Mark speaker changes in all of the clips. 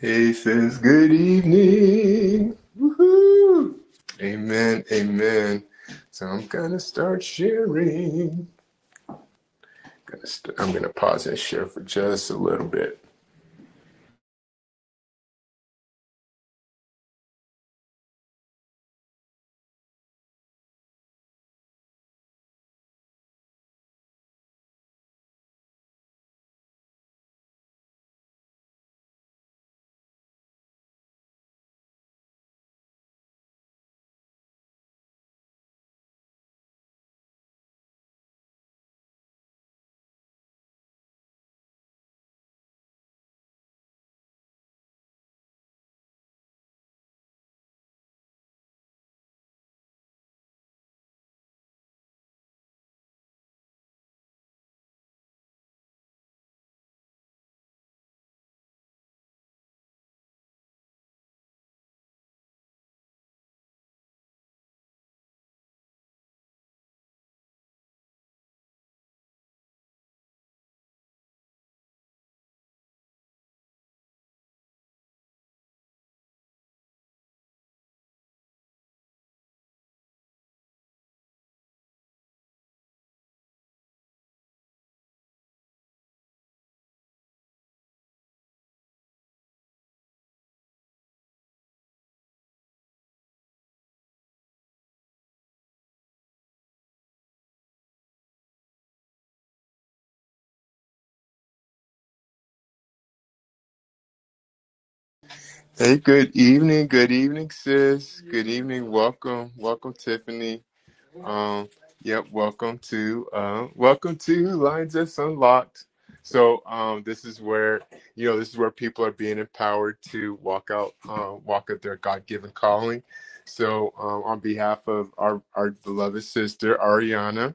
Speaker 1: He says, Good evening. Woohoo. Amen. Amen. So I'm going to start sharing. Gonna st- I'm going to pause and share for just a little bit. Hey, good evening. Good evening, sis. Good evening. Welcome. Welcome, Tiffany. Um, yep. Welcome to uh, welcome to Lines That's Unlocked. So um, this is where you know this is where people are being empowered to walk out, um, walk out their God-given calling. So um, on behalf of our our beloved sister Ariana.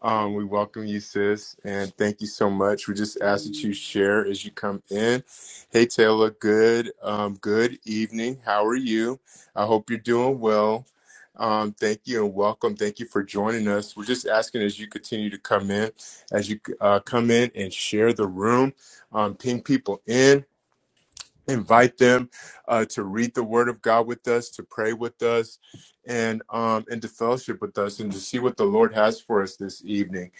Speaker 1: Um, we welcome you, sis, and thank you so much. We just ask that you share as you come in. Hey, Taylor, good um, good evening. How are you? I hope you're doing well. Um, thank you and welcome. Thank you for joining us. We're just asking as you continue to come in, as you uh, come in and share the room, um, ping people in invite them uh, to read the word of god with us to pray with us and um and to fellowship with us and to see what the lord has for us this evening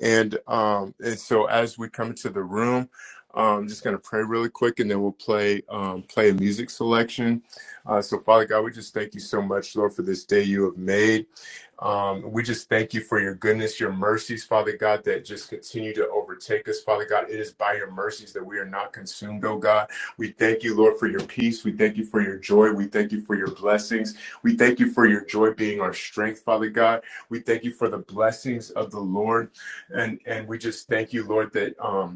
Speaker 1: and um and so as we come into the room um, i'm just going to pray really quick and then we'll play um, play a music selection uh, so father god we just thank you so much lord for this day you have made um, we just thank you for your goodness, your mercies, Father God, that just continue to overtake us, Father God. It is by your mercies that we are not consumed, oh God. We thank you, Lord, for your peace. We thank you for your joy. We thank you for your blessings. We thank you for your joy being our strength, Father God. We thank you for the blessings of the Lord. And and we just thank you, Lord, that um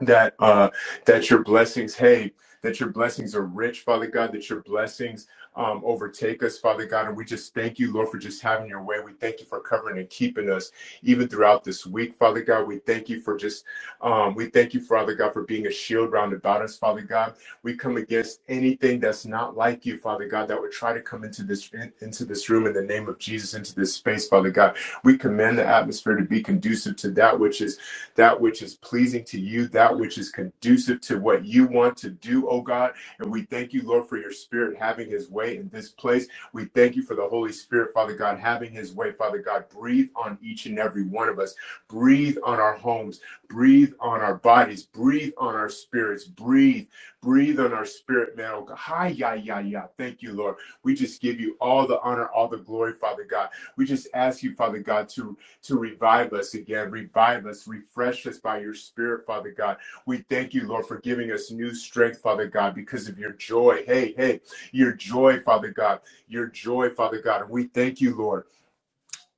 Speaker 1: that uh that your blessings hey that your blessings are rich father god that your blessings um overtake us father god and we just thank you lord for just having your way we thank you for covering and keeping us even throughout this week father god we thank you for just um we thank you father god for being a shield round about us father god we come against anything that's not like you father god that would try to come into this in- into this room in the name of jesus into this space father god we command the atmosphere to be conducive to that which is that which is pleasing to you, that which is conducive to what you want to do, oh God. And we thank you, Lord, for your spirit having his way in this place. We thank you for the Holy Spirit, Father God, having his way, Father God. Breathe on each and every one of us. Breathe on our homes. Breathe on our bodies. Breathe on our spirits. Breathe. Breathe on our spirit, man. Oh God. Hi, yeah, yeah, yeah. Thank you, Lord. We just give you all the honor, all the glory, Father God. We just ask you, Father God, to to revive us again. Revive us, refresh us by your spirit, Father God. We thank you, Lord, for giving us new strength, Father God, because of your joy. Hey, hey, your joy, Father God, your joy, Father God. And we thank you, Lord.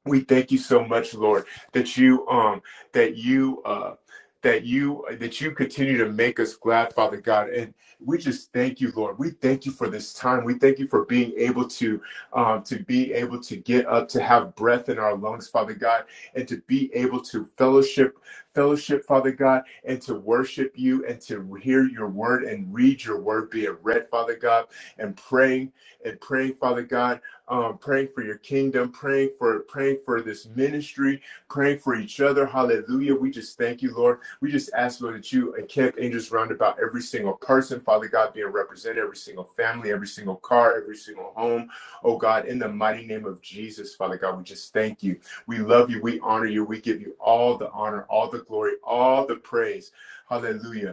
Speaker 1: We thank you so much, Lord, that you um that you uh that you that you continue to make us glad, Father God. And we just thank you, Lord. We thank you for this time. We thank you for being able to um to be able to get up, to have breath in our lungs, Father God, and to be able to fellowship, fellowship, Father God, and to worship you and to hear your word and read your word, be it read, Father God, and praying and praying, Father God um, praying for your kingdom, praying for praying for this ministry, praying for each other. Hallelujah. We just thank you, Lord. We just ask, Lord, that you encamp angels round about every single person, Father God, being represented, every single family, every single car, every single home. Oh God, in the mighty name of Jesus, Father God, we just thank you. We love you. We honor you. We give you all the honor, all the glory, all the praise. Hallelujah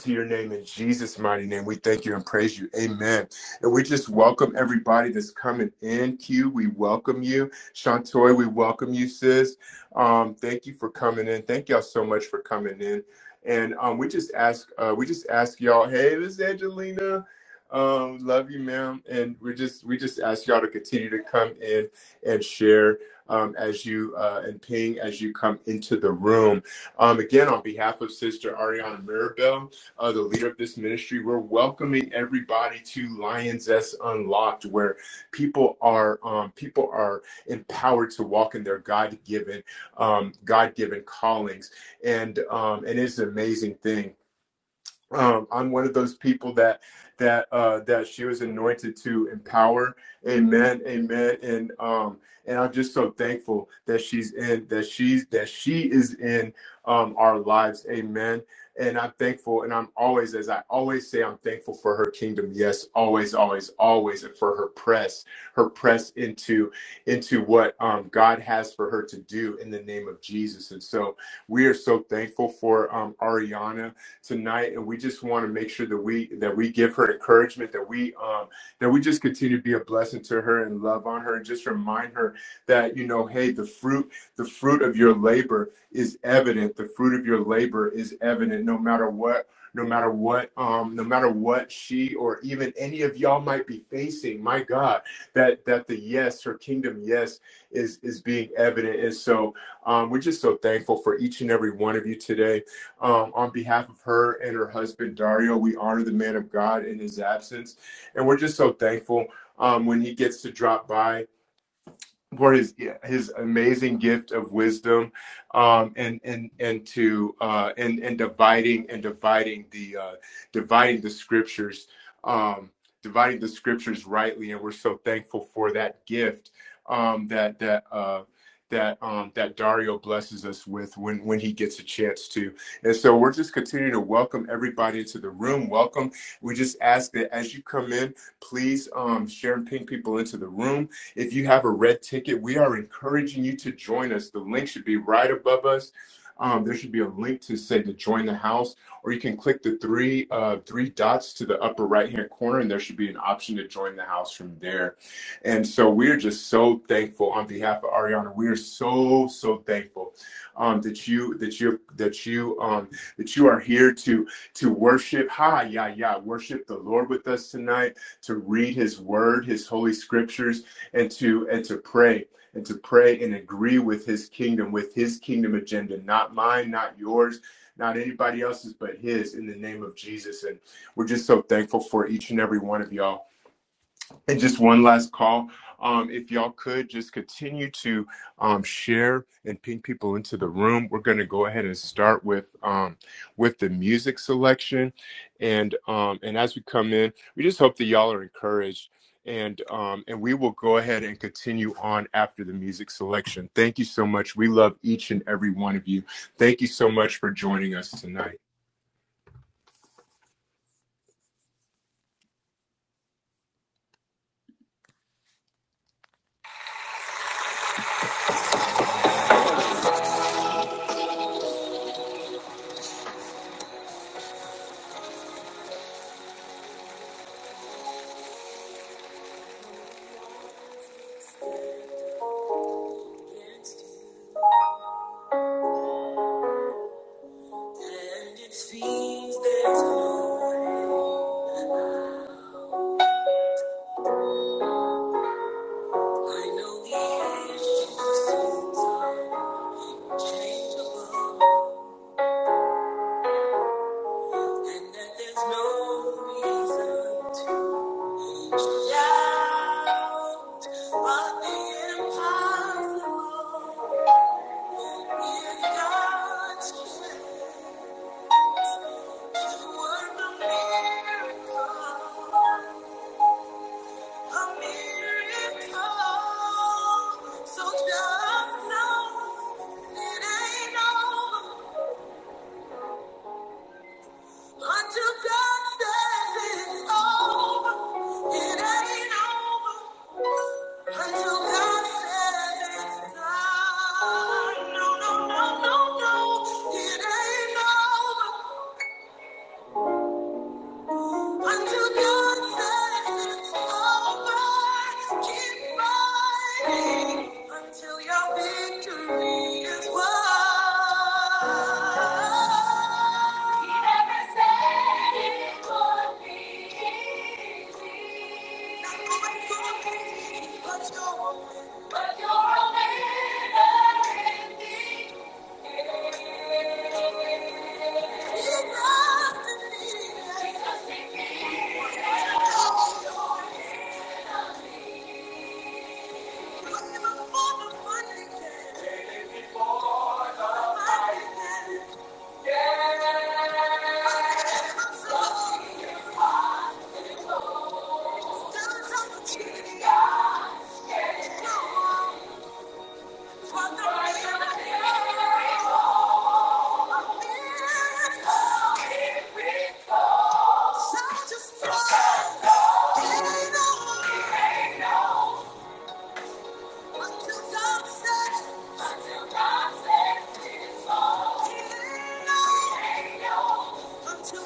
Speaker 1: to your name in Jesus' mighty name. We thank you and praise you. Amen. And we just welcome everybody that's coming in. Q, we welcome you. Shantoy, we welcome you, sis. Um, thank you for coming in. Thank y'all so much for coming in. And um, we just ask, uh, we just ask y'all, hey, this is Angelina. Um, love you, ma'am. And we just we just ask y'all to continue to come in and share um, as you uh, and ping as you come into the room. Um, again, on behalf of Sister Ariana Mirabel, uh, the leader of this ministry. We're welcoming everybody to Lions S Unlocked, where people are um, people are empowered to walk in their God given um, God given callings, and um, and it's an amazing thing um, I'm one of those people that that uh, that she was anointed to empower. Amen, amen. And um, and I'm just so thankful that she's in that she's that she is in um, our lives. Amen. And I'm thankful, and I'm always, as I always say, I'm thankful for her kingdom. Yes, always, always, always, and for her press, her press into into what um, God has for her to do in the name of Jesus. And so we are so thankful for um, Ariana tonight, and we just want to make sure that we that we give her encouragement, that we um, that we just continue to be a blessing to her and love on her, and just remind her that you know, hey, the fruit the fruit of your labor is evident. The fruit of your labor is evident, no matter what. No matter what, um, no matter what she or even any of y'all might be facing, my God, that that the yes, her kingdom yes, is is being evident. And so, um, we're just so thankful for each and every one of you today. Um, on behalf of her and her husband Dario, we honor the man of God in his absence, and we're just so thankful um, when he gets to drop by for his his amazing gift of wisdom um and and and to uh and and dividing and dividing the uh dividing the scriptures um dividing the scriptures rightly and we're so thankful for that gift um that that uh that um that Dario blesses us with when when he gets a chance to. And so we're just continuing to welcome everybody into the room. Welcome. We just ask that as you come in, please um share and ping people into the room if you have a red ticket, we are encouraging you to join us. The link should be right above us. Um, there should be a link to say to join the house, or you can click the three uh, three dots to the upper right hand corner, and there should be an option to join the house from there. And so we're just so thankful on behalf of Ariana. We are so so thankful um, that you that you that you um, that you are here to to worship. Ha yeah yeah, worship the Lord with us tonight. To read His Word, His Holy Scriptures and to and to pray and to pray and agree with his kingdom with his kingdom agenda not mine not yours not anybody else's but his in the name of jesus and we're just so thankful for each and every one of y'all and just one last call. Um, if y'all could just continue to um, share and ping people into the room, we're going to go ahead and start with um, with the music selection, and um, and as we come in, we just hope that y'all are encouraged, and um, and we will go ahead and continue on after the music selection. Thank you so much. We love each and every one of you. Thank you so much for joining us tonight. And it seems there's no way. I know the issues seems unchangeable, and that there's no reason to shout. But the impossible is God's plan to work a miracle. A miracle, so just know it ain't over until God says it's over. It ain't over until God says it's done. No, no, no, no, no, it ain't over. Until God says it's over, keep fighting until your victory is won. He said it would be. Not going to be, but you're a winner. You're a winner in this. Jesus defeated. Jesus defeated. Oh, you're a winner. You're a winner before the money came. Until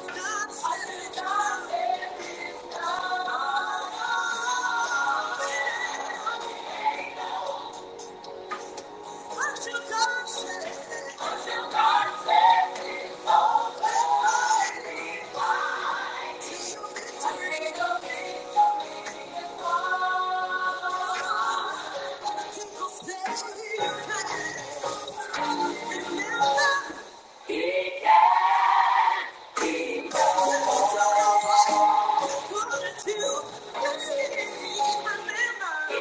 Speaker 1: God said, until God said, Remember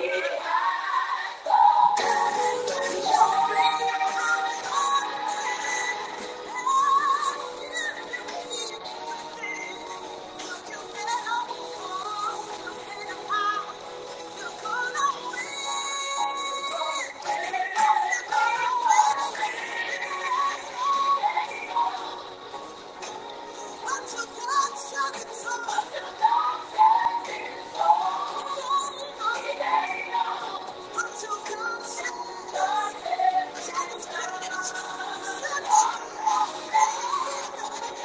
Speaker 1: Thank you.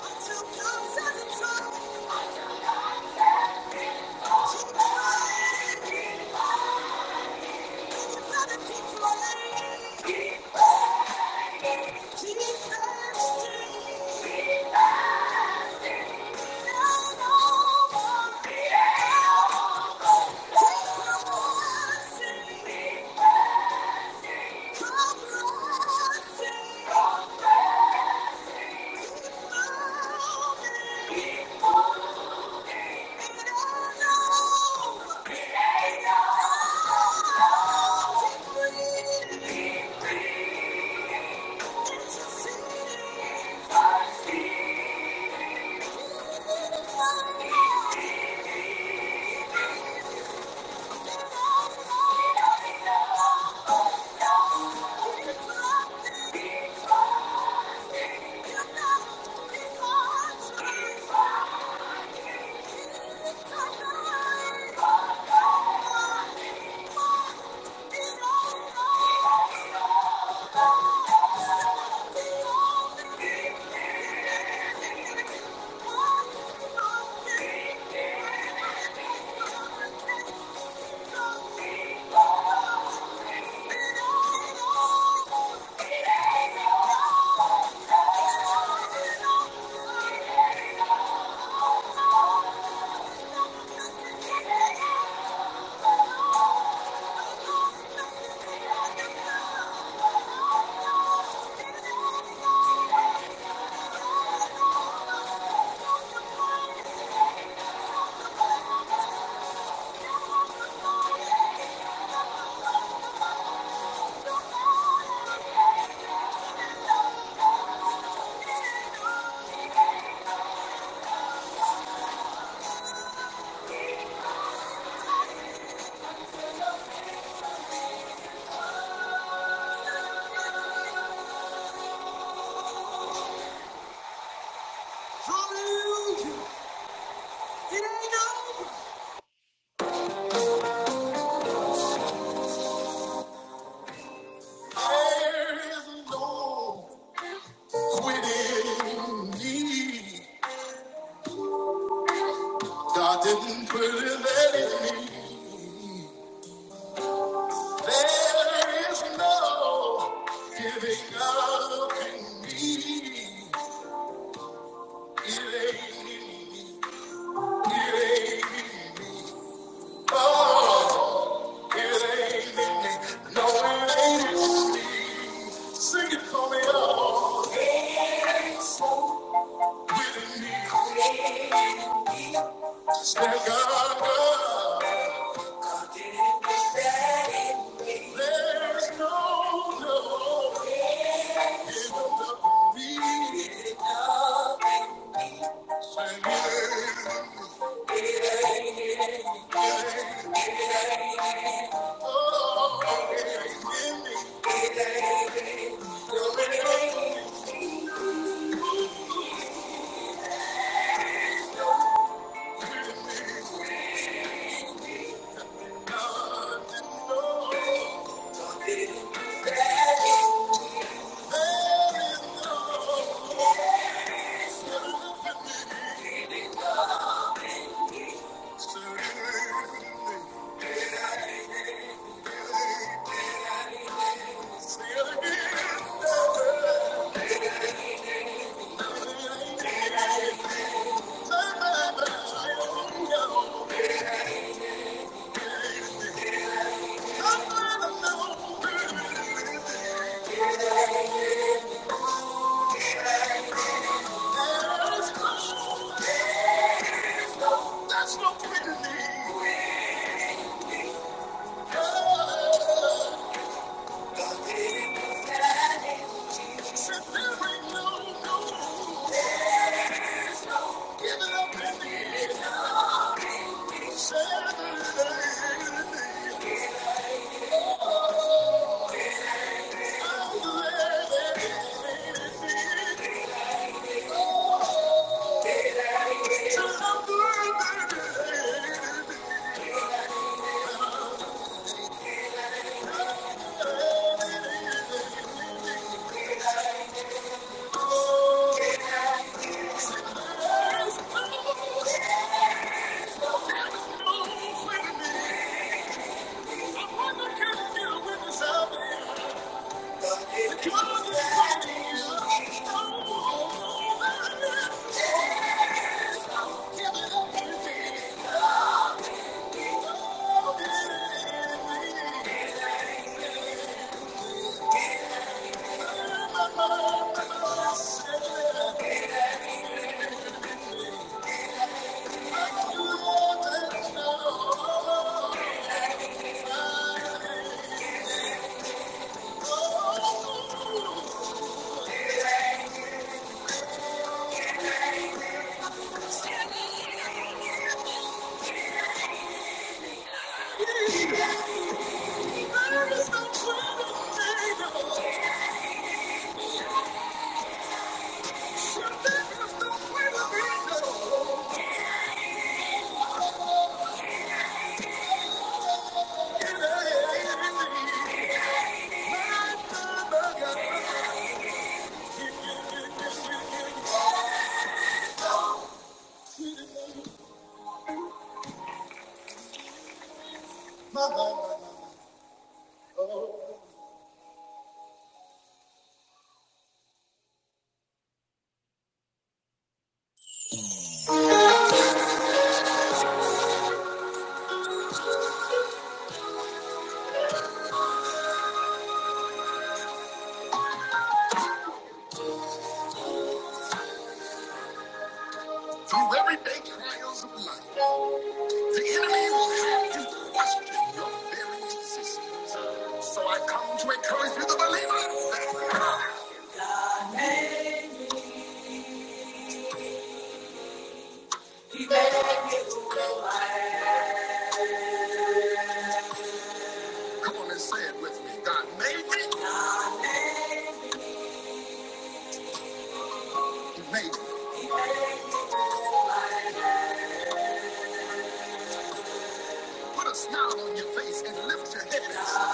Speaker 1: Oh! Thank you. There's no quitting me. God didn't put it in me. There is no giving up in me. It ain't in me. Oh, it ain't in me. No, it ain't in me. Sing it for me, oh. Thank you. That's no Thank you. Through everyday trials of life, the enemy will have you question your very existence. So I come to encourage you, the believer. Come on and say it with me. God made me. God made me. He made me. Put a smile on your face and lift your head.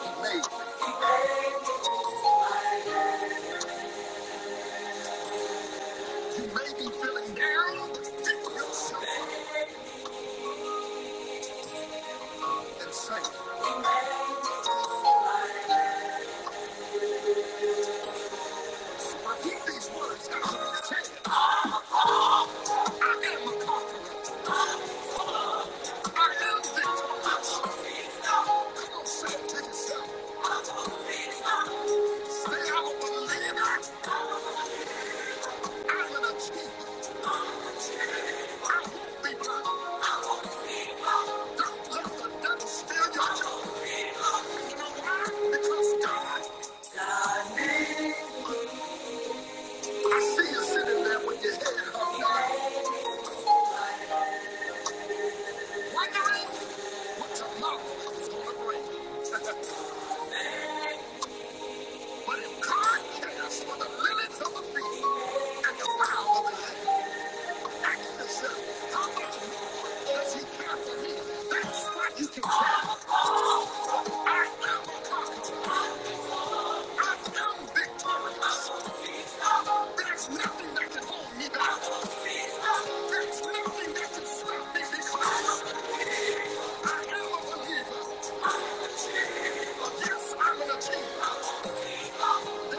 Speaker 1: He made me. You may be feeling down, but stick yourself. Repeat these words that I'm going to say. I am victorious. I'm going to say it to yourself. Say I'm a believer. I'm an achiever.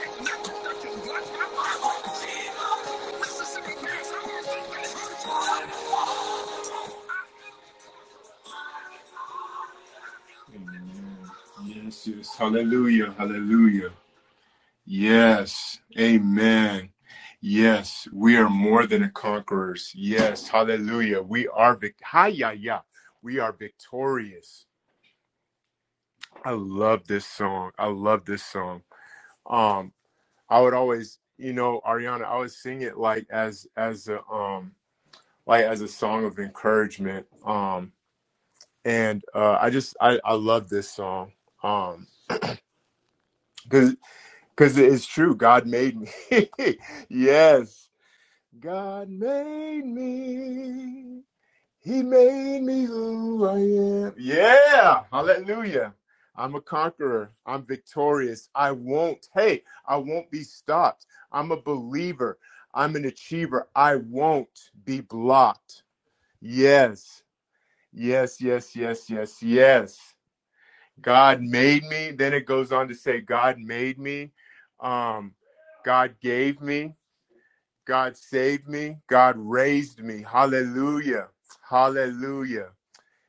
Speaker 1: Ain't nothing that can block my mind. Mississippi Mass, I don't think they hurt you. Yes, yes. Hallelujah. Hallelujah. Yes. Amen. Yes. We are more than conquerors. Yes. Hallelujah. We are vic- hi yeah yeah, We are victorious. I love this song. I love this song. Um, I would always, you know, Ariana, I would sing it like as as a um like as a song of encouragement. Um and uh I just I, I love this song. Um because because it's true. God made me. yes. God made me. He made me who I am. Yeah. Hallelujah. I'm a conqueror. I'm victorious. I won't, hey, I won't be stopped. I'm a believer. I'm an achiever. I won't be blocked. Yes. Yes, yes, yes, yes, yes. God made me. Then it goes on to say, God made me. Um, God gave me. God saved me. God raised me. Hallelujah. Hallelujah.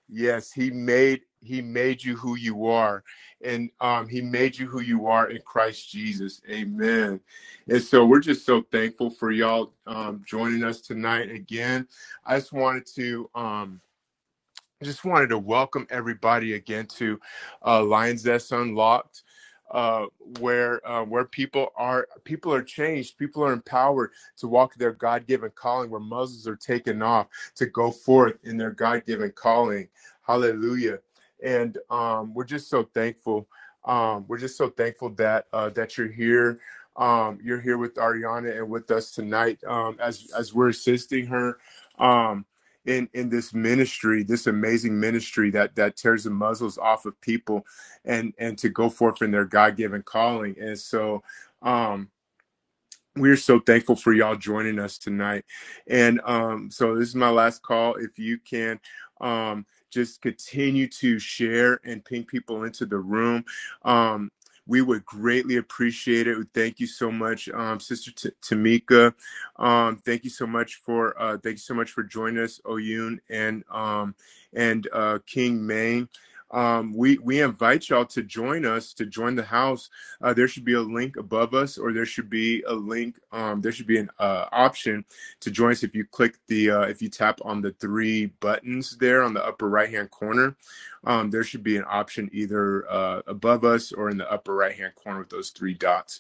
Speaker 1: Yes, he made he made you who you are and um he made you who you are in Christ Jesus. Amen. And so we're just so thankful for y'all um joining us tonight again. I just wanted to um I just wanted to welcome everybody again to uh, Lions Nest Unlocked, uh, where uh, where people are people are changed, people are empowered to walk their God given calling, where muzzles are taken off to go forth in their God given calling. Hallelujah! And um, we're just so thankful. Um, we're just so thankful that uh, that you're here. Um, you're here with Ariana and with us tonight um, as as we're assisting her. Um, in in this ministry, this amazing ministry that that tears the muzzles off of people, and and to go forth in their God given calling. And so, um we're so thankful for y'all joining us tonight. And um, so this is my last call. If you can um, just continue to share and ping people into the room. Um, we would greatly appreciate it. Thank you so much, um, Sister T- Tamika. Um, thank you so much for uh, thank you so much for joining us, Oyun and um, and uh, King Maine. Um, we we invite y'all to join us to join the house uh, there should be a link above us, or there should be a link. Um, there should be an uh, option to join us if you click the uh, if you tap on the three buttons there on the upper right hand corner. Um, there should be an option either uh, above us or in the upper right hand corner with those three dots.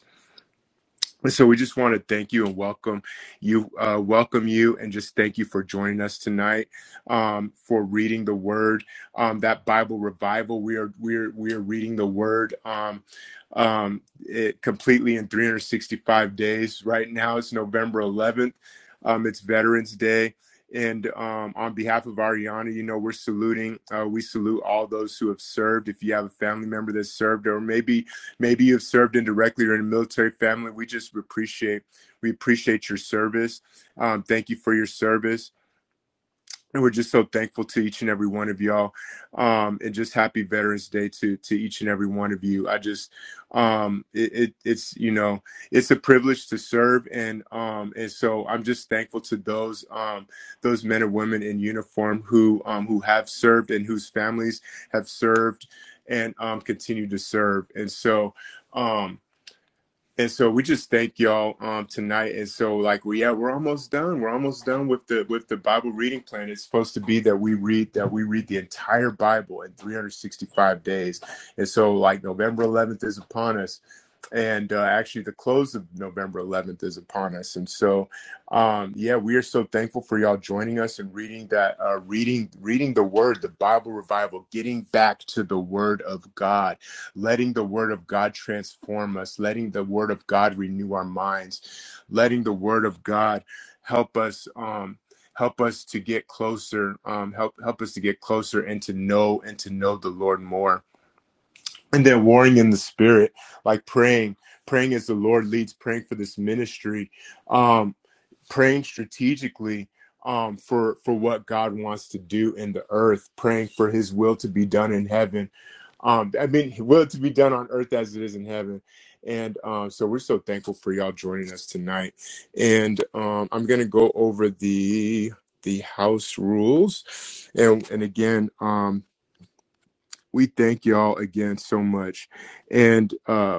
Speaker 1: So we just want to thank you and welcome you, uh, welcome you, and just thank you for joining us tonight um, for reading the Word. Um, that Bible revival, we are we are we are reading the Word um, um, it completely in 365 days. Right now, it's November 11th. Um, it's Veterans Day, and um, on behalf of Ariana, you know we're saluting. Uh, we salute all those who have served. If you have a family member that served, or maybe maybe you've served indirectly or in a military family we just appreciate we appreciate your service um, thank you for your service and we're just so thankful to each and every one of y'all um, and just happy veterans day to to each and every one of you i just um, it, it it's you know it's a privilege to serve and um, and so i'm just thankful to those um, those men and women in uniform who um, who have served and whose families have served and um, continue to serve and so um, and so we just thank y'all um, tonight. And so like we yeah we're almost done. We're almost done with the with the Bible reading plan. It's supposed to be that we read that we read the entire Bible in 365 days. And so like November 11th is upon us, and uh, actually the close of November 11th is upon us. And so um, yeah, we are so thankful for y'all joining us and reading that uh, reading reading the Word, the Bible revival, getting back to the Word of God letting the word of God transform us, letting the word of God renew our minds, letting the word of God help us um help us to get closer, um help help us to get closer and to know and to know the Lord more. And then warring in the spirit, like praying, praying as the Lord leads, praying for this ministry. um, praying strategically um, for for what God wants to do in the earth, praying for His will to be done in heaven. Um, I mean, His will to be done on earth as it is in heaven. And um, so we're so thankful for y'all joining us tonight. And um, I'm gonna go over the the house rules, and and again, um, we thank y'all again so much. And uh,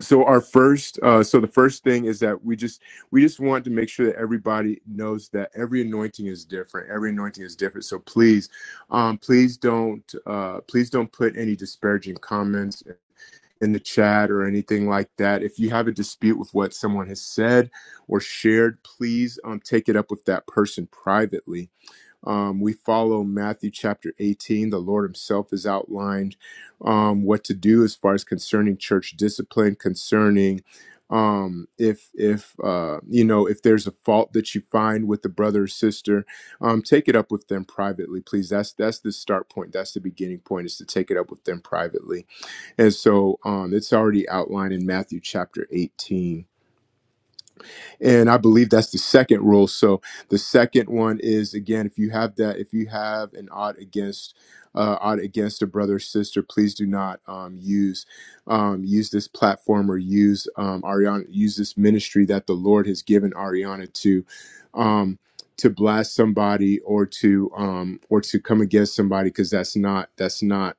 Speaker 1: so our first uh so the first thing is that we just we just want to make sure that everybody knows that every anointing is different every anointing is different so please um please don't uh please don't put any disparaging comments in the chat or anything like that if you have a dispute with what someone has said or shared please um take it up with that person privately um, we follow Matthew chapter 18. The Lord Himself is outlined um, what to do as far as concerning church discipline, concerning um if if uh you know if there's a fault that you find with the brother or sister um take it up with them privately please that's that's the start point that's the beginning point is to take it up with them privately and so um, it's already outlined in Matthew chapter 18 and i believe that's the second rule so the second one is again if you have that if you have an odd against uh, odd against a brother or sister please do not um, use um, use this platform or use um, ariana use this ministry that the lord has given ariana to um, to blast somebody or to um, or to come against somebody because that's not that's not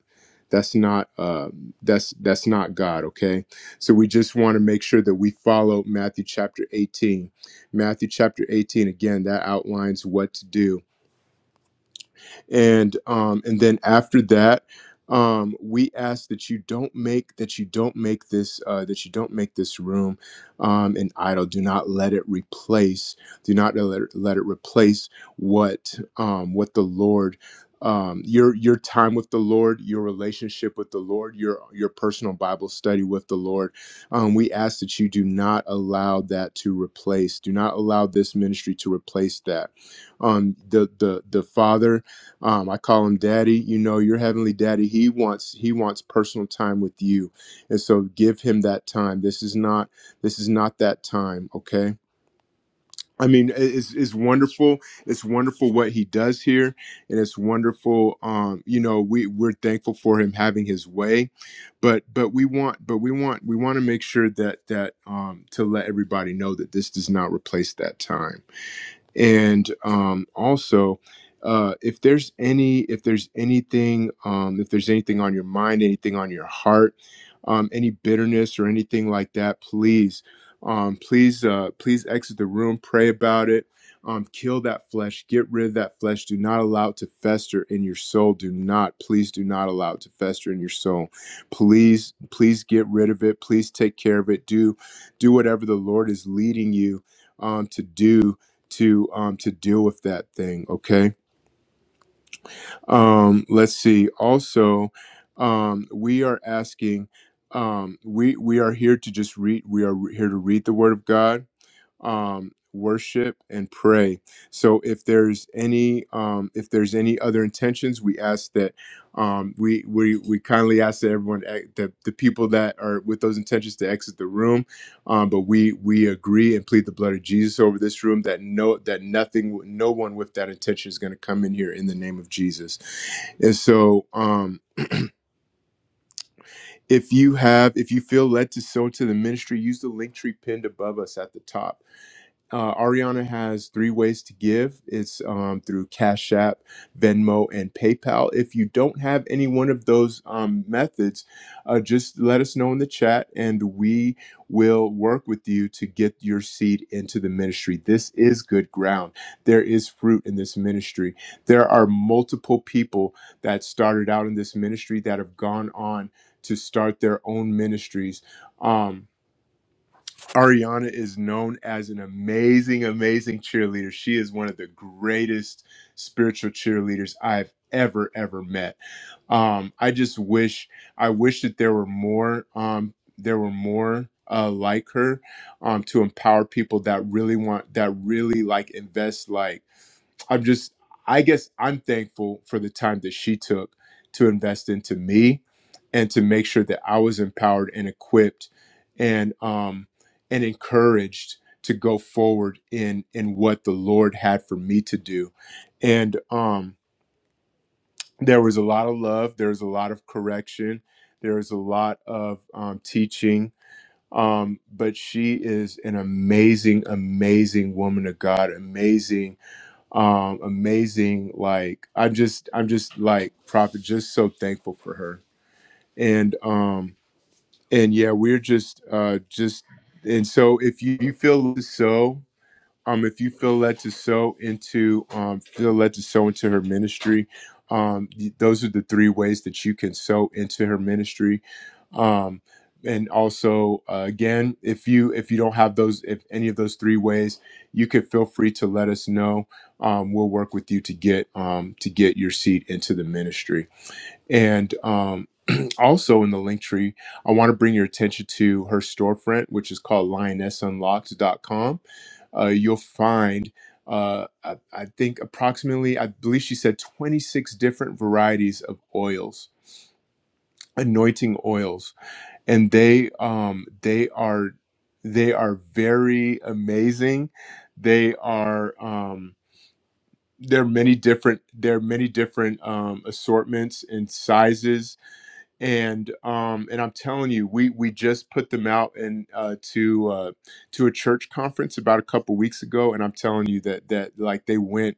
Speaker 1: that's not uh, that's that's not god okay so we just want to make sure that we follow Matthew chapter 18. Matthew chapter 18, again, that outlines what to do and um, and then after that um, we ask that you don't make that you don't make this uh, that you don't make this room um, an idol do not let it replace do not let it, let it replace what um, what the lord um, your your time with the Lord, your relationship with the Lord, your your personal Bible study with the Lord, um, we ask that you do not allow that to replace. Do not allow this ministry to replace that. Um, the the the Father um, I call him daddy. You know, your heavenly daddy. He wants he wants personal time with you, and so give him that time. This is not this is not that time. Okay. I mean, it- it's it's wonderful. It's wonderful what he does here, and it's wonderful. Um, you know, we we're thankful for him having his way, but but we want but we want we want to make sure that that um to let everybody know that this does not replace that time and um, also uh, if there's any if there's anything um, if there's anything on your mind anything on your heart um, any bitterness or anything like that please um, please uh, please exit the room pray about it um, kill that flesh get rid of that flesh do not allow it to fester in your soul do not please do not allow it to fester in your soul please please get rid of it please take care of it do do whatever the lord is leading you um, to do to um, to deal with that thing. Okay. Um, let's see. Also, um, we are asking. Um, we we are here to just read. We are here to read the Word of God um, worship and pray. So if there's any um, if there's any other intentions, we ask that um, we we we kindly ask that everyone eh, that the people that are with those intentions to exit the room. Um, but we we agree and plead the blood of Jesus over this room that no that nothing no one with that intention is going to come in here in the name of Jesus. And so um if you have if you feel led to sow to the ministry, use the link tree pinned above us at the top uh, Ariana has three ways to give. It's um, through Cash App, Venmo, and PayPal. If you don't have any one of those um, methods, uh, just let us know in the chat and we will work with you to get your seed into the ministry. This is good ground. There is fruit in this ministry. There are multiple people that started out in this ministry that have gone on to start their own ministries. Um, Ariana is known as an amazing, amazing cheerleader. She is one of the greatest spiritual cheerleaders I've ever, ever met. Um, I just wish, I wish that there were more, um, there were more uh, like her um, to empower people that really want, that really like invest, like I'm just, I guess I'm thankful for the time that she took to invest into me and to make sure that I was empowered and equipped and, um, and encouraged to go forward in, in what the Lord had for me to do. And, um, there was a lot of love. There was a lot of correction. There was a lot of um, teaching. Um, but she is an amazing, amazing woman of God, amazing um amazing like i'm just i'm just like prophet just so thankful for her and um and yeah we're just uh just and so if you, you feel so um, if you feel led to sow into, um, feel led to sow into her ministry, um, y- those are the three ways that you can sow into her ministry. Um, and also, uh, again, if you if you don't have those, if any of those three ways, you could feel free to let us know. Um, we'll work with you to get um, to get your seat into the ministry. And um, also in the link tree, I want to bring your attention to her storefront, which is called lionessunlocked.com. Uh, you'll find, uh, I, I think, approximately, I believe she said 26 different varieties of oils, anointing oils, and they um, they are they are very amazing. They are. Um, there are many different there are many different um, assortments and sizes and um and i'm telling you we we just put them out and uh to uh to a church conference about a couple weeks ago and i'm telling you that that like they went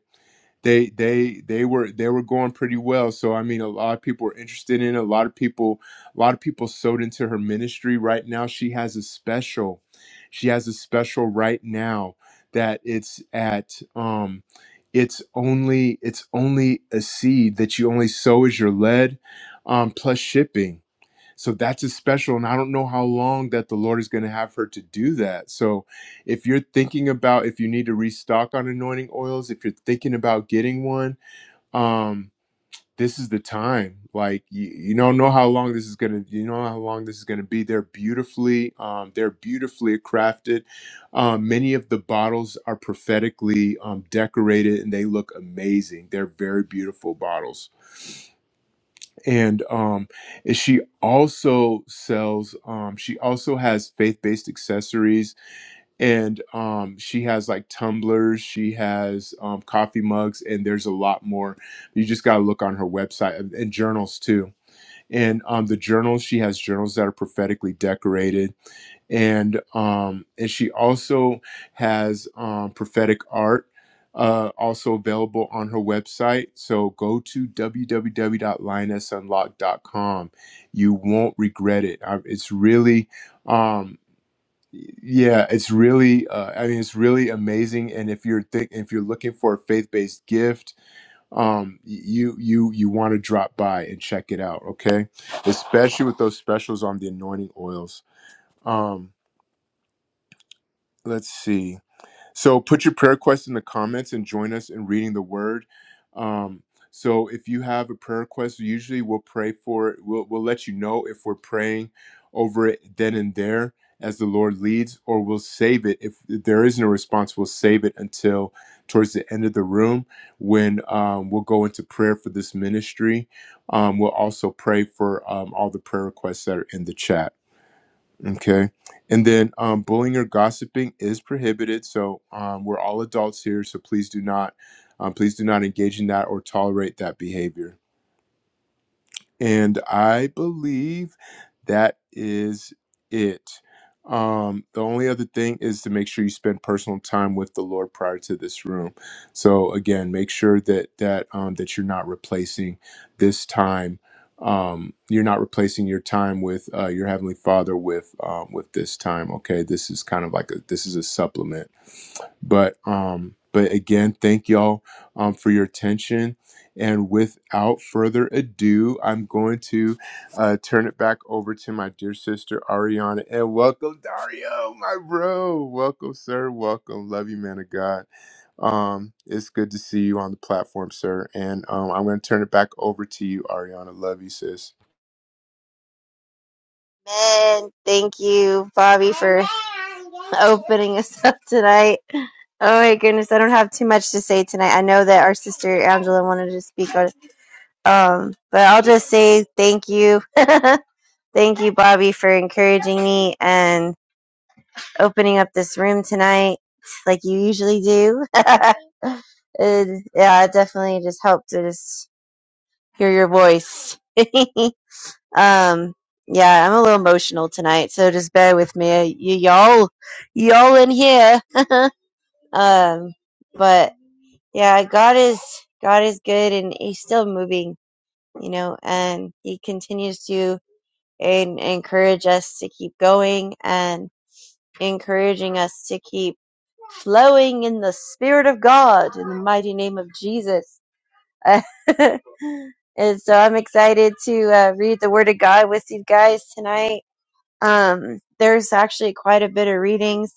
Speaker 1: they they they were they were going pretty well so i mean a lot of people were interested in it. a lot of people a lot of people sewed into her ministry right now she has a special she has a special right now that it's at um it's only it's only a seed that you only sow as your lead um plus shipping so that's a special, and I don't know how long that the Lord is going to have her to do that. So if you're thinking about if you need to restock on anointing oils, if you're thinking about getting one, um, this is the time. Like you, you don't know how long this is gonna, you know how long this is gonna be. They're beautifully, um, they're beautifully crafted. Um, many of the bottles are prophetically um, decorated, and they look amazing. They're very beautiful bottles and um and she also sells um she also has faith-based accessories and um she has like tumblers she has um coffee mugs and there's a lot more you just got to look on her website and and journals too and um the journals she has journals that are prophetically decorated and um and she also has um prophetic art uh also available on her website so go to w w w dot lioness unlocked dot com. you won't regret it I, it's really um yeah it's really uh, i mean it's really amazing and if you're think if you're looking for a faith-based gift um you you you want to drop by and check it out okay especially with those specials on the anointing oils Um, let's see. So put your prayer request in the comments and join us in reading the word. Um, so if you have a prayer request, usually we'll pray for it. We'll, we'll let you know if we're praying over it then and there as the Lord leads, or we'll save it. If there isn't a response, we'll save it until towards the end of the room when um, we'll go into prayer for this ministry. Um, we'll also pray for um, all the prayer requests that are in the chat. Okay. And then um, bullying or gossiping is prohibited. So um, we're all adults here. So please do not, um, please do not engage in that or tolerate that behavior. And I believe that is it. Um, the only other thing is to make sure you spend personal time with the Lord prior to this room. So again, make sure that that um, that you're not replacing this time. Um, you're not replacing your time with uh, your heavenly Father with um, with this time. Okay, this is kind of like a this is a supplement but um, but again, thank y'all um, for your attention. And without further ado, I'm going to uh, turn it back over to my dear sister Ariana. And welcome, Dario, my bro. Welcome, sir. Welcome. Love you, man of God. Um, it's good to see you on the platform, sir. And um, I'm going to turn it back over to you, Ariana. Love you, sis.
Speaker 2: Amen. Thank you, Bobby, for opening us up tonight. Oh my goodness, I don't have too much to say tonight. I know that our sister Angela wanted to speak on it. Um, but I'll just say thank you. thank you, Bobby, for encouraging me and opening up this room tonight like you usually do. and, yeah, it definitely just helped to just hear your voice. Um, yeah, I'm a little emotional tonight, so just bear with me. Y- y'all, y'all in here. um, but yeah, God is God is good, and He's still moving, you know, and He continues to and encourage us to keep going and encouraging us to keep flowing in the Spirit of God in the mighty name of Jesus. and so I'm excited to uh, read the Word of God with you guys tonight um, there's actually quite a bit of readings.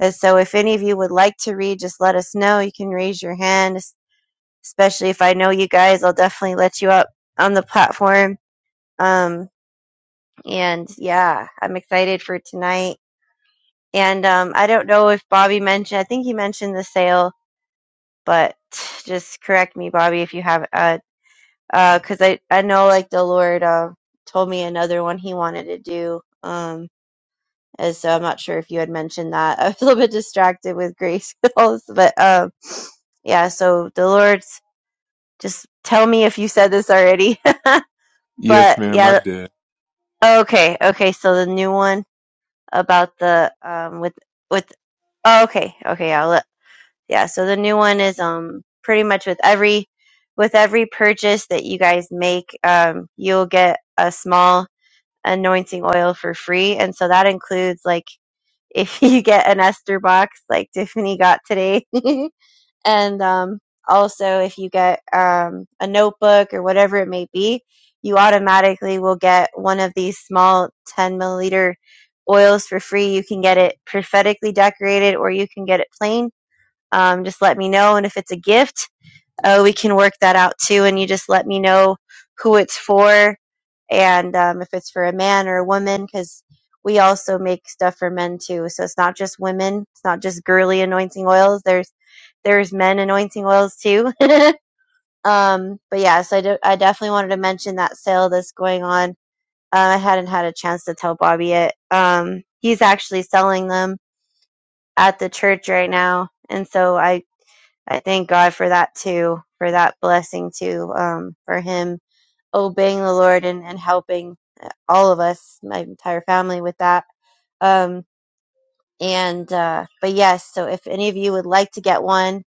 Speaker 2: And so if any of you would like to read, just let us know. You can raise your hand, especially if I know you guys, I'll definitely let you up on the platform. Um, and yeah, I'm excited for tonight. And um, I don't know if Bobby mentioned, I think he mentioned the sale, but just correct me, Bobby, if you have, uh, uh, because I, I know like the Lord, uh, told me another one he wanted to do. Um, And so I'm not sure if you had mentioned that. I was a little bit distracted with grace, with but um, yeah. So the Lord's just tell me if you said this already.
Speaker 1: Yes,
Speaker 2: but
Speaker 1: ma'am. I
Speaker 2: yeah,
Speaker 1: did.
Speaker 2: okay, okay. So the new one about the um with with oh, okay, okay. I'll let, yeah. So the new one is um pretty much with every with every purchase that you guys make, um, you'll get a small anointing oil for free, and so that includes like if you get an ester box like Tiffany got today. and um, also, if you get um, a notebook or whatever it may be, you automatically will get one of these small 10 milliliter oils for free. You can get it prophetically decorated or you can get it plain. Um, just let me know. And if it's a gift, oh, we can work that out too. And you just let me know who it's for and um, if it's for a man or a woman, because we also make stuff for men too. So it's not just women. It's not just girly anointing oils. There's there's men anointing oils too. um, but yeah, so I, do, I definitely wanted to mention that sale that's going on. Uh, I hadn't had a chance to tell Bobby it. Um, he's actually selling them at the church right now, and so I I thank God for that too, for that blessing too, um, for him obeying the Lord and, and helping uh, all of us, my entire family with that. Um, and, uh, but yes, so if any of you would like to get one,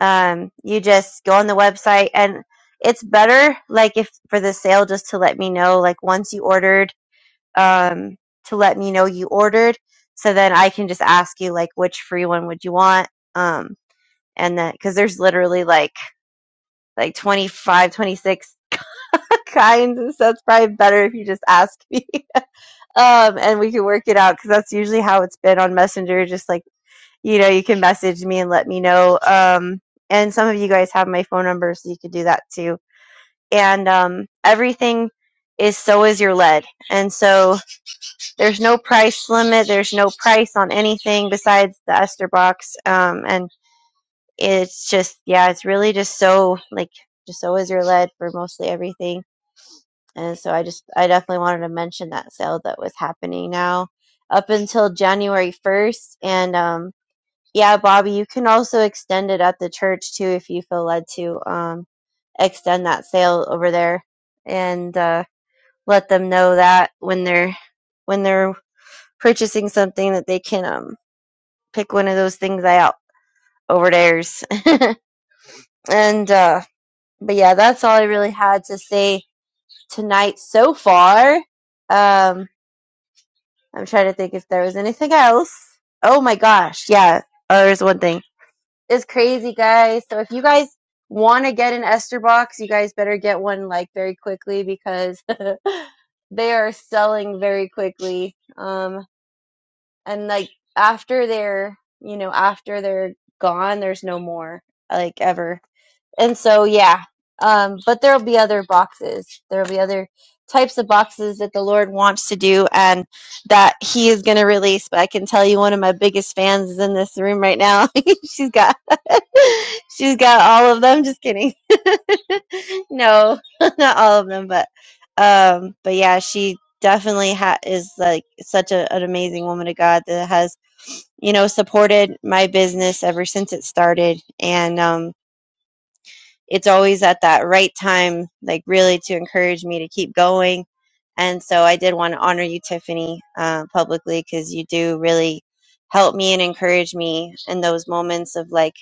Speaker 2: um, you just go on the website and it's better, like if for the sale, just to let me know, like once you ordered, um, to let me know you ordered. So then I can just ask you like, which free one would you want? Um, and then, cause there's literally like, like 25, 26 kinds. And so it's probably better if you just ask me. Um, and we can work it out because that's usually how it's been on Messenger. Just like, you know, you can message me and let me know. Um, and some of you guys have my phone number, so you could do that too. And um, everything is so is your lead. And so there's no price limit, there's no price on anything besides the ester box. Um, and it's just, yeah, it's really just so like, just so is your lead for mostly everything And so I just, I definitely wanted to mention that sale that was happening now up until January 1st. And um, yeah, Bobby, you can also extend it at the church too if you feel led to um, extend that sale over there and uh, let them know that when they're when they're purchasing something that they can um, pick one of those things out over theirs. and uh, but yeah, that's all I really had to say tonight so far. Um, I'm trying to think if there was anything else. Oh my gosh, yeah. Oh, there's one thing. It's crazy, guys. So if you guys want to get an Esther box, you guys better get one like very quickly because they are selling very quickly. Um, and like after they're, you know, after they're gone, there's no more like ever. And so, yeah. Um, but there'll be other boxes. There'll be other types of boxes that the Lord wants to do and that He is going to release. But I can tell you, one of my biggest fans is in this room right now. she's got, she's got all of them. Just kidding. no, not all of them, but, um, but yeah, she definitely ha- is like such a, an amazing woman of God that has, you know, supported my business ever since it started. And, um, it's always at that right time, like really to encourage me to keep going. And so I did want to honor you, Tiffany, uh, publicly because you do really help me and encourage me in those moments of like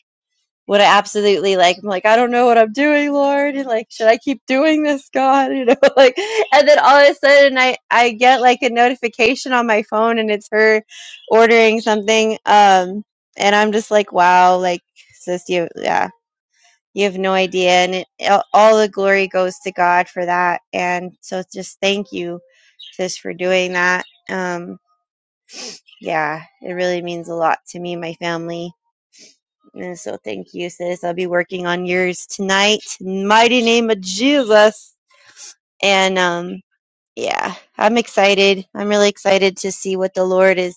Speaker 2: what I absolutely like. I'm like, I don't know what I'm doing, Lord. And like, should I keep doing this, God? You know, like, and then all of a sudden I, I get like a notification on my phone and it's her ordering something. Um, and I'm just like, wow, like, sis, you, yeah you have no idea and it, all the glory goes to god for that and so just thank you sis for doing that um yeah it really means a lot to me and my family and so thank you sis i'll be working on yours tonight In mighty name of jesus and um yeah i'm excited i'm really excited to see what the lord is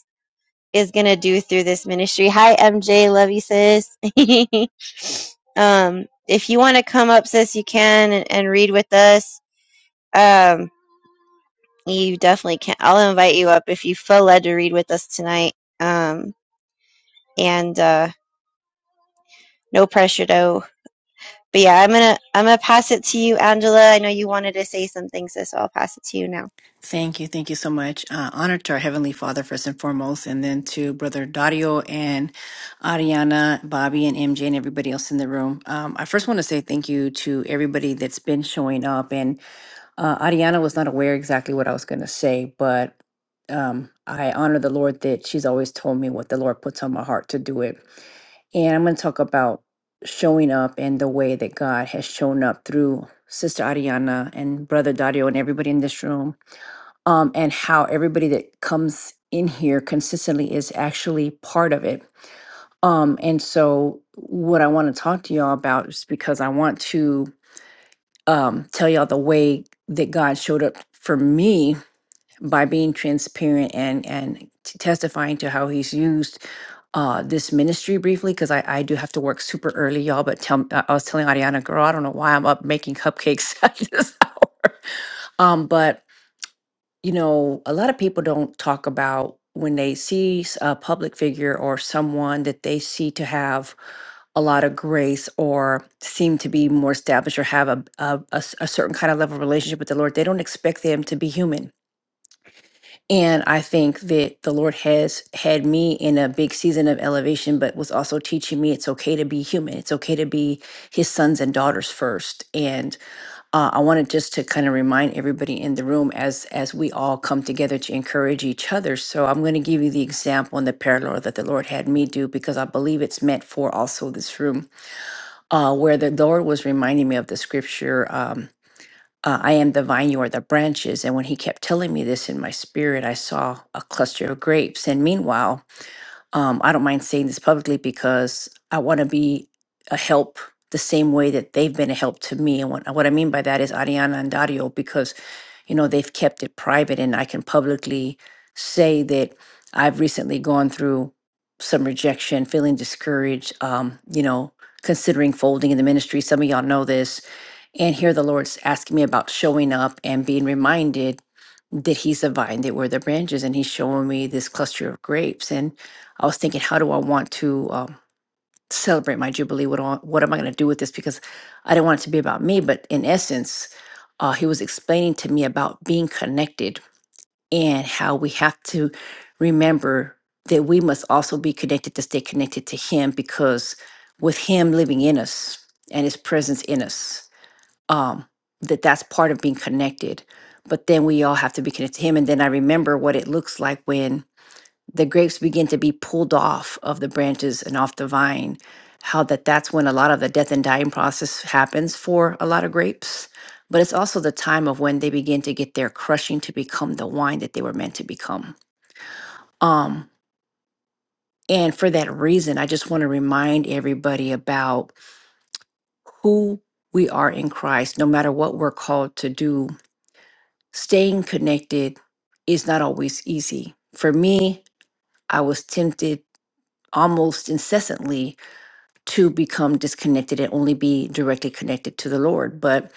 Speaker 2: is gonna do through this ministry. Hi MJ, love you sis. um, if you want to come up, sis, you can and, and read with us. Um, you definitely can. I'll invite you up if you feel led to read with us tonight. Um, and uh, no pressure though. But yeah, I'm gonna I'm gonna pass it to you, Angela. I know you wanted to say something, sis, so I'll pass it to you now.
Speaker 3: Thank you. Thank you so much. Uh, honor to our Heavenly Father, first and foremost, and then to Brother Dario and Ariana, Bobby, and MJ, and everybody else in the room. Um, I first want to say thank you to everybody that's been showing up. And uh, Ariana was not aware exactly what I was going to say, but um, I honor the Lord that she's always told me what the Lord puts on my heart to do it. And I'm going to talk about showing up and the way that God has shown up through Sister Ariana and Brother Dario and everybody in this room um, and how everybody that comes in here consistently is actually part of it. Um, and so, what I want to talk to y'all about is because I want to um, tell y'all the way that God showed up for me by being transparent and and t- testifying to how He's used uh, this ministry briefly because I, I do have to work super early, y'all. But tell I I was telling Ariana, girl, I don't know why I'm up making cupcakes at this hour. Um, but you know, a lot of people don't talk about when they see s- a public figure or someone that they see to have a lot of grace or seem to be more established or have a, a, a s- a certain kind of level of relationship with the Lord, they don't expect them to be human. And I think that the Lord has had me in a big season of elevation, but was also teaching me it's okay to be human. It's okay to be his sons and daughters first. Uh, I wanted just to kind of remind everybody in the room as as we all come together to encourage each other. So I'm going to give you the example and the parallel that the Lord had me do because I believe it's meant for also this room, uh, where the Lord was reminding me of the scripture. Um, uh, I am the vine, you are the branches. And when he kept telling me this in my spirit, I saw a cluster of grapes. And meanwhile, um, I don't mind saying this publicly because I want to be a help the same way that they've been a help to me. And what, what I mean by that is Ariana and Dario, because, you know, they've kept it private and I can publicly say that I've recently gone through some rejection, feeling discouraged, um, you know, considering folding in the ministry. Some of y'all know this and here the Lord's asking me about showing up and being reminded that He's the vine, that we're the branches. And He's showing me this cluster of grapes. And I was thinking, how do I want to um, celebrate my Jubilee? What, do I- what am I going to do with this? Because I didn't want it to be about me. But in essence, uh, He was explaining to me about being connected and how we have to remember that we must also be connected to stay connected to Him because with Him living in us and His presence in us, um, that that's part of being connected. But then we all have to be connected to Him. And then I remember what it looks like when the grapes begin to be pulled off of the branches and off the vine, how that that's when a lot of the death and dying process happens for a lot of grapes. But it's also the time of when they begin to get their crushing to become the wine that they were meant to become. Um, and for that reason, I just want to remind everybody about who we are in Christ, no matter what we're called to do staying connected is not always easy. For me, I was tempted almost incessantly to become disconnected and only be directly connected to the Lord. But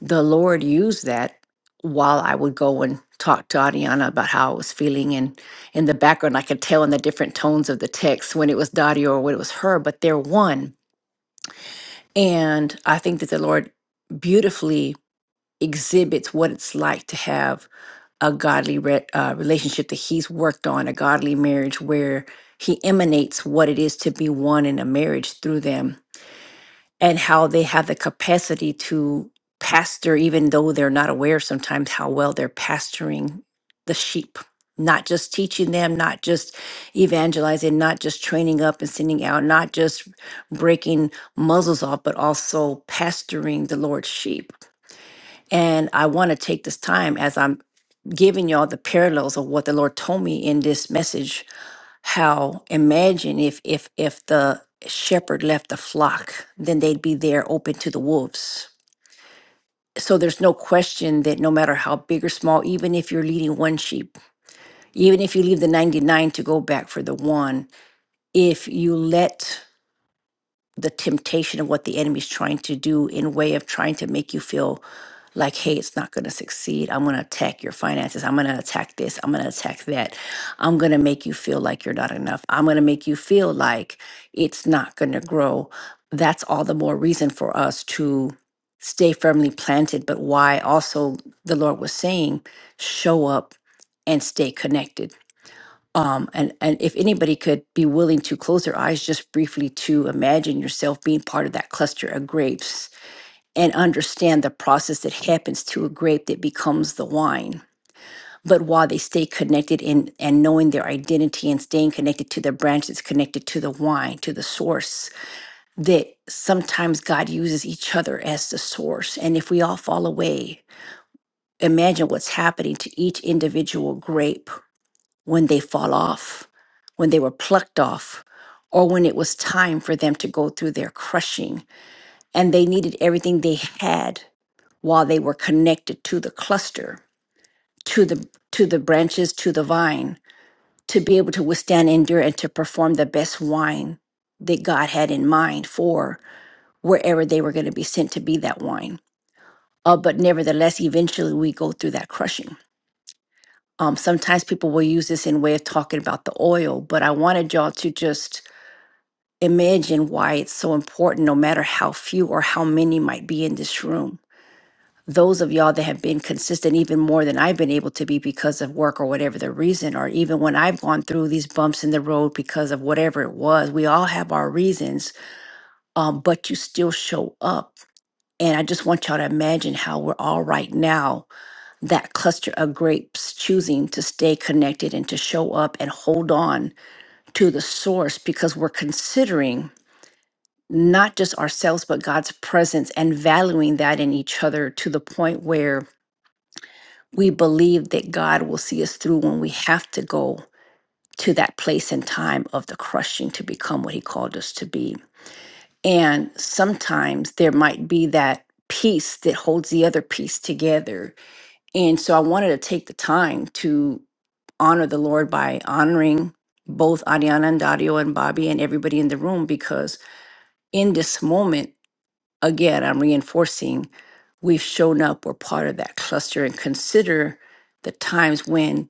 Speaker 3: the Lord used that while I would go and talk to Adriana about how I was feeling. And in the background, I could tell in the different tones of the text when it was Dottie or when it was her, but they're one. And I think that the Lord beautifully exhibits what it's like to have a godly re- uh, relationship that he's worked on, a godly marriage where he emanates what it is to be one in a marriage through them and how they have the capacity to pastor, even though they're not aware sometimes how well they're pastoring the sheep, not just teaching them, not just evangelizing, not just training up and sending out, not just breaking muzzles off, but also pastoring the Lord's sheep. And I want to take this time as I'm giving y'all the parallels of what the Lord told me in this message. How imagine if if if the shepherd left the flock, then they'd be there open to the wolves. So there's no question that no matter how big or small, even if you're leading one sheep, even if you leave the 99 to go back for the one, if you let the temptation of what the enemy's trying to do in way of trying to make you feel like hey it's not going to succeed i'm going to attack your finances i'm going to attack this i'm going to attack that i'm going to make you feel like you're not enough i'm going to make you feel like it's not going to grow that's all the more reason for us to stay firmly planted but why also the lord was saying show up and stay connected um, and and if anybody could be willing to close their eyes just briefly to imagine yourself being part of that cluster of grapes and understand the process that happens to a grape that becomes the wine but while they stay connected in and knowing their identity and staying connected to their branch that's connected to the wine to the source that sometimes god uses each other as the source and if we all fall away imagine what's happening to each individual grape when they fall off, when they were plucked off, or when it was time for them to go through their crushing. And they needed everything they had while they were connected to the cluster, to the to the branches, to the vine, to be able to withstand, endure, and to perform the best wine that God had in mind for wherever they were going to be sent to be that wine. Uh, but nevertheless, eventually we go through that crushing. Um, sometimes people will use this in way of talking about the oil, but I wanted y'all to just imagine why it's so important, no matter how few or how many might be in this room. Those of y'all that have been consistent even more than I've been able to be because of work or whatever the reason, or even when I've gone through these bumps in the road because of whatever it was, we all have our reasons, um, but you still show up. And I just want y'all to imagine how we're all right now, that cluster of grapes choosing to stay connected and to show up and hold on to the source because we're considering not just ourselves, but God's presence and valuing that in each other to the point where we believe that God will see us through when we have to go to that place and time of the crushing to become what He called us to be. And sometimes there might be that piece that holds the other piece together. And so I wanted to take the time to honor the Lord by honoring both Adiana and Dario and Bobby and everybody in the room because in this moment, again, I'm reinforcing we've shown up, we're part of that cluster, and consider the times when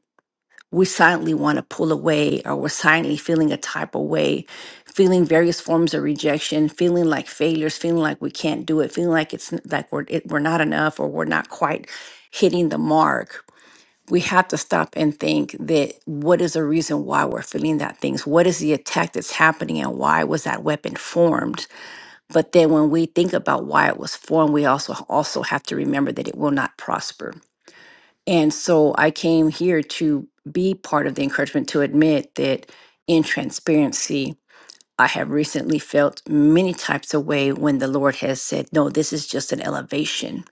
Speaker 3: we silently want to pull away or we're silently feeling a type of way, feeling various forms of rejection, feeling like failures, feeling like we can't do it, feeling like it's n- like we're, it, we're not enough or we're not quite hitting the mark. We have to stop and think that what is the reason why we're feeling that things? What is the attack that's happening and why was that weapon formed? But then when we think about why it was formed, we also also have to remember that it will not prosper. And so I came here to be part of the encouragement to admit that in transparency, I have recently felt many types of way when the Lord has said, No, this is just an elevation.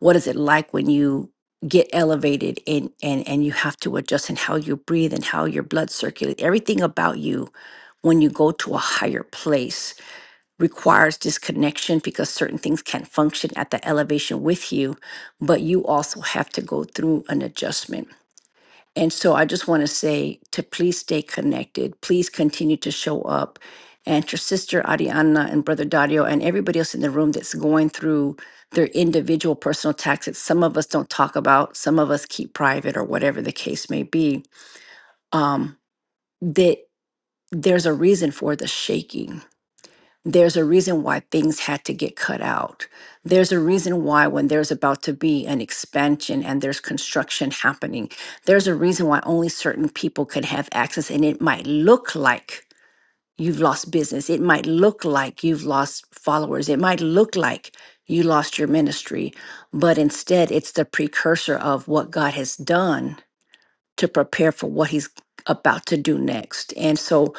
Speaker 3: What is it like when you get elevated and and and you have to adjust in how you breathe and how your blood circulates, everything about you when you go to a higher place? requires disconnection because certain things can't function at that elevation with you, but you also have to go through an adjustment. And so I just want to say to please stay connected, please continue to show up. And to sister Ariana and brother Dario and everybody else in the room that's going through their individual personal taxes, some of us don't talk about, some of us keep private or whatever the case may be, um, that there's a reason for the shaking there's a reason why things had to get cut out. There's a reason why, when there's about to be an expansion and there's construction happening, there's a reason why only certain people could have access. And it might look like you've lost business, it might look like you've lost followers, it might look like you lost your ministry, but instead, it's the precursor of what God has done to prepare for what He's about to do next. And so,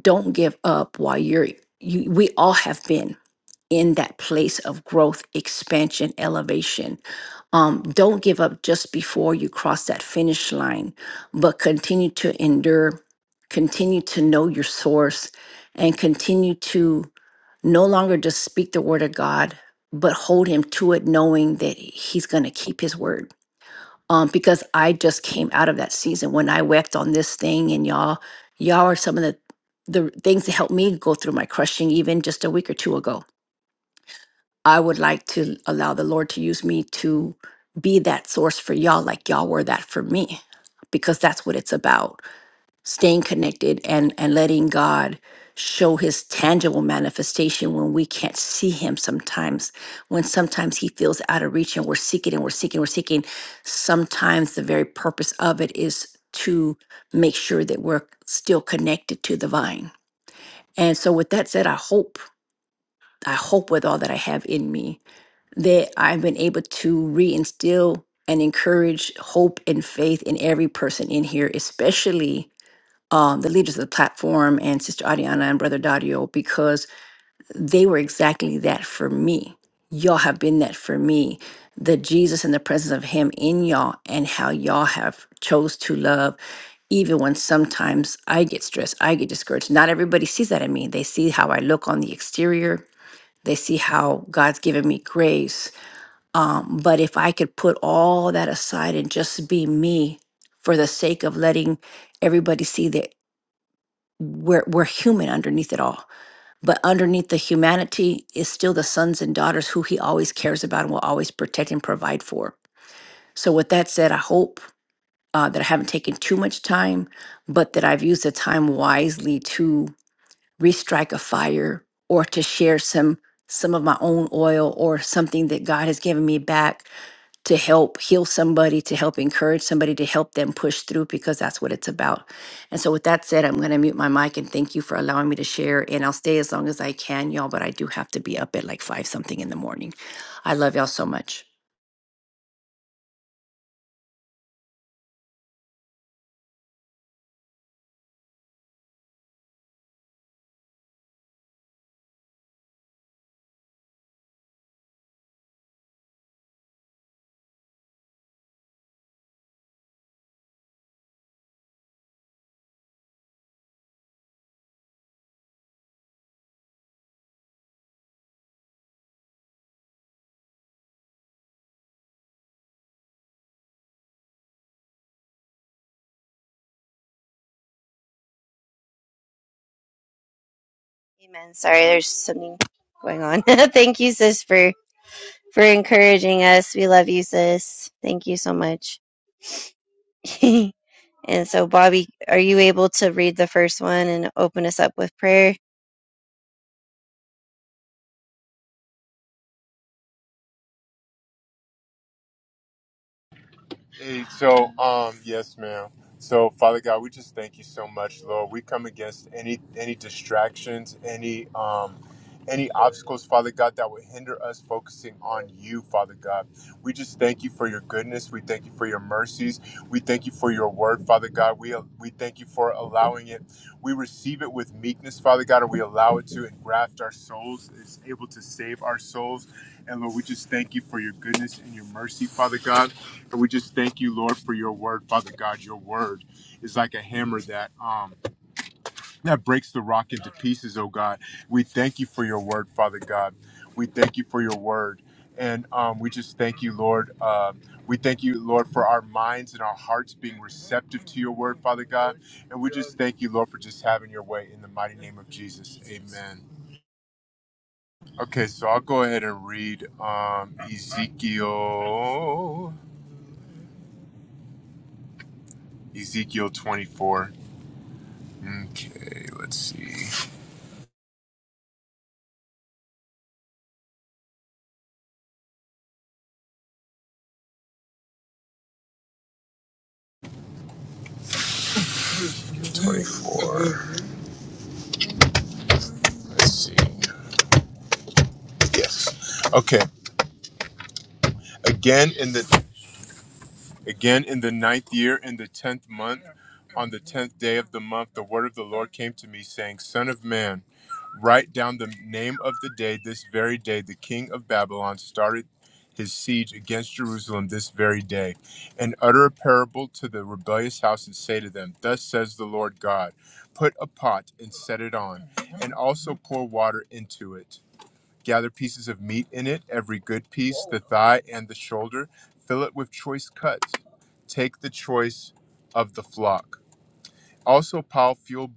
Speaker 3: don't give up while you're. You, we all have been in that place of growth, expansion, elevation. Um, don't give up just before you cross that finish line, but continue to endure, continue to know your source, and continue to no longer just speak the word of God, but hold him to it, knowing that he's going to keep his word. Um, because I just came out of that season when I wept on this thing, and y'all, y'all are some of the the things that helped me go through my crushing even just a week or two ago I would like to allow the Lord to use me to be that source for y'all, like y'all were that for me, because that's what it's about staying connected and, and letting God show his tangible manifestation when we can't see him sometimes, when sometimes he feels out of reach and we're seeking and we're seeking, we're seeking. Sometimes the very purpose of it is to make sure that we're still connected to the vine. And so, with that said, I hope, I hope with all that I have in me that I've been able to reinstill and encourage hope and faith in every person in here, especially um, the leaders of the platform and Sister Adiana and Brother Dario, because they were exactly that for me. Y'all have been that for me. The Jesus and the presence of Him in y'all, and how y'all have chose to love, even when sometimes I get stressed, I get discouraged. Not everybody sees that in me. They see how I look on the exterior. They see how God's given me grace um, but if I could put all that aside and just be me for the sake of letting everybody see that we're, we're human underneath it all. But underneath the humanity is still the sons and daughters who he always cares about and will always protect and provide for. So, with that said, I hope uh, that I haven't taken too much time, but that I've used the time wisely to restrike a fire or to share some some of my own oil or something that God has given me back to help heal somebody, to help encourage somebody, to help them push through because that's what it's about. And so, with that said, I'm going to mute my mic and thank you for allowing me to share. And I'll stay as long as I can, y'all, but I do have to be up at like five something in the morning. I love y'all so much.
Speaker 2: Amen. Sorry, there's something going on. Thank you, sis, for for encouraging us. We love you, sis. Thank you so much. and so, Bobby, are you able to read the first one and open us up with prayer?
Speaker 1: Hey, so um, yes, ma'am. So, Father God, we just thank you so much, Lord. We come against any any distractions, any um, any obstacles, Father God, that would hinder us focusing on you, Father God. We just thank you for your goodness. We thank you for your mercies. We thank you for your word, Father God. We we thank you for allowing it. We receive it with meekness, Father God, and we allow it to engraft our souls. It's able to save our souls, and Lord, we just thank you for your goodness and your mercy, Father God. And we just thank you, Lord, for your word, Father God. Your word is like a hammer that um that breaks the rock into pieces, oh God. We thank you for your word, Father God. We thank you for your word. And um, we just thank you, Lord. Um, we thank you, Lord, for our minds and our hearts being receptive to your word, Father God. And we just thank you, Lord, for just having your way in the mighty name of Jesus. Amen. Okay, so I'll go ahead and read um, Ezekiel, Ezekiel 24. Okay, let's see. Yes. Okay. Again in the again in the ninth year in the tenth month, on the tenth day of the month, the word of the Lord came to me, saying, Son of man, write down the name of the day, this very day the king of Babylon started his siege against Jerusalem this very day, and utter a parable to the rebellious house and say to them, Thus says the Lord God, put a pot and set it on, and also pour water into it Gather pieces of meat in it, every good piece, the thigh and the shoulder. Fill it with choice cuts. Take the choice of the flock. Also pile fuel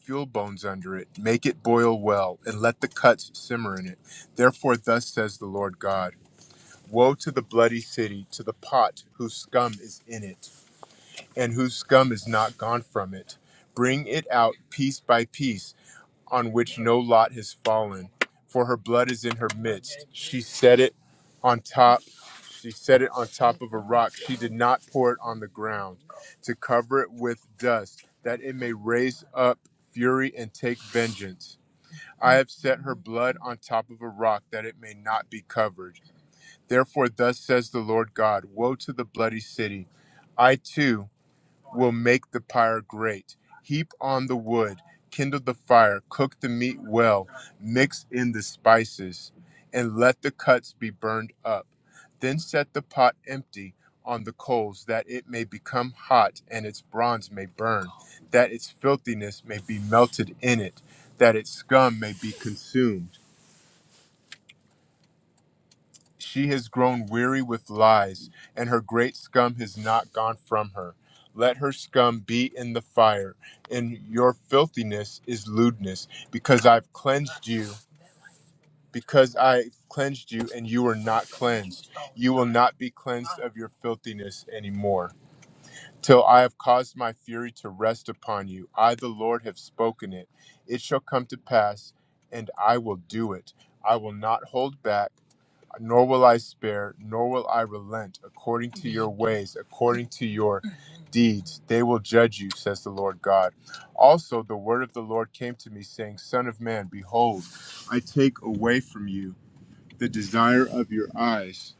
Speaker 1: fuel bones under it. Make it boil well, and let the cuts simmer in it. Therefore, thus says the Lord God: Woe to the bloody city, to the pot whose scum is in it, and whose scum is not gone from it. Bring it out piece by piece on which no lot has fallen, for her blood is in her midst. She set it on top. She set it on top of a rock. She did not pour it on the ground to cover it with dust, that it may raise up fury and take vengeance. I have set her blood on top of a rock that it may not be covered. Therefore, thus says the Lord God Woe to the bloody city! I too will make the pyre great. Heap on the wood, kindle the fire, cook the meat well, mix in the spices, and let the cuts be burned up. Then set the pot empty on the coals, that it may become hot and its bronze may burn, that its filthiness may be melted in it, that its scum may be consumed. She has grown weary with lies, and her great scum has not gone from her. Let her scum be in the fire, and your filthiness is lewdness, because I've cleansed you, because I've cleansed you, and you are not cleansed. You will not be cleansed of your filthiness anymore. Till I have caused my fury to rest upon you. I, the Lord, have spoken it. It shall come to pass, and I will do it. I will not hold back nor will I spare, nor will I relent according to your ways, according to your deeds. They will judge you, says the Lord God. Also, the word of the Lord came to me, saying, Son of man, behold, I take away from you the desire of your eyes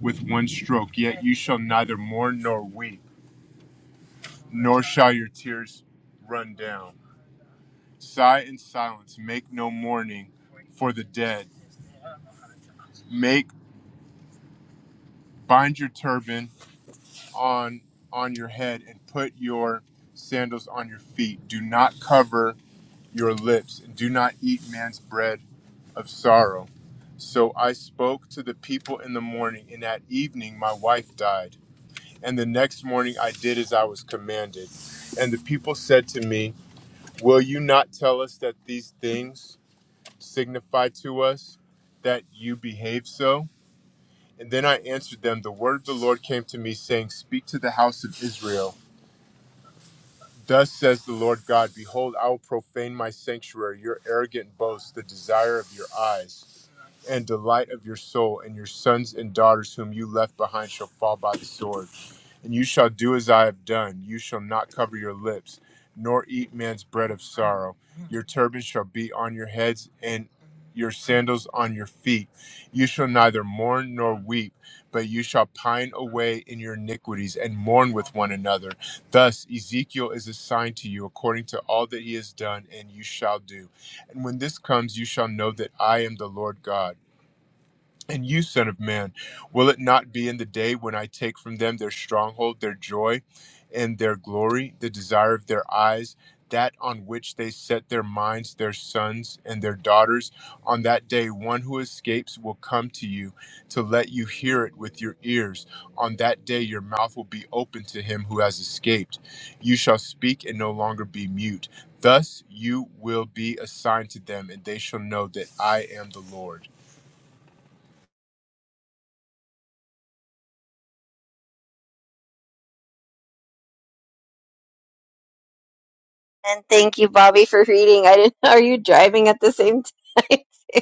Speaker 1: with one stroke, yet you shall neither mourn nor weep, nor shall your tears run down. Sigh in silence, make no mourning for the dead. Make bind your turban on on your head and put your sandals on your feet. Do not cover your lips and do not eat man's bread of sorrow. So I spoke to the people in the morning, and at evening my wife died. And the next morning I did as I was commanded. And the people said to me, Will you not tell us that these things signify to us that you behave so? And then I answered them, The word of the Lord came to me, saying, Speak to the house of Israel. Thus says the Lord God Behold, I will profane my sanctuary, your arrogant boast, the desire of your eyes, and delight of your soul, and your sons and daughters whom you left behind shall fall by the sword. And you shall do as I have done. You shall not cover your lips, nor eat man's bread of sorrow. Your turban shall be on your heads, and your sandals on your feet. You shall neither mourn nor weep, but you shall pine away in your iniquities and mourn with one another Thus, Ezekiel is assigned to you according to all that he has done, and you shall do. And when this comes, you shall know that I am the Lord God. And you, Son of Man, will it not be in the day when I take from them their stronghold, their joy, and their glory, the desire of their eyes, that on which they set their minds, their sons and their daughters? On that day, one who escapes will come to you to let you hear it with your ears. On that day, your mouth will be open to him who has escaped. You shall speak and no longer be mute. Thus you will be assigned to them, and they shall know that I am the Lord.
Speaker 2: And thank you, Bobby, for reading. I didn't. Are you driving at the same time?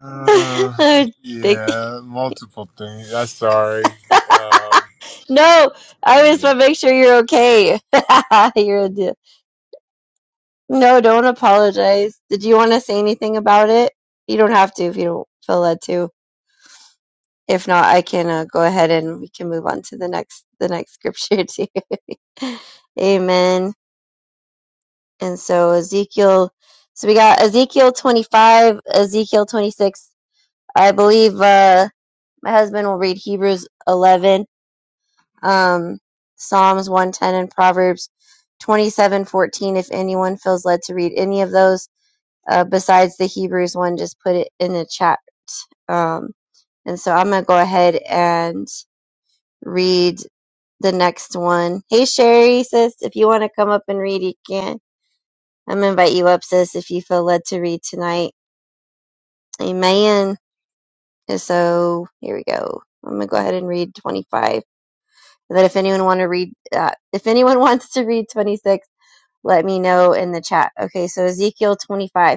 Speaker 1: Uh,
Speaker 2: Oh, thank you.
Speaker 1: yeah, multiple things. That's sorry. Um,
Speaker 2: No, I just
Speaker 1: yeah.
Speaker 2: want to make sure you're okay. you're a d- no, don't apologize. Did you want to say anything about it? You don't have to if you don't feel led to. If not, I can uh, go ahead and we can move on to the next the next scripture too. Amen. And so Ezekiel, so we got Ezekiel 25, Ezekiel 26. I believe uh, my husband will read Hebrews 11, um, Psalms 110, and Proverbs 27 14. If anyone feels led to read any of those uh, besides the Hebrews one, just put it in the chat. Um, and so I'm going to go ahead and read the next one. Hey, Sherry, sis, if you want to come up and read, you can. I'm going to invite you up, sis, if you feel led to read tonight. Amen. And so here we go. I'm going to go ahead and read 25. And then if anyone want to read, uh, if anyone wants to read 26, let me know in the chat. Okay, so Ezekiel 25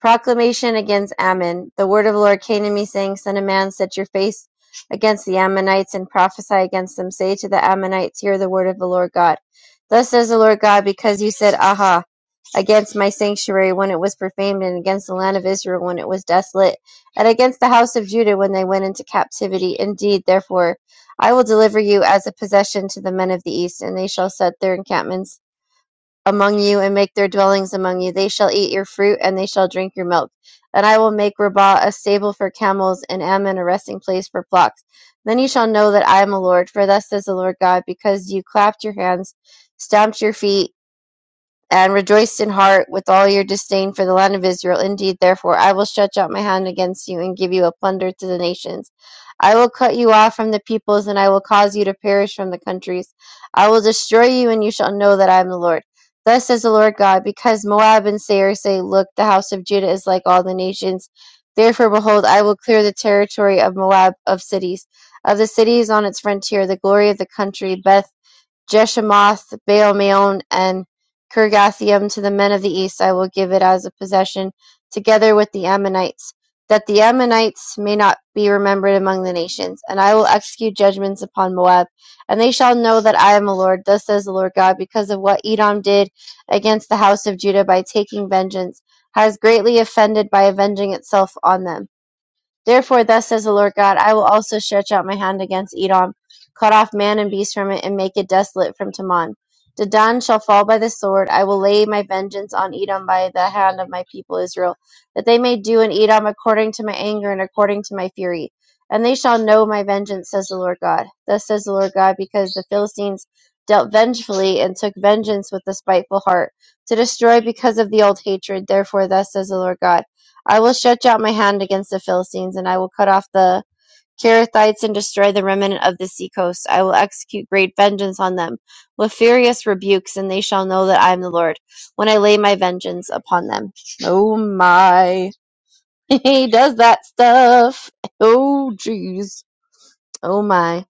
Speaker 2: proclamation against Ammon. The word of the Lord came to me, saying, Son of man, set your face against the Ammonites and prophesy against them. Say to the Ammonites, Hear the word of the Lord God. Thus says the Lord God, because you said, Aha, against my sanctuary when it was profaned, and against the land of Israel when it was desolate, and against the house of Judah when they went into captivity. Indeed, therefore, I will deliver you as a possession to the men of the east, and they shall set their encampments among you and make their dwellings among you. They shall eat your fruit and they shall drink your milk. And I will make Rabbah a stable for camels and Ammon a resting place for flocks. Then you shall know that I am the Lord, for thus says the Lord God, because you clapped your hands, stamped your feet, and rejoiced in heart with all your disdain for the land of Israel. Indeed, therefore, I will stretch out my hand against you and give you a plunder to the nations. I will cut you off from the peoples, and I will cause you to perish from the countries. I will destroy you, and you shall know that I am the Lord. Thus says the Lord God, because Moab and Seir say, Look, the house of Judah is like all the nations. Therefore, behold, I will clear the territory of Moab of cities, of the cities on its frontier, the glory of the country, Beth. Jeshemoth, Baal-meon, and Kirgathaim to the men of the east I will give it as a possession, together with the Ammonites, that the Ammonites may not be remembered among the nations. And I will execute judgments upon Moab, and they shall know that I am the Lord, thus says the Lord God, because of what Edom did against the house of Judah by taking vengeance, has greatly offended by avenging itself on them. Therefore, thus says the Lord God, I will also stretch out my hand against Edom, cut off man and beast from it, and make it desolate from Teman. Dedan shall fall by the sword. I will lay my vengeance on Edom by the hand of my people Israel, that they may do in Edom according to my anger and according to my fury. And they shall know my vengeance, says the Lord God. Thus says the Lord God, because the Philistines dealt vengefully and took vengeance with a spiteful heart, to destroy because of the old hatred. Therefore, thus says the Lord God. I will stretch out my hand against the Philistines, and I will cut off the Carathites and destroy the remnant of the seacoast. I will execute great vengeance on them with furious rebukes, and they shall know that I am the Lord when I lay my vengeance upon them. Oh my. He does that stuff. Oh jeez. Oh my.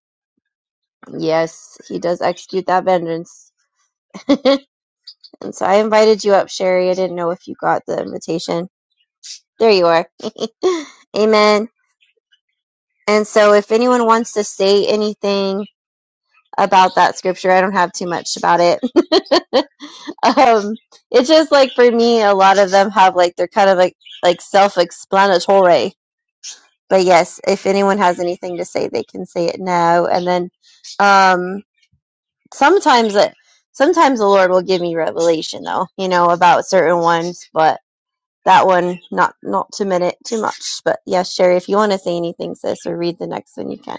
Speaker 2: Yes, he does execute that vengeance. and so I invited you up, Sherry. I didn't know if you got the invitation. There you are. Amen. And so, if anyone wants to say anything about that scripture, I don't have too much about it. um, it's just like for me, a lot of them have like they're kind of like like self-explanatory. But yes, if anyone has anything to say, they can say it now. And then um, sometimes, it, sometimes the Lord will give me revelation, though, you know, about certain ones. But that one, not not to minute too much. But yes, Sherry, if you want to say anything, sis, or read the next one, you can.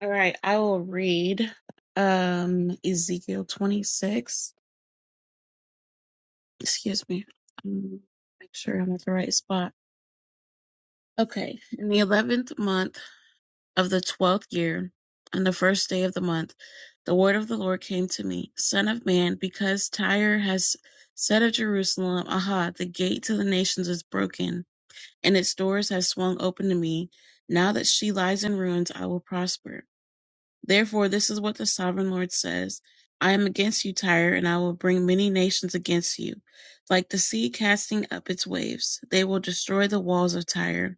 Speaker 4: All right, I will read um Ezekiel 26. Excuse me. Um, Make sure I'm at the right spot. Okay. In the eleventh month of the twelfth year, on the first day of the month, the word of the Lord came to me, Son of man, because Tyre has said of Jerusalem, Aha, the gate to the nations is broken, and its doors have swung open to me. Now that she lies in ruins, I will prosper. Therefore, this is what the sovereign Lord says I am against you, Tyre, and I will bring many nations against you. Like the sea casting up its waves, they will destroy the walls of Tyre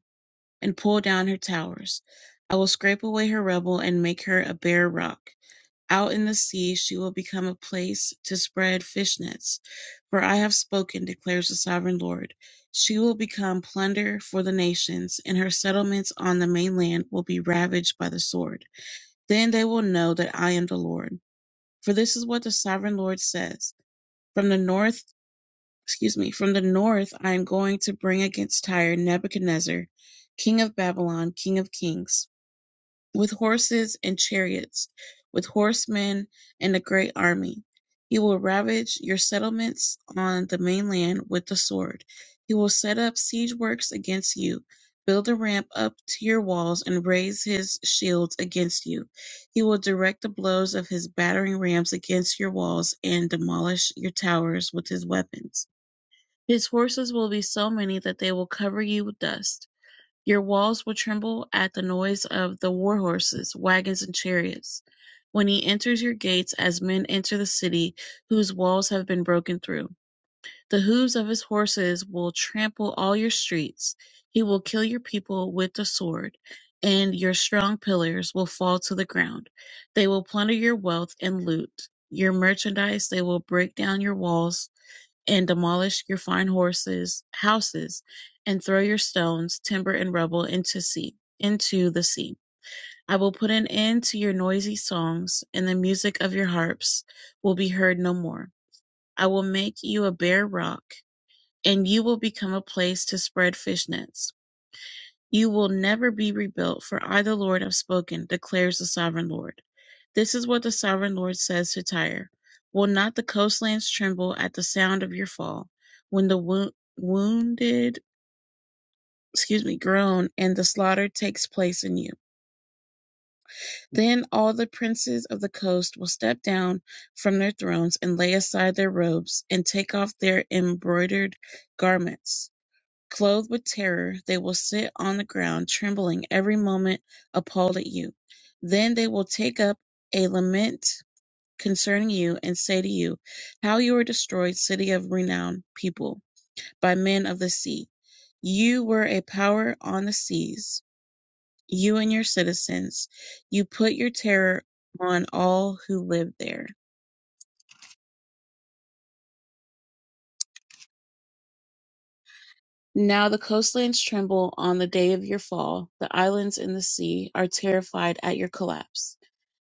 Speaker 4: and pull down her towers. I will scrape away her rubble and make her a bare rock. Out in the sea, she will become a place to spread fish nets. For I have spoken, declares the sovereign Lord. She will become plunder for the nations, and her settlements on the mainland will be ravaged by the sword. Then they will know that I am the Lord. For this is what the sovereign Lord says. From the north, excuse me, from the north I am going to bring against Tyre Nebuchadnezzar, king of Babylon, king of kings with horses and chariots, with horsemen and a great army. He will ravage your settlements on the mainland with the sword. He will set up siege works against you, build a ramp up to your walls, and raise his shields against you. He will direct the blows of his battering rams against your walls and demolish your towers with his weapons. His horses will be so many that they will cover you with dust your walls will tremble at the noise of the war horses, wagons, and chariots, when he enters your gates as men enter the city whose walls have been broken through. The hooves of his horses will trample all your streets. He will kill your people with the sword, and your strong pillars will fall to the ground. They will plunder your wealth and loot your merchandise. They will break down your walls and demolish your fine horses houses and throw your stones timber and rubble into sea into the sea i will put an end to your noisy songs and the music of your harps will be heard no more i will make you a bare rock and you will become a place to spread fish nets you will never be rebuilt for i the lord have spoken declares the sovereign lord this is what the Sovereign Lord says to Tyre Will not the coastlands tremble at the sound of your fall, when the wo- wounded, excuse me, groan and the slaughter takes place in you? Then all the princes of the coast will step down from their thrones and lay aside their robes and take off their embroidered garments. Clothed with terror, they will sit on the ground, trembling every moment, appalled at you. Then they will take up a lament concerning you, and say to you, How you were destroyed, city of renowned people, by men of the sea. You were a power on the seas, you and your citizens. You put your terror on all who lived there. Now the coastlands tremble on the day of your fall, the islands in the sea are terrified at your collapse.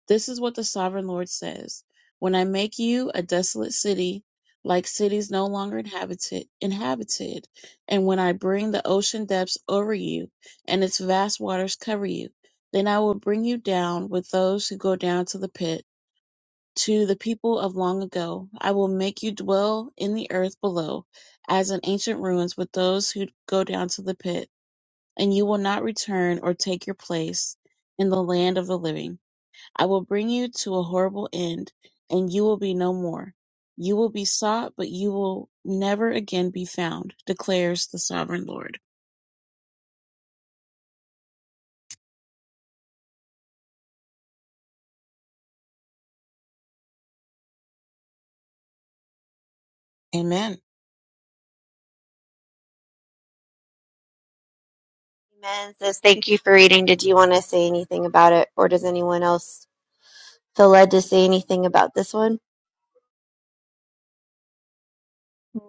Speaker 4: This is what the sovereign Lord says When I make you a desolate city, like cities no longer inhabited, inhabited, and when I bring the ocean depths over you, and its vast waters cover you, then I will bring you down with those who go down to the pit to the people of long ago. I will make you dwell in the earth below, as in ancient ruins with those who go down to the pit, and you will not return or take your place in the land of the living. I will bring you to a horrible end, and you will be no more. You will be sought, but you will never again be found, declares the sovereign Lord. Amen.
Speaker 2: Amen. Says thank you for reading. Did you want to say anything about it, or does anyone else feel led to say anything about this one?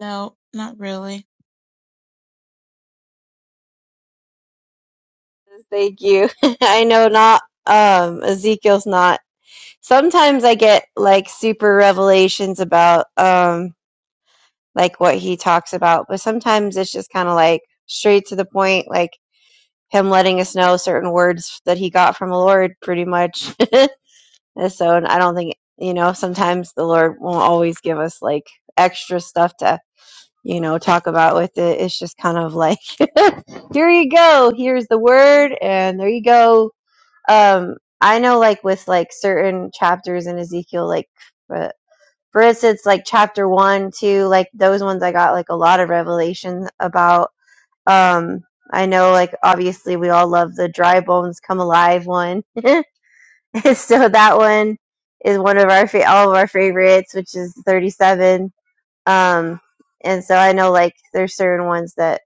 Speaker 4: No, not really.
Speaker 2: Says, Thank you. I know not. Um, Ezekiel's not. Sometimes I get like super revelations about um like what he talks about, but sometimes it's just kind of like straight to the point, like him letting us know certain words that he got from the Lord, pretty much. And so I don't think, you know, sometimes the Lord won't always give us like extra stuff to, you know, talk about with it. It's just kind of like, here you go. Here's the word. And there you go. Um, I know like with like certain chapters in Ezekiel, like for, for instance, like chapter one, two, like those ones I got like a lot of revelation about. Um, I know like obviously we all love the dry bones come alive one. so that one is one of our fa- all of our favorites, which is 37. Um, and so I know like there's certain ones that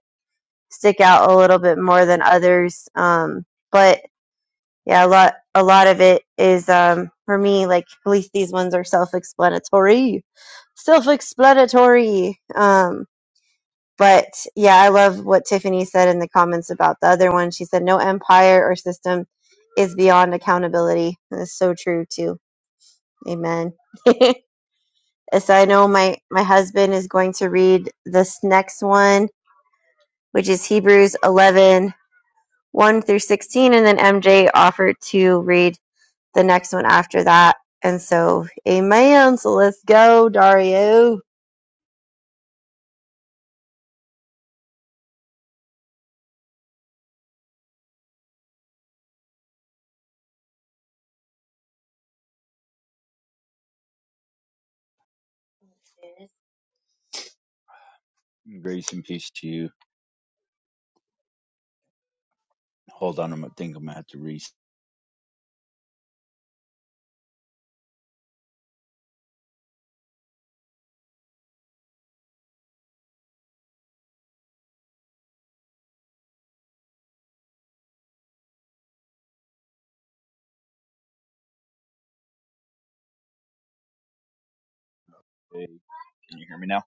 Speaker 2: stick out a little bit more than others. Um, but yeah, a lot a lot of it is um, for me like at least these ones are self-explanatory, self-explanatory. Um, but yeah, I love what Tiffany said in the comments about the other one. She said no empire or system is beyond accountability. That's so true too Amen. so I know my my husband is going to read this next one, which is Hebrews eleven one through 16, and then MJ offered to read the next one after that. And so, amen. So let's go, Dario.
Speaker 5: Peace to you. Hold on, I'm, thinking I'm gonna have to reset. Can you hear me now?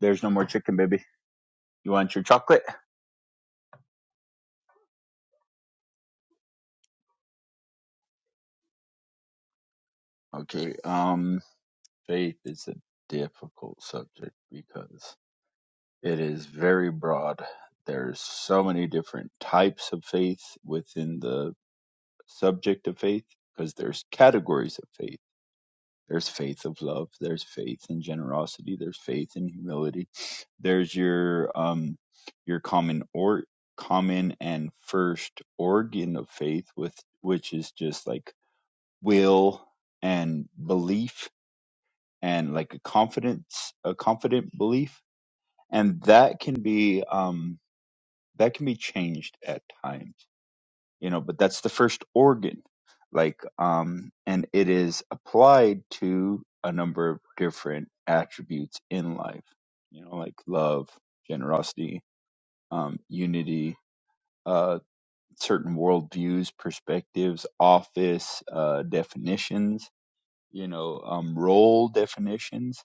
Speaker 5: There's no more chicken, baby. You want your chocolate? Okay. Um, faith is a difficult subject because it is very broad. There's so many different types of faith within the subject of faith because there's categories of faith. There's faith of love. There's faith in generosity. There's faith in humility. There's your um your common or common and first organ of faith with which is just like will and belief and like a confidence a confident belief and that can be um that can be changed at times you know but that's the first organ like um and it is applied to a number of different attributes in life you know like love generosity um unity uh certain worldviews perspectives office uh definitions you know um role definitions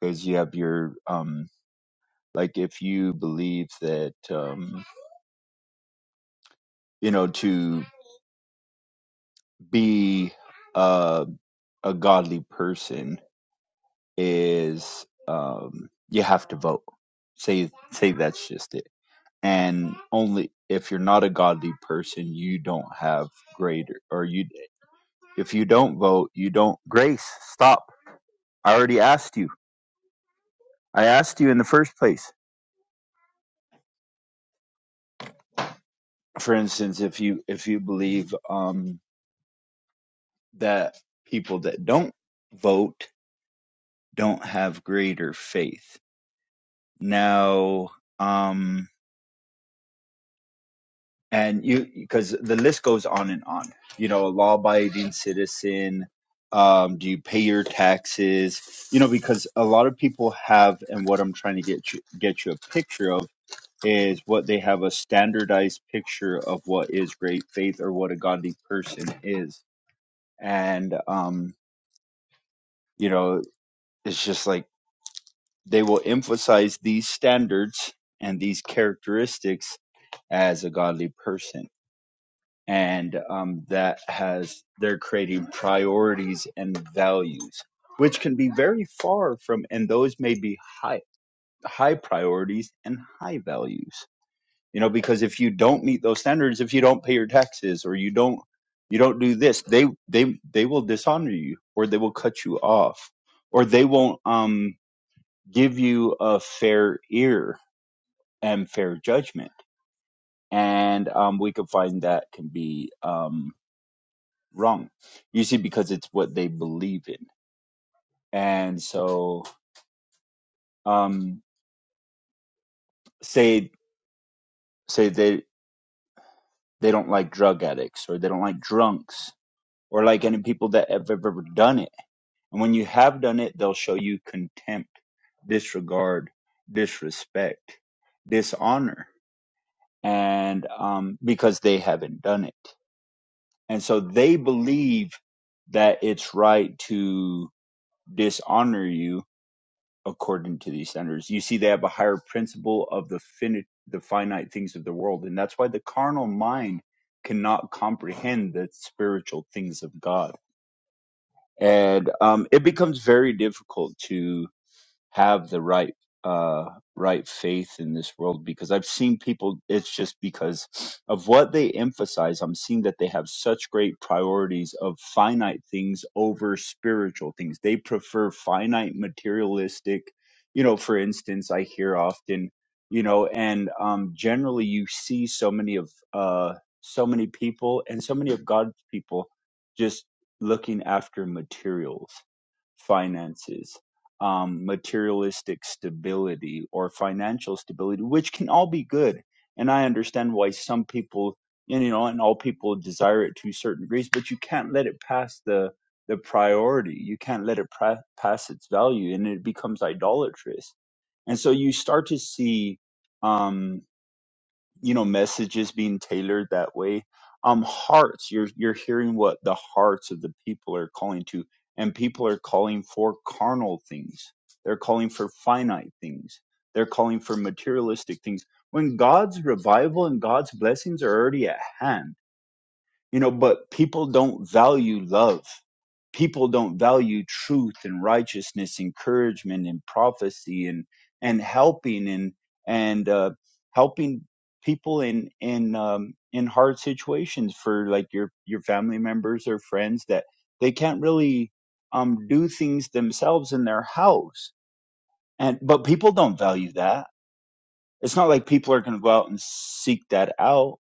Speaker 5: because you have your um like if you believe that um you know to be uh a godly person is um, you have to vote. Say say that's just it. And only if you're not a godly person, you don't have greater or you if you don't vote, you don't grace. Stop. I already asked you. I asked you in the first place. For instance, if you if you believe um, that people that don't vote don't have greater faith. Now, um, and you because the list goes on and on you know a law-abiding citizen um, do you pay your taxes you know because a lot of people have and what i'm trying to get you get you a picture of is what they have a standardized picture of what is great faith or what a godly person is and um, you know it's just like they will emphasize these standards and these characteristics as a godly person and um, that has they're creating priorities and values which can be very far from and those may be high high priorities and high values you know because if you don't meet those standards if you don't pay your taxes or you don't you don't do this they they they will dishonor you or they will cut you off or they won't um give you a fair ear and fair judgment and um we can find that can be um, wrong usually because it's what they believe in and so um say say they they don't like drug addicts or they don't like drunks or like any people that have ever done it and when you have done it they'll show you contempt disregard disrespect dishonor and um because they haven't done it and so they believe that it's right to dishonor you according to these centers. You see, they have a higher principle of the finite, the finite things of the world, and that's why the carnal mind cannot comprehend the spiritual things of God, and um, it becomes very difficult to have the right uh right faith in this world because I've seen people it's just because of what they emphasize I'm seeing that they have such great priorities of finite things over spiritual things they prefer finite materialistic you know for instance I hear often you know and um generally you see so many of uh so many people and so many of God's people just looking after materials finances um, materialistic stability or financial stability, which can all be good. And I understand why some people, you know, and all people desire it to certain degrees, but you can't let it pass the the priority. You can't let it pra- pass its value, and it becomes idolatrous. And so you start to see. Um, you know messages being tailored that way um hearts you're you're hearing what the hearts of the people are calling to and people are calling for carnal things they're calling for finite things they're calling for materialistic things when god's revival and god's blessings are already at hand you know but people don't value love people don't value truth and righteousness encouragement and prophecy and and helping and and uh helping people in in um in hard situations for like your your family members or friends that they can't really um do things themselves in their house and but people don't value that it's not like people are going to go out and seek that out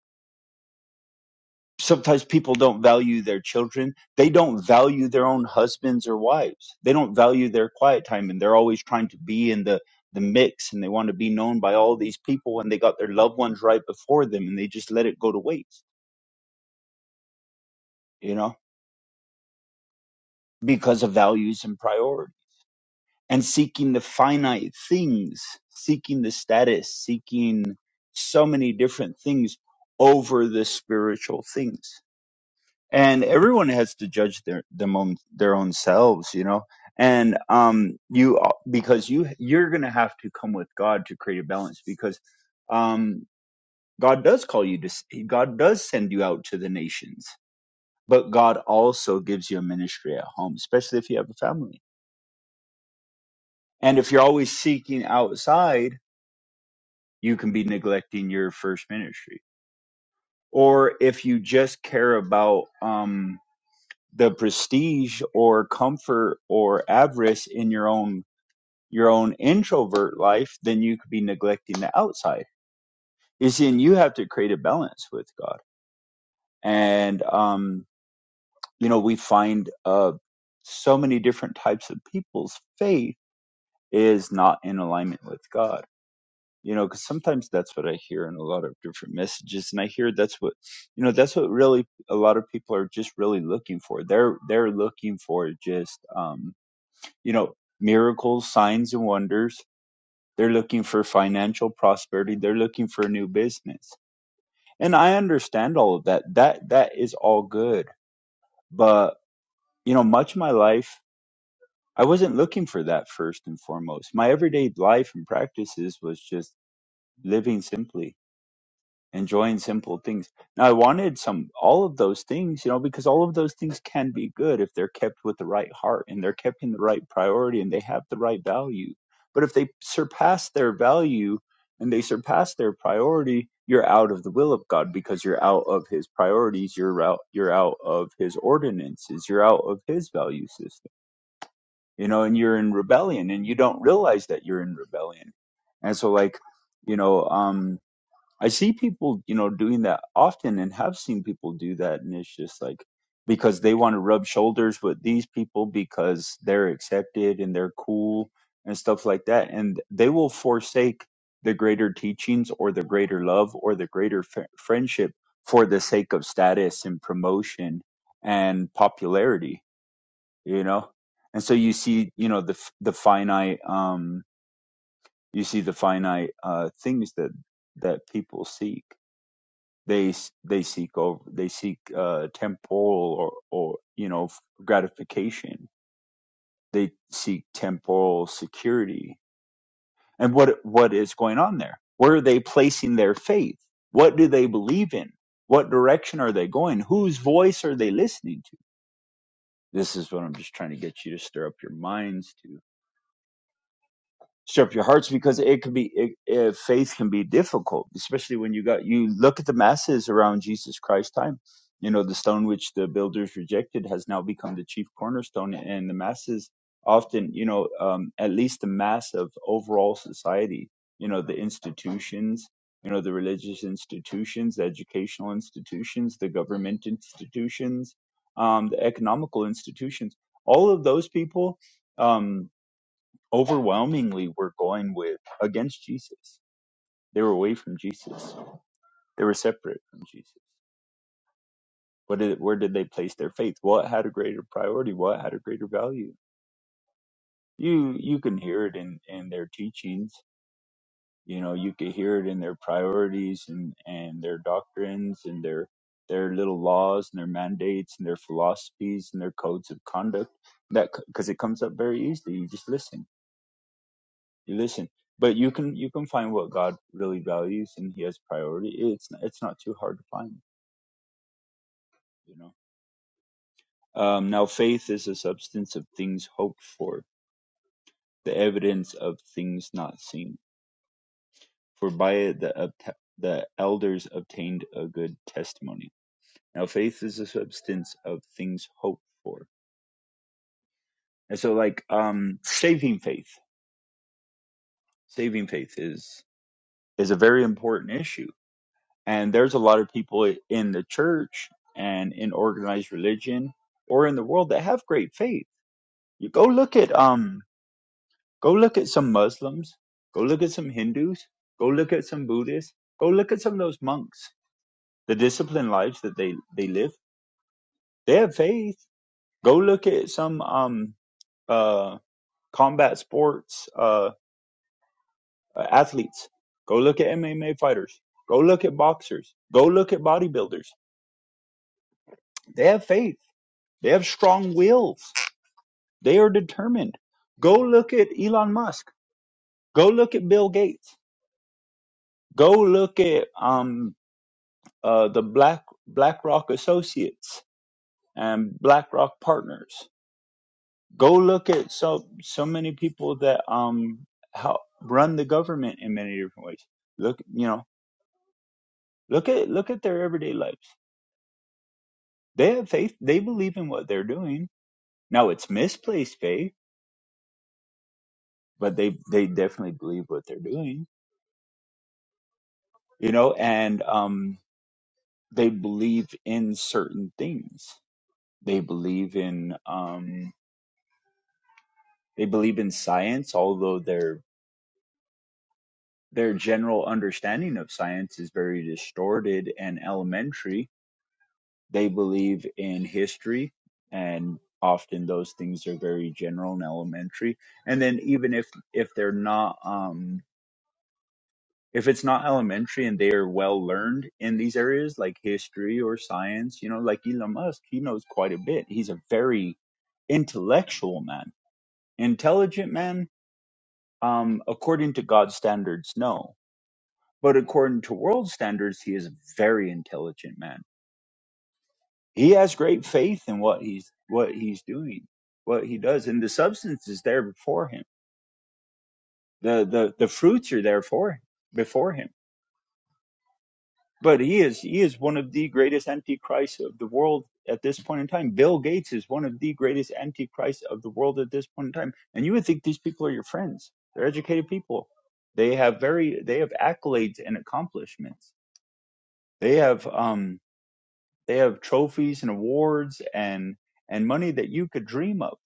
Speaker 5: sometimes people don't value their children. They don't value their own husbands or wives. They don't value their quiet time and they're always trying to be in the the mix and they want to be known by all these people and they got their loved ones right before them and they just let it go to waste, you know, because of values and priority and seeking the finite things, seeking the status, seeking so many different things over the spiritual things. and everyone has to judge their them own their own selves you know and um you because you you're gonna have to come with god to create a balance because um god does call you to god does send you out to the nations but god also gives you a ministry at home especially if you have a family and if you're always seeking outside you can be neglecting your first ministry or if you just care about um the prestige or comfort or avarice in your own your own introvert life, then you could be neglecting the outside. You see, and you have to create a balance with God. And um, you know, we find uh so many different types of people's faith is not in alignment with God. You know, because sometimes that's what I hear in a lot of different messages, and I hear that's what you know that's what really a lot of people are just really looking for. They're they're looking for just um you know, miracles, signs, and wonders. They're looking for financial prosperity. They're looking for a new business. And I understand all of that. That that is all good. But you know, much of my life, I wasn't looking for that first and foremost. My everyday life and practices was just living simply enjoying simple things. Now, I wanted some, all of those things, you know, because all of those things can be good if they're kept with the right heart and they're kept in the right priority and they have the right value. But if they surpass their value and they surpass their priority, you're out of the will of God because you're out of his priorities, you're out you're out of his ordinances, you're out of his value system. You know, and you're in rebellion and you don't realize that you're in rebellion. And so like, you know, um I see people, you know, doing that often and have seen people do that. And it's just like, because they want to rub shoulders with these people because they're accepted and they're cool and stuff like that. And they will forsake the greater teachings or the greater love or the greater f- friendship for the sake of status and promotion and popularity, you know? And so you see, you know, the, f- the finite, um, you see the finite, uh, things that, that people seek they they seek over they seek uh, temporal or or you know gratification. They seek temporal security. And what what is going on there? Where are they placing their faith? What do they believe in? What direction are they going? Whose voice are they listening to? This is what I'm just trying to get you to stir up your minds to Strip your hearts because it can be it, it, faith can be difficult, especially when you got you look at the masses around Jesus Christ's time. You know, the stone which the builders rejected has now become the chief cornerstone, and the masses often, you know, um, at least the mass of overall society, you know, the institutions, you know, the religious institutions, the educational institutions, the government institutions, um, the economical institutions, all of those people. Um, overwhelmingly were going with against Jesus. They were away from Jesus. They were separate from Jesus. What did, where did they place their faith? What had a greater priority? What had a greater value? You you can hear it in, in their teachings. You know, you could hear it in their priorities and, and their doctrines and their their little laws and their mandates and their philosophies and their codes of conduct. That because it comes up very easily. You just listen you listen but you can you can find what god really values and he has priority it's it's not too hard to find you know um now faith is the substance of things hoped for the evidence of things not seen for by it the obta- the elders obtained a good testimony now faith is the substance of things hoped for and so like um saving faith saving faith is is a very important issue And there's a lot of people in the church and in organized religion or in the world that have great faith. You go look at um go look at some Muslims, go look at some Hindus, go look at some Buddhists, go look at some of those monks, the disciplined lives that they they live. They have faith. Go look at some um uh combat sports uh uh, athletes. Go look at MMA fighters. Go look at boxers. Go look at bodybuilders. They have faith. They have strong wills. They are determined. Go look at Elon Musk. Go look at Bill Gates. Go look at um, uh, the Black BlackRock Associates and BlackRock Partners. Go look at so so many people that um help run the government in many different ways. Look, you know, look at look at their everyday lives. They have faith. They believe in what they're doing. Now it's misplaced faith, but they they definitely believe what they're doing. You know, and um they believe in certain things. They believe in um, they believe in science, although their their general understanding of science is very distorted and elementary. They believe in history, and often those things are very general and elementary. And then even if if they're not um, if it's not elementary and they are well learned in these areas like history or science, you know, like Elon Musk, he knows quite a bit. He's a very intellectual man, intelligent man. Um, according to God's standards, no, but according to world standards, he is a very intelligent man. He has great faith in what he's what he's doing, what he does, and the substance is there before him. the the The fruits are there for before him but he is he is one of the greatest antichrists of the world at this point in time. Bill Gates is one of the greatest antichrists of the world at this point in time. And you would think these people are your friends. They're educated people. They have very they have accolades and accomplishments. They have um they have trophies and awards and and money that you could dream of.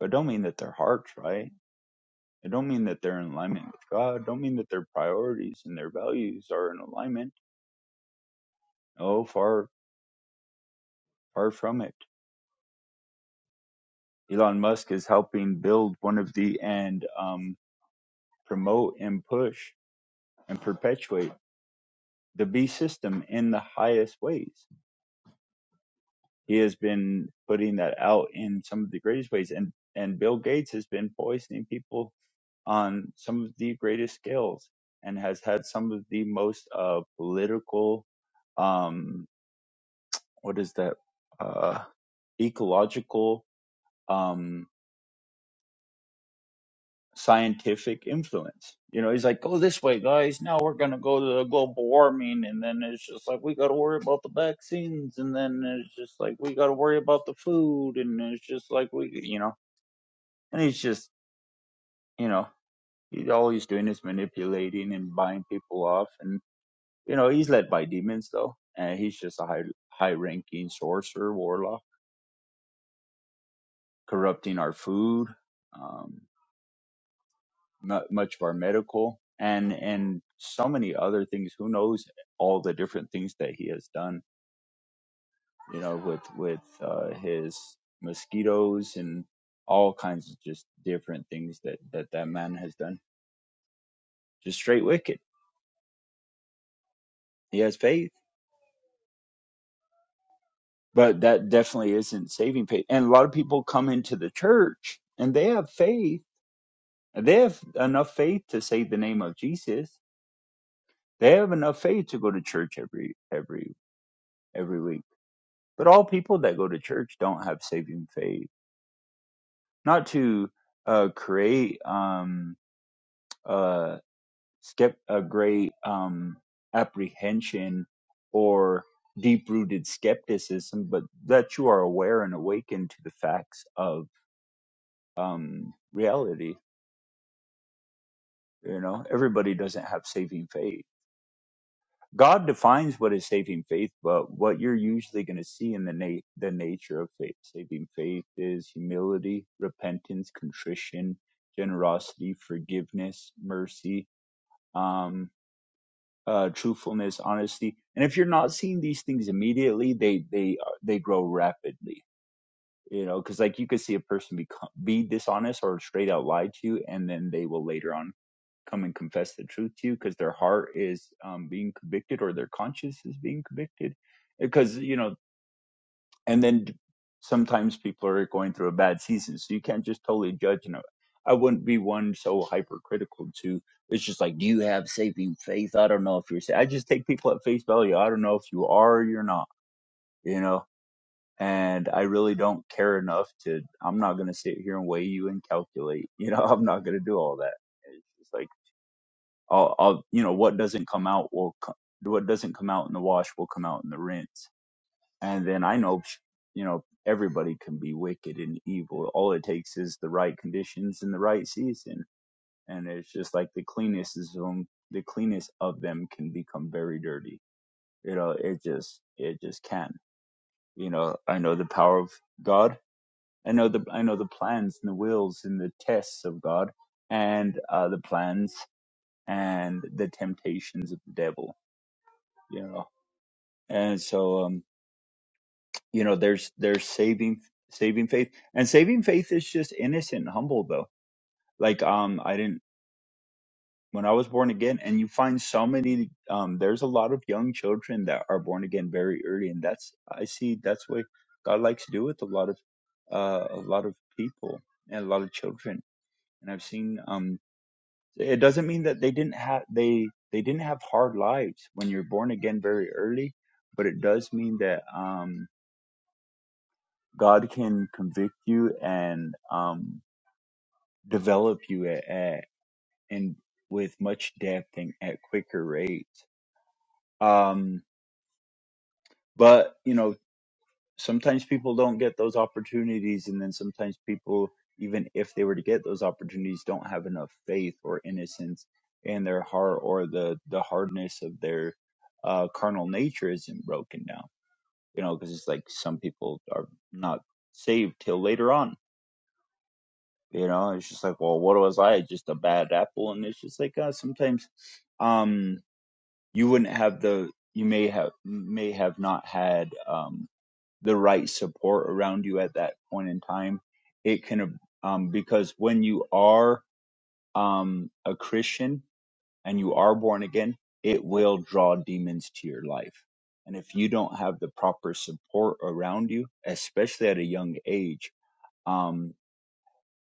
Speaker 5: But it don't mean that their heart's right. It don't mean that they're in alignment with God. It don't mean that their priorities and their values are in alignment. No, far far from it Elon Musk is helping build one of the and um, promote and push and perpetuate the B system in the highest ways. He has been putting that out in some of the greatest ways, and and Bill Gates has been poisoning people on some of the greatest scales and has had some of the most uh, political, um, what is that, uh, ecological. Um, scientific influence. You know, he's like, go this way, guys. Now we're going to go to the global warming. And then it's just like, we got to worry about the vaccines. And then it's just like, we got to worry about the food. And it's just like, we, you know, and he's just, you know, he, all he's doing is manipulating and buying people off. And, you know, he's led by demons, though. And he's just a high, high ranking sorcerer, warlock, corrupting our food. Um, mu much of our medical and and so many other things. Who knows all the different things that he has done? You know, with with uh, his mosquitoes and all kinds of just different things that that that man has done. Just straight wicked. He has faith, but that definitely isn't saving faith. And a lot of people come into the church and they have faith. They have enough faith to say the name of Jesus. They have enough faith to go to church every every every week But all people that go to church don't have saving faith. Not to uh, create um, uh, skep- a great um, apprehension or deep rooted skepticism, but that you are aware and awakened to the facts of um, reality. You know, everybody doesn't have saving faith God defines what is saving faith, but what you're usually going to see in the na- the nature of faith, saving faith is humility, repentance, contrition, generosity, forgiveness, mercy, um, uh, truthfulness, honesty. And if you're not seeing these things immediately, they they uh, they grow rapidly you know because like you could see a person be be dishonest or straight out lie to you and then they will later on come and confess the truth to you because their heart is um, being convicted or their conscience is being convicted because you know and then sometimes people are going through a bad season so you can't just totally judge you know i wouldn't be one so hypercritical to it's just like do you have saving faith i don't know if you're sa-" i just take people at face value i don't know if you are or you're not you know and I really don't care enough to. I'm not gonna sit here and weigh you and calculate. You know, I'm not gonna do all that. It's just like I'll, I'll you know, what doesn't come out will, co- what doesn't come out in the wash will come out in the rinse. And then I know, you know, everybody can be wicked and evil. All it takes is the right conditions and the right season. And it's just like the cleanest is them, the cleanest of them can become very dirty. You know, it just, it just can. You know, I know the power of God I know the I know the plans and the wills and the tests of God, and uh, the plans and the temptations of the devil. You know, and so um, you know, there's there's saving saving faith, and saving faith is just innocent, and humble though. Like um, I didn't when I was born again, and you find so many um, there's a lot of young children that are born again very early, and that's I see that's what God likes to do with a lot of uh, a lot of people and a lot of children and I've seen um it doesn't mean that they didn't have they they didn't have hard lives when you're born again very early but it does mean that um god can convict you and um develop you at, at and with much depth and at quicker rates um but you know sometimes people don't get those opportunities and then sometimes people even if they were to get those opportunities don't have enough faith or innocence in their heart or the the hardness of their uh carnal nature isn't broken down you know because it's like some people are not saved till later on you know it's just like well what was i just a bad apple and it's just like uh, sometimes um you wouldn't have the you may have may have not had um the right support around you at that point in time it can um, because when you are um, a christian and you are born again it will draw demons to your life and if you don't have the proper support around you especially at a young age um,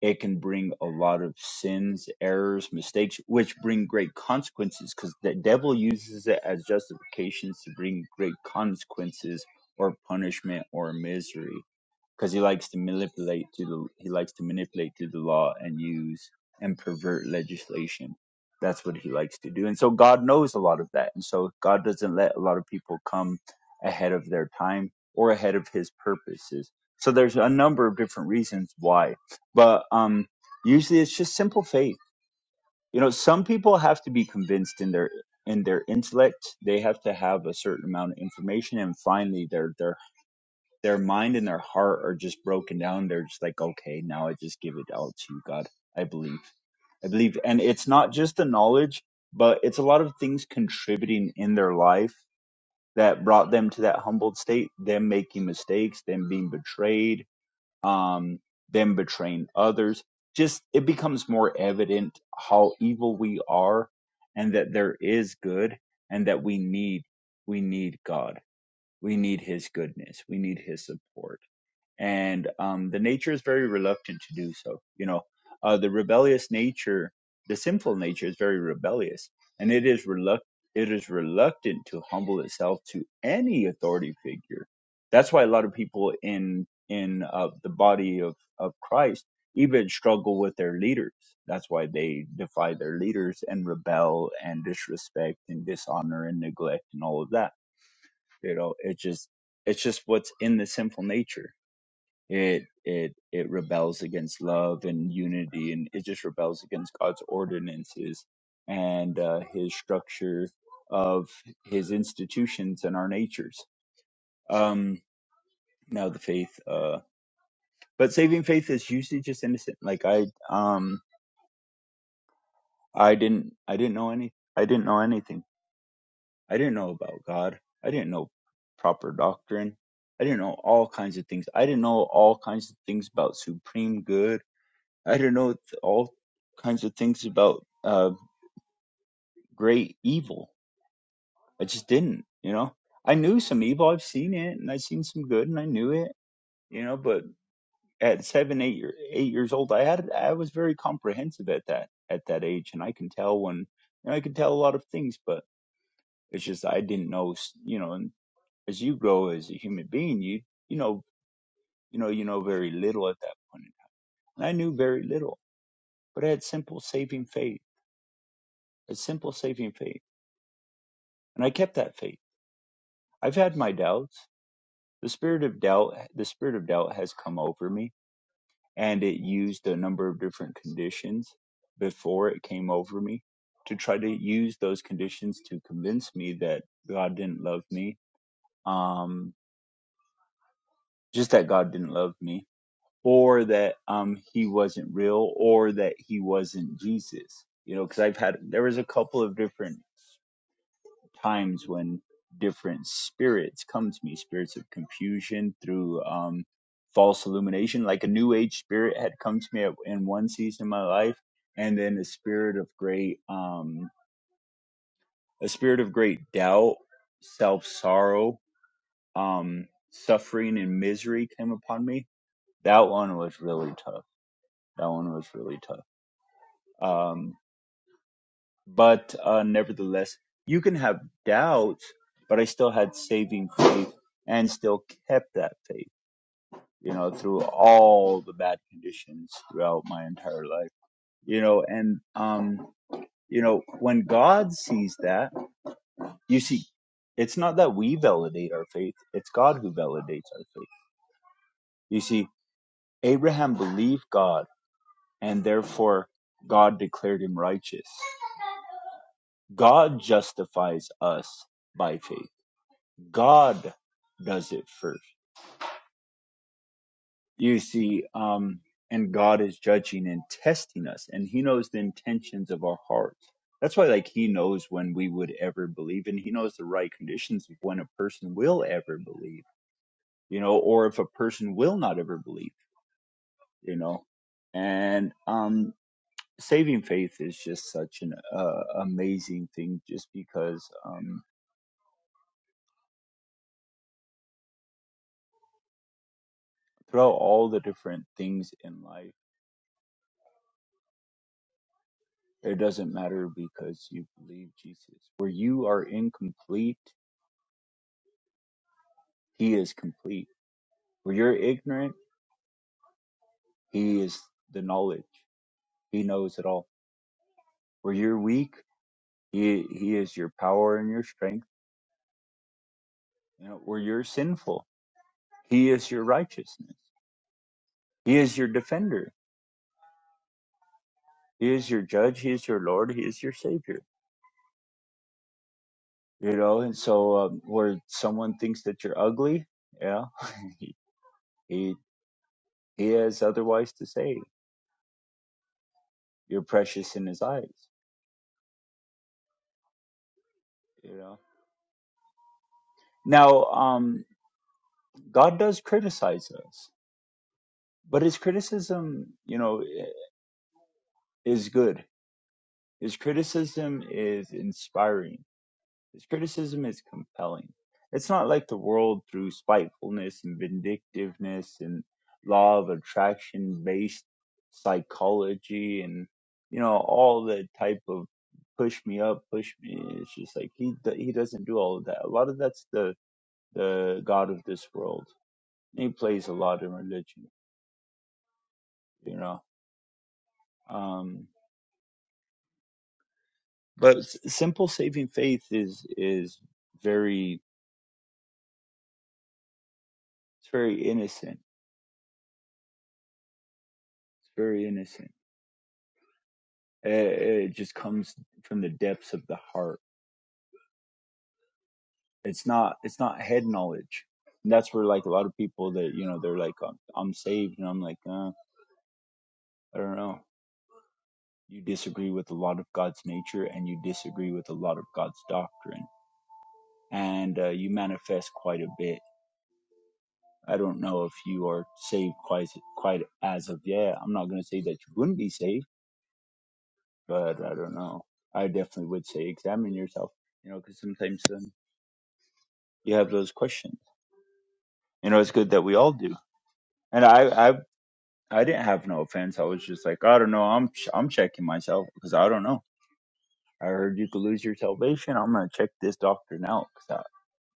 Speaker 5: it can bring a lot of sins errors mistakes which bring great consequences because the devil uses it as justifications to bring great consequences or punishment or misery because he likes to manipulate to the he likes to manipulate through the law and use and pervert legislation. That's what he likes to do, and so God knows a lot of that, and so God doesn't let a lot of people come ahead of their time or ahead of His purposes. So there's a number of different reasons why, but um, usually it's just simple faith. You know, some people have to be convinced in their in their intellect. They have to have a certain amount of information, and finally, their their their mind and their heart are just broken down. They're just like, okay, now I just give it out to you, God. I believe. I believe. And it's not just the knowledge, but it's a lot of things contributing in their life that brought them to that humbled state, them making mistakes, them being betrayed, um, them betraying others. Just it becomes more evident how evil we are and that there is good and that we need we need God. We need his goodness. We need his support and um, the nature is very reluctant to do so. You know, uh, the rebellious nature, the sinful nature, is very rebellious, and it is reluctant. it is reluctant to humble itself to any authority figure. That's why a lot of people in in uh, the body of of Christ even struggle with their leaders. That's why they defy their leaders and rebel and disrespect and dishonor and neglect and all of that. You know, it just it's just what's in the sinful nature it it it rebels against love and unity, and it just rebels against God's ordinances and uh, His structure of His institutions and our natures. Um, no, the faith, uh, but saving faith is usually just innocent. Like I um I didn't I didn't know any I didn't know anything. I didn't know about God. I didn't know proper doctrine. I didn't know all kinds of things. I didn't know all kinds of things about supreme good I don't know th- all kinds of things about uh, great evil. I just didn't, you know. I knew some evil. I've seen it, and I've seen some good, and I knew it, you know. But at seven, eight year, eight years old, I had I was very comprehensive at that at that age, and I can tell when you know, I can tell a lot of things, but it's just I didn't know, s- you know. And as you grow as a human being, you you know you know you know very little at that point, point. and I knew very little, but I had simple saving faith, a simple saving faith and I kept that faith. I've had my doubts. The spirit of doubt, the spirit of doubt has come over me, and it used a number of different conditions before it came over me to try to use those conditions to convince me that God didn't love me, um, just that God didn't love me, or that um, He wasn't real, or that He wasn't Jesus. You know, because I've had there was a couple of different times when different spirits come to me spirits of confusion through um false illumination like a new age spirit had come to me at, in one season of my life and then a spirit of great um a spirit of great doubt self sorrow um suffering and misery came upon me that one was really tough that one was really tough Um, But uh, nevertheless, you can have doubts, but I still had saving faith and still kept that faith, you know, through all the bad conditions throughout my entire life, you know, and, um, you know, when God sees that, you see, it's not that we validate our faith, it's God who validates our faith. You see, Abraham believed God, and therefore God declared him righteous. God justifies us by faith God does it first. You see, um, and God is judging and testing us, and He knows the intentions of our hearts. That's why, like, He knows when we would ever believe, and He knows the right conditions of when a person will ever believe, you know, or if a person will not ever believe, you know. And um, saving faith is just such an uh, amazing thing, just because um, throughout all the different things in life It doesn't matter because you believe Jesus. Where you are incomplete, He is complete. Where you're ignorant, He is the knowledge. He knows it all. Where you're weak, He, he is your power and your strength. You know, where you're sinful, He is your righteousness. He is your defender. He is your judge. He is your Lord. He is your Savior. You know, and so um, where someone thinks that you're ugly, yeah, he, he he has otherwise to say. You're precious in His eyes you know now um god does criticize us but his criticism you know i- is good his criticism is inspiring his criticism is compelling it's not like the world through spitefulness and vindictiveness and law of attraction based psychology and you know all the type of push me up push me it's just like he d- he doesn't do all of that a lot of that's the the god of this world He plays a lot in religion, you know. Um, but s- simple saving faith is is very it's very innocent. It's very innocent. It, it just comes from the depths of the heart. It's not it's not head knowledge. And that's where like a lot of people that you know they're like I'm, I'm saved, and I'm like uh, I don't know. You disagree with a lot of God's nature, and you disagree with a lot of God's doctrine, and uh, you manifest quite a bit I don't know if you are saved quite quite as of yet. I'm not going to say that you wouldn't be saved, but I don't know. I definitely would say examine yourself, you know, because sometimes um, you have those questions. You know, it's good that we all do. And I I I didn't have no offense. I was just like, I don't know. I'm ch- I'm checking myself because I don't know. I heard you could lose your salvation. I'm going to check this doctrine out because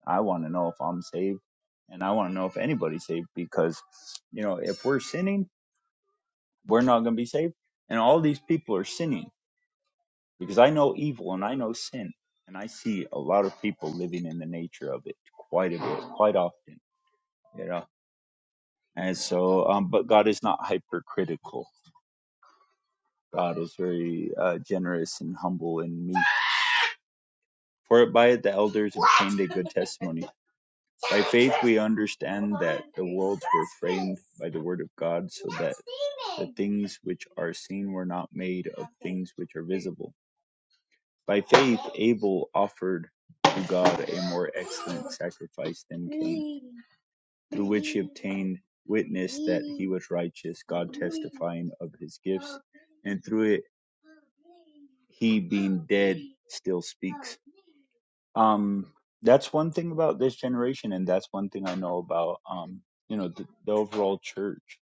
Speaker 5: I, I want to know if I'm saved, and I want to know if anybody's saved because, you know, if we're sinning we're not going to be saved. And all these people are sinning because I know evil and I know sin. And I see a lot of people living in the nature of it quite a bit, quite often, you know. And so, um, but God is not hypercritical. God is very uh, generous and humble and meek. For by it the elders obtained a good testimony. By faith we understand that the worlds were framed by the word of God, so that the things which are seen were not made of things which are visible. By faith, Abel offered to God a more excellent sacrifice than Cain, through which he obtained witness that he was righteous, God testifying of his gifts, and through it, he being dead still speaks. Um, that's one thing about this generation, and that's one thing I know about, um, you know, the, the overall church,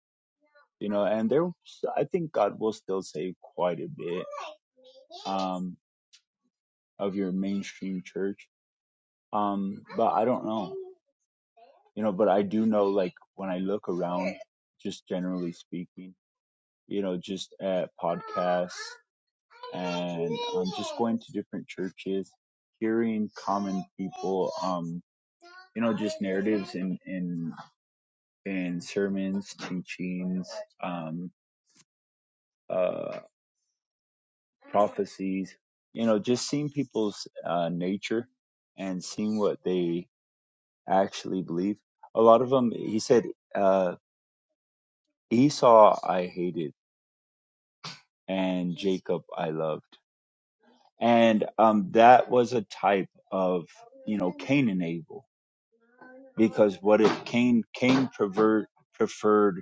Speaker 5: you know, and there, I think God will still save quite a bit. Um of your mainstream church. Um, but I don't know, you know, but I do know, like, when I look around, just generally speaking, you know, just at podcasts and um, just going to different churches, hearing common people, um, you know, just narratives in, in, in sermons, teachings, um, uh, prophecies, you know, just seeing people's uh, nature and seeing what they actually believe. A lot of them, he said, uh, Esau I hated and Jacob I loved. And um, that was a type of, you know, Cain and Abel. Because what if Cain, Cain pervert, preferred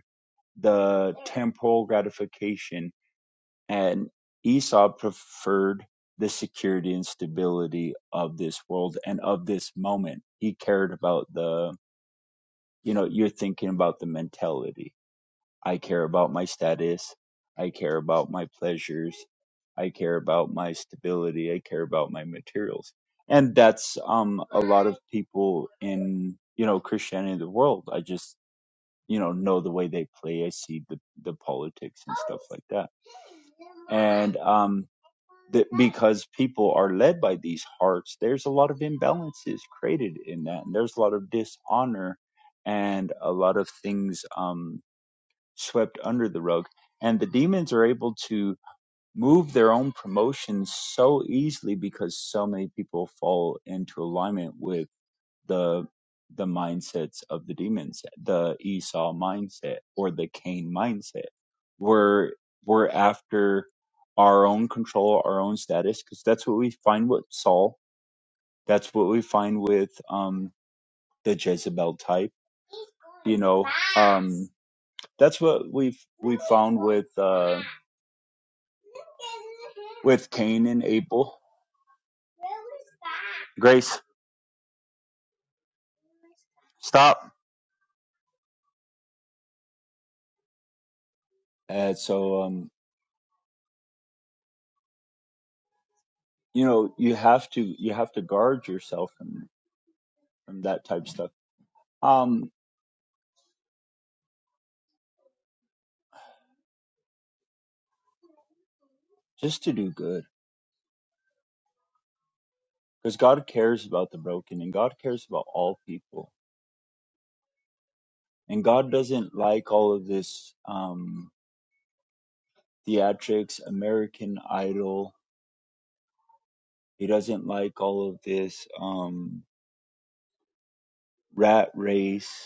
Speaker 5: the temporal gratification and Esau preferred the security and stability of this world and of this moment. He cared about the, you know, you're thinking about the mentality I care about my status. I care about my pleasures. I care about my stability. I care about my materials. And that's um, a lot of people in, you know, Christianity of the world. I just, you know, know the way they play. I see the, the politics and stuff like that. And um, that because people are led by these hearts, there's a lot of imbalances created in that, and there's a lot of dishonor and a lot of things. Um, swept under the rug. And the demons are able to move their own promotions so easily because so many people fall into alignment with the the mindsets of the demons, the Esau mindset or the Cain mindset. We're we're after our own control, our own status, because that's what we find with Saul. That's what we find with um, the Jezebel type you know, um, that's what we've we found with uh, with Cain and Abel. Grace, stop. And so um, you know, you have to you have to guard yourself from from that type of stuff. Um, just to do good, because God cares about the broken and God cares about all people, and God doesn't like all of this um theatrics, American Idol. He doesn't like all of this um rat race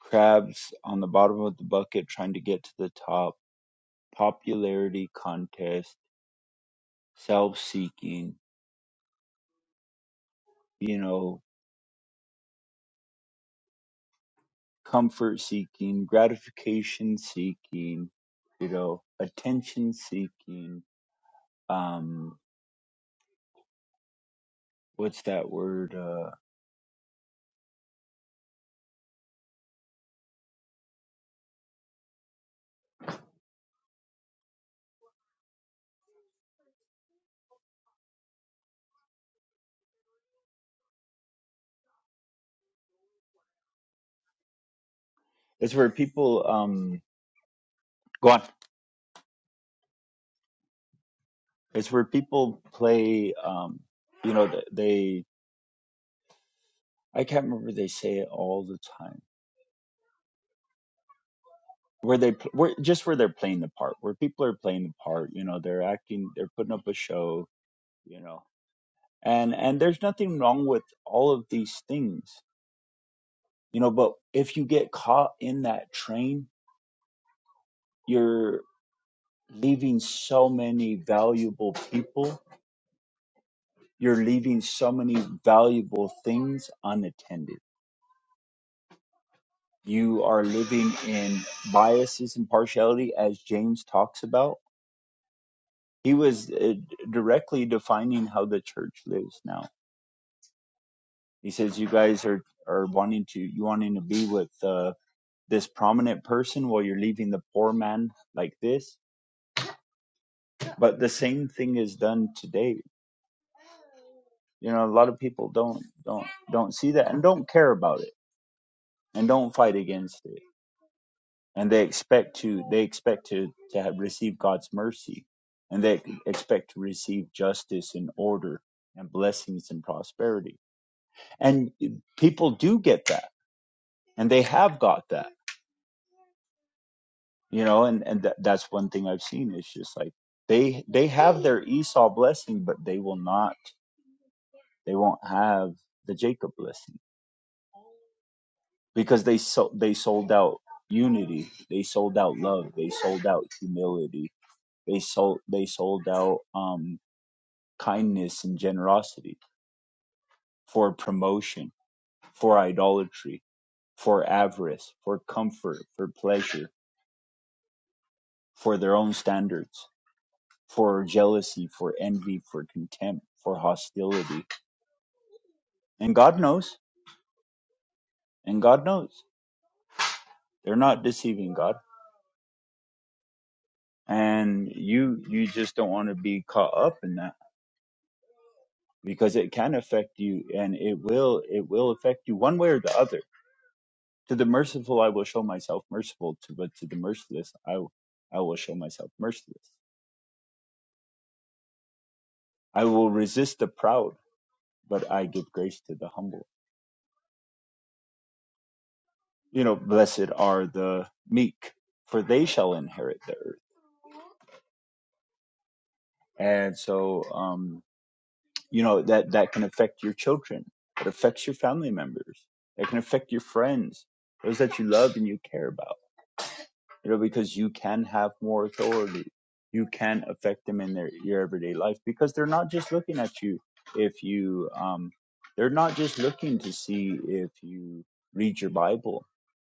Speaker 5: crabs on the bottom of the bucket trying to get to the top, popularity contest, self seeking, you know, comfort seeking, gratification seeking, you know, attention seeking. Um, what's that word? Uh, it's where people, um, go on. It's where people play, um, you know, th- they, I can't remember they say it all the time where they pl- where just where they're playing the part where people are playing the part you know they're acting they're putting up a show you know and and there's nothing wrong with all of these things you know but if you get caught in that train you're leaving so many valuable people you're leaving so many valuable things unattended you are living in biases and partiality as james talks about he was uh, directly defining how the church lives now He says you guys are are wanting to you wanting to be with uh, this prominent person while you're leaving the poor man like this. But the same thing is done today. You know, a lot of people don't don't don't see that and don't care about it and don't fight against it. And they expect to they expect to to have, receive God's mercy, and they expect to receive justice and order and blessings and prosperity. And people do get that, and they have got that you know and and that that's one thing i've seen it's just like they they have their esau blessing but they will not they won't have the jacob blessing because they so they sold out unity they sold out love they sold out humility they sold they sold out um kindness and generosity for promotion for idolatry for avarice for comfort for pleasure for their own standards for jealousy, for envy, for contempt, for hostility. And God knows. And God knows. They're not deceiving God. And you you just don't want to be caught up in that because it can affect you and it will it will affect you one way or the other. To the merciful I will show myself merciful to but to the merciless I will- I will show myself merciless. I will resist the proud, but I give grace to the humble. You know, blessed are the meek, for they shall inherit the earth and so um, you know that that can affect your children it affects your family members it can affect your friends those that you love and you care about you know because you can have more authority you can affect them in their your everyday life because they're not just looking at you if you um, they're not just looking to see if you read your bible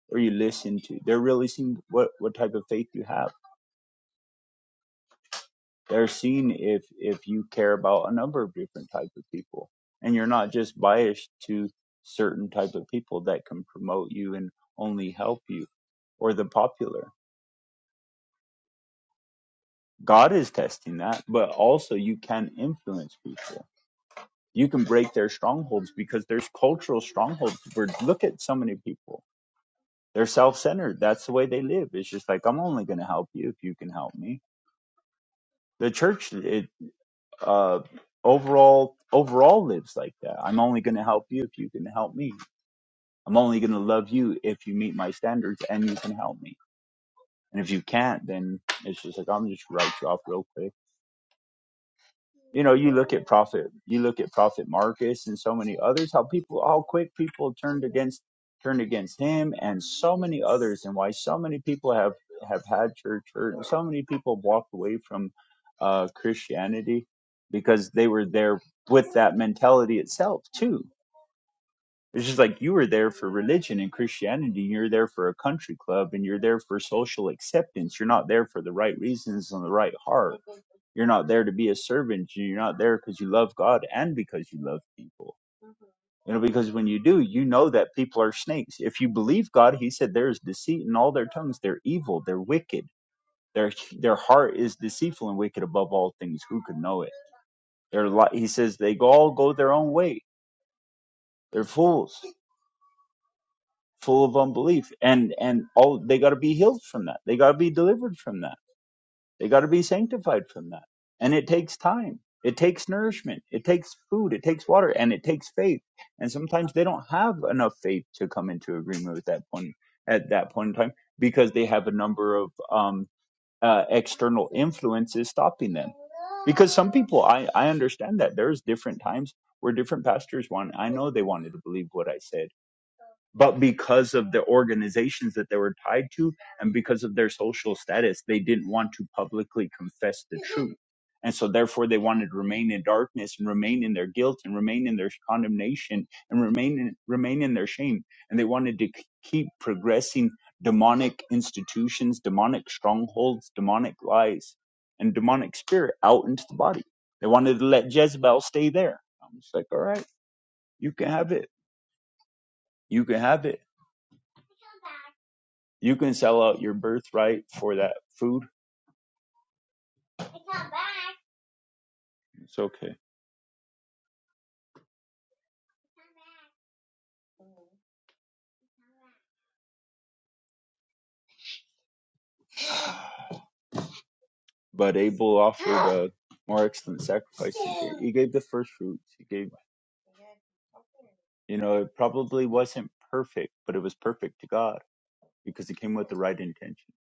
Speaker 5: or you listen to they're really seeing what what type of faith you have They're seen if if you care about a number of different types of people, and you're not just biased to certain type of people that can promote you and only help you or the popular. God is testing that, but also you can influence people. You can break their strongholds because there's cultural strongholds. Where look at so many people. They're self-centered. That's the way they live. It's just like I'm only going to help you if you can help me. The church. it. uh, overall overall lives like that. I'm only going to help you if you can help me. I'm only going to love you if you meet my standards and you can help me. And if you can't, then it's just like I'm just write you off real quick you know you look at prophet you look at prophet marcus and so many others how people how quick people turned against turned against him and so many others and why so many people have have had church hurt and so many people walked away from uh christianity because they were there with that mentality itself too it's just like you were there for religion and Christianity, you're there for a country club, and you're there for social acceptance. You're not there for the right reasons and the right heart. You're not there to be a servant. You're not there because you love God and because you love people. You know, because when you do, you know that people are snakes. If you believe God, He said there is deceit in all their tongues. They're evil. They're wicked. Their their heart is deceitful and wicked above all things. Who could know it? They're li- He says they all go their own way. They're fools. full of unbelief and and all they got to be healed from that they got to be delivered from that they got to be sanctified from that and it takes time it takes nourishment it takes food it takes water and it takes faith and sometimes they don't have enough faith to come into agreement with that point at that point in time because they have a number of um uh, external influences stopping them because some people i i understand that there's different times where different pastors want i know they wanted to believe what i said but because of the organizations that they were tied to and because of their social status they didn't want to publicly confess the truth and so therefore they wanted to remain in darkness and remain in their guilt and remain in their condemnation and remain in, remain in their shame and they wanted to k- keep progressing demonic institutions demonic strongholds demonic lies and demonic spirit out into the body they wanted to let jezebel stay there i'm just like all right you can have it you can have it You can sell out your birthright for that food. It's okay. But Abel offered a more excellent sacrifice. He gave, the first fruits. He gave, you know, it probably wasn't perfect, but it was perfect to God because it came with the right intention.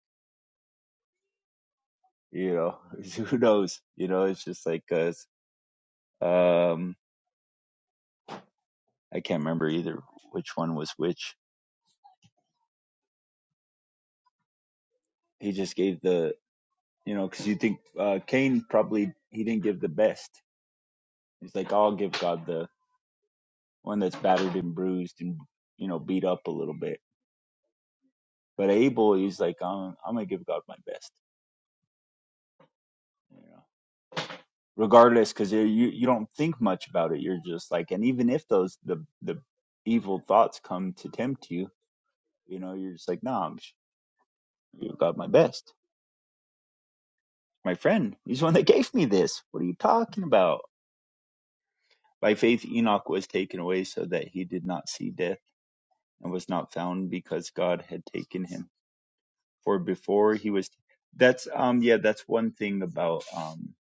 Speaker 5: You know, who knows? You know, it's just like, uh, um, I can't remember either which one was which. He just gave the, you know, because you think uh, Cain probably he didn't give the best. He's like, I'll give God the one that's battered and bruised and you know beat up a little bit. But Abel, he's like, I'm, I'm gonna give God my best, you know, regardless, because you you don't think much about it. You're just like, and even if those the the evil thoughts come to tempt you, you know, you're just like, nah, I'm just give God my best. My friend, he's the one that gave me this. What are you talking about? By faith, Enoch was taken away so that he did not see death and was not found because God had taken him. for before he was that's um yeah that's one thing about um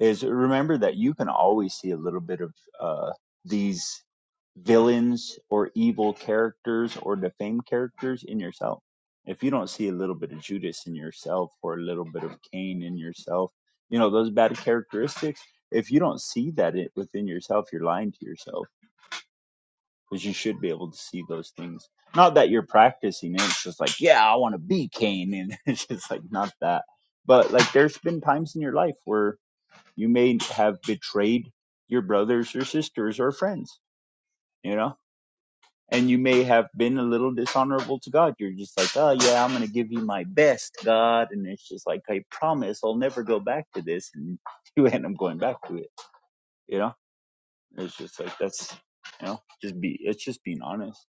Speaker 5: is remember that you can always see a little bit of uh these villains or evil characters or defamed characters in yourself if you don't see a little bit of judas in yourself or a little bit of cain in yourself you know those bad characteristics if you don't see that it within yourself you're lying to yourself because you should be able to see those things. Not that you're practicing it, it's just like, yeah, I want to be Cain, and it's just like not that. But like, there's been times in your life where you may have betrayed your brothers or sisters or friends, you know, and you may have been a little dishonorable to God. You're just like, oh yeah, I'm gonna give you my best, God, and it's just like, I promise, I'll never go back to this, and you end up going back to it, you know. It's just like that's, you know, just be, it's just being honest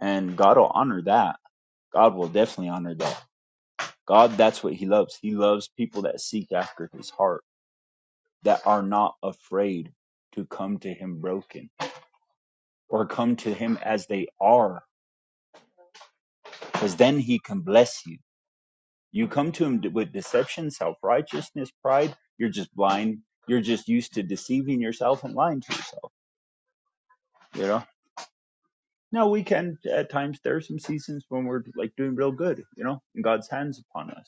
Speaker 5: and God will honor that. God will definitely honor that. God, that's what He loves. He loves people that seek after His heart, that are not afraid to come to Him broken or come to Him as they are, because then He can bless you. You come to Him with deception, self righteousness, pride, you're just blind. You're just used to deceiving yourself and lying to yourself, you know? Now we can at times there are some seasons when we're like doing real good, you know, and God's hands upon us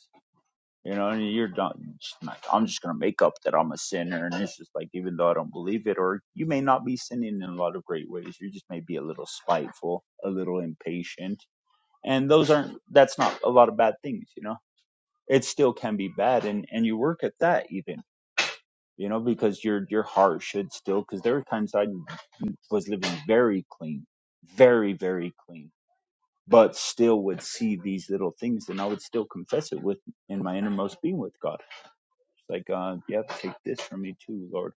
Speaker 5: You know, and you're not, like, I'm just going to make up that I'm a sinner. And it's just like, even though I don't believe it, or you may not be sinning in a lot of great ways. You just may be a little spiteful, a little impatient. And those aren't, that's not a lot of bad things, you know? It still can be bad. And, and you work at that even, you know, because your, your heart should still, because there were times I was living very clean, very, very clean, but still would see these little things and I would still confess it with, in my innermost being with God it's like, uh, yep, take this from me too, Lord.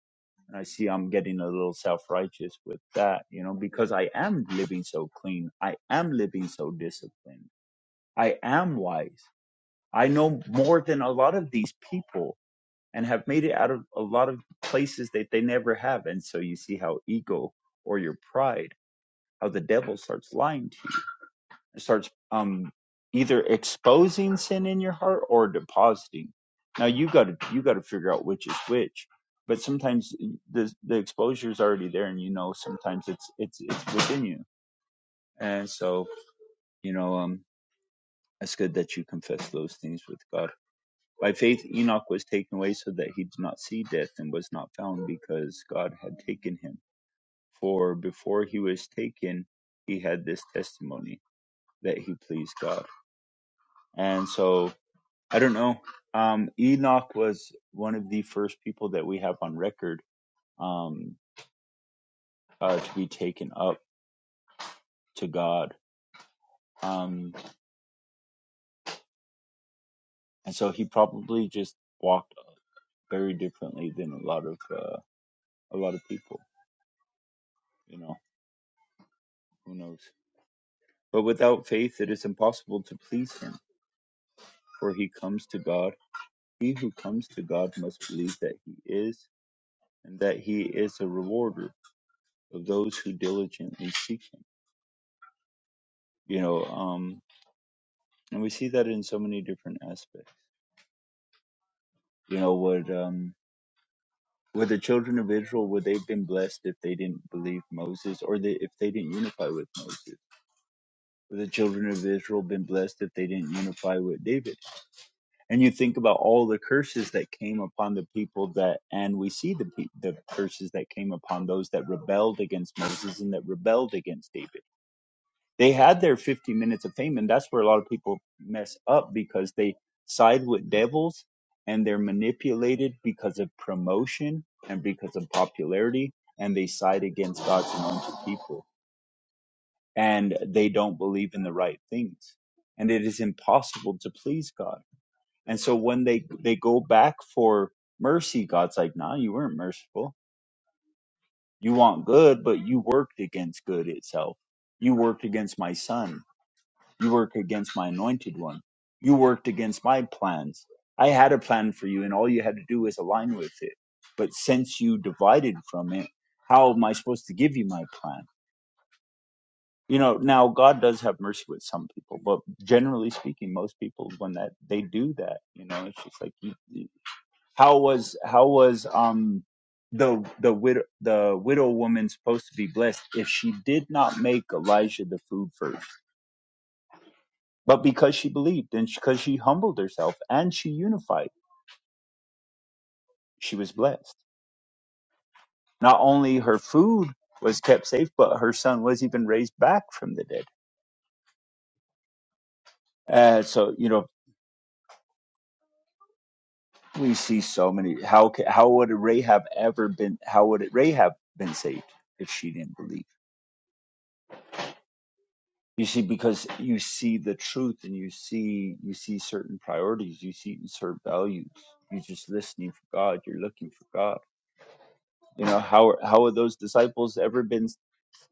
Speaker 5: And I see I'm getting a little self righteous with that, you know, because I am living so clean. I am living so disciplined. I am wise. I know more than a lot of these people and have made it out of a lot of places that they never have. And so you see how ego or your pride, how the devil starts lying to starts um, either exposing sin in your heart or depositing. Now you got to you got to figure out which is which. But sometimes eh, the the exposure is already there, and you know sometimes it's it's it's within you. And so you know um, it's good that you confess those things with God. By faith, Enoch was taken away so that he did not see death and was not found because God had taken him. For before he was taken, he had this testimony that he pleased God. And so I don't know. Um, Enoch was one of the first people that we have on record um, uh, to be taken up to God. Um, and so he probably just walked very differently than a lot of uh, a lot of people. You know, who knows? But without faith, it is impossible to please Him, for He comes to God. He who comes to God must believe that He is, and that He is a rewarder of those who diligently seek Him. You know, um, and we see that in so many different aspects. You know, would um would the children of Israel would they've been blessed if they didn't believe Moses or they, if they didn't unify with Moses? Would the children of Israel been blessed if they didn't unify with David? And you think about all the curses that came upon the people that, and we see the pe- the curses that came upon those that rebelled against Moses and that rebelled against David they had their 50 minutes of fame and that's where a lot of people mess up because they side with devils and they're manipulated because of promotion and because of popularity and they side against god's anointed people and they don't believe in the right things and it is impossible to please god and so when they they go back for mercy god's like nah you weren't merciful you want good but you worked against good itself you worked against my son You work against my anointed one. You worked against my plans. I had a plan for you, and all you had to do was align with it. But since you divided from it, how am I supposed to give you my plan? You know, now God does have mercy with some people, but generally speaking, most people, when that they do that, you know, it's just like, you, you- how was how was um the the widow the widow woman supposed to be blessed if she did not make Elijah the food first? But because she believed and because she humbled herself and she unified, she was blessed. Not only her food was kept safe, but her son was even raised back from the dead. Uh, so you know we see so many. How ca- how would Rahab ever been? How would Rahab been saved if she didn't believe? You see, because you see the truth and you see you see certain priorities, you see certain values. You're just listening for God. You're looking for God. You know how how would those disciples ever been?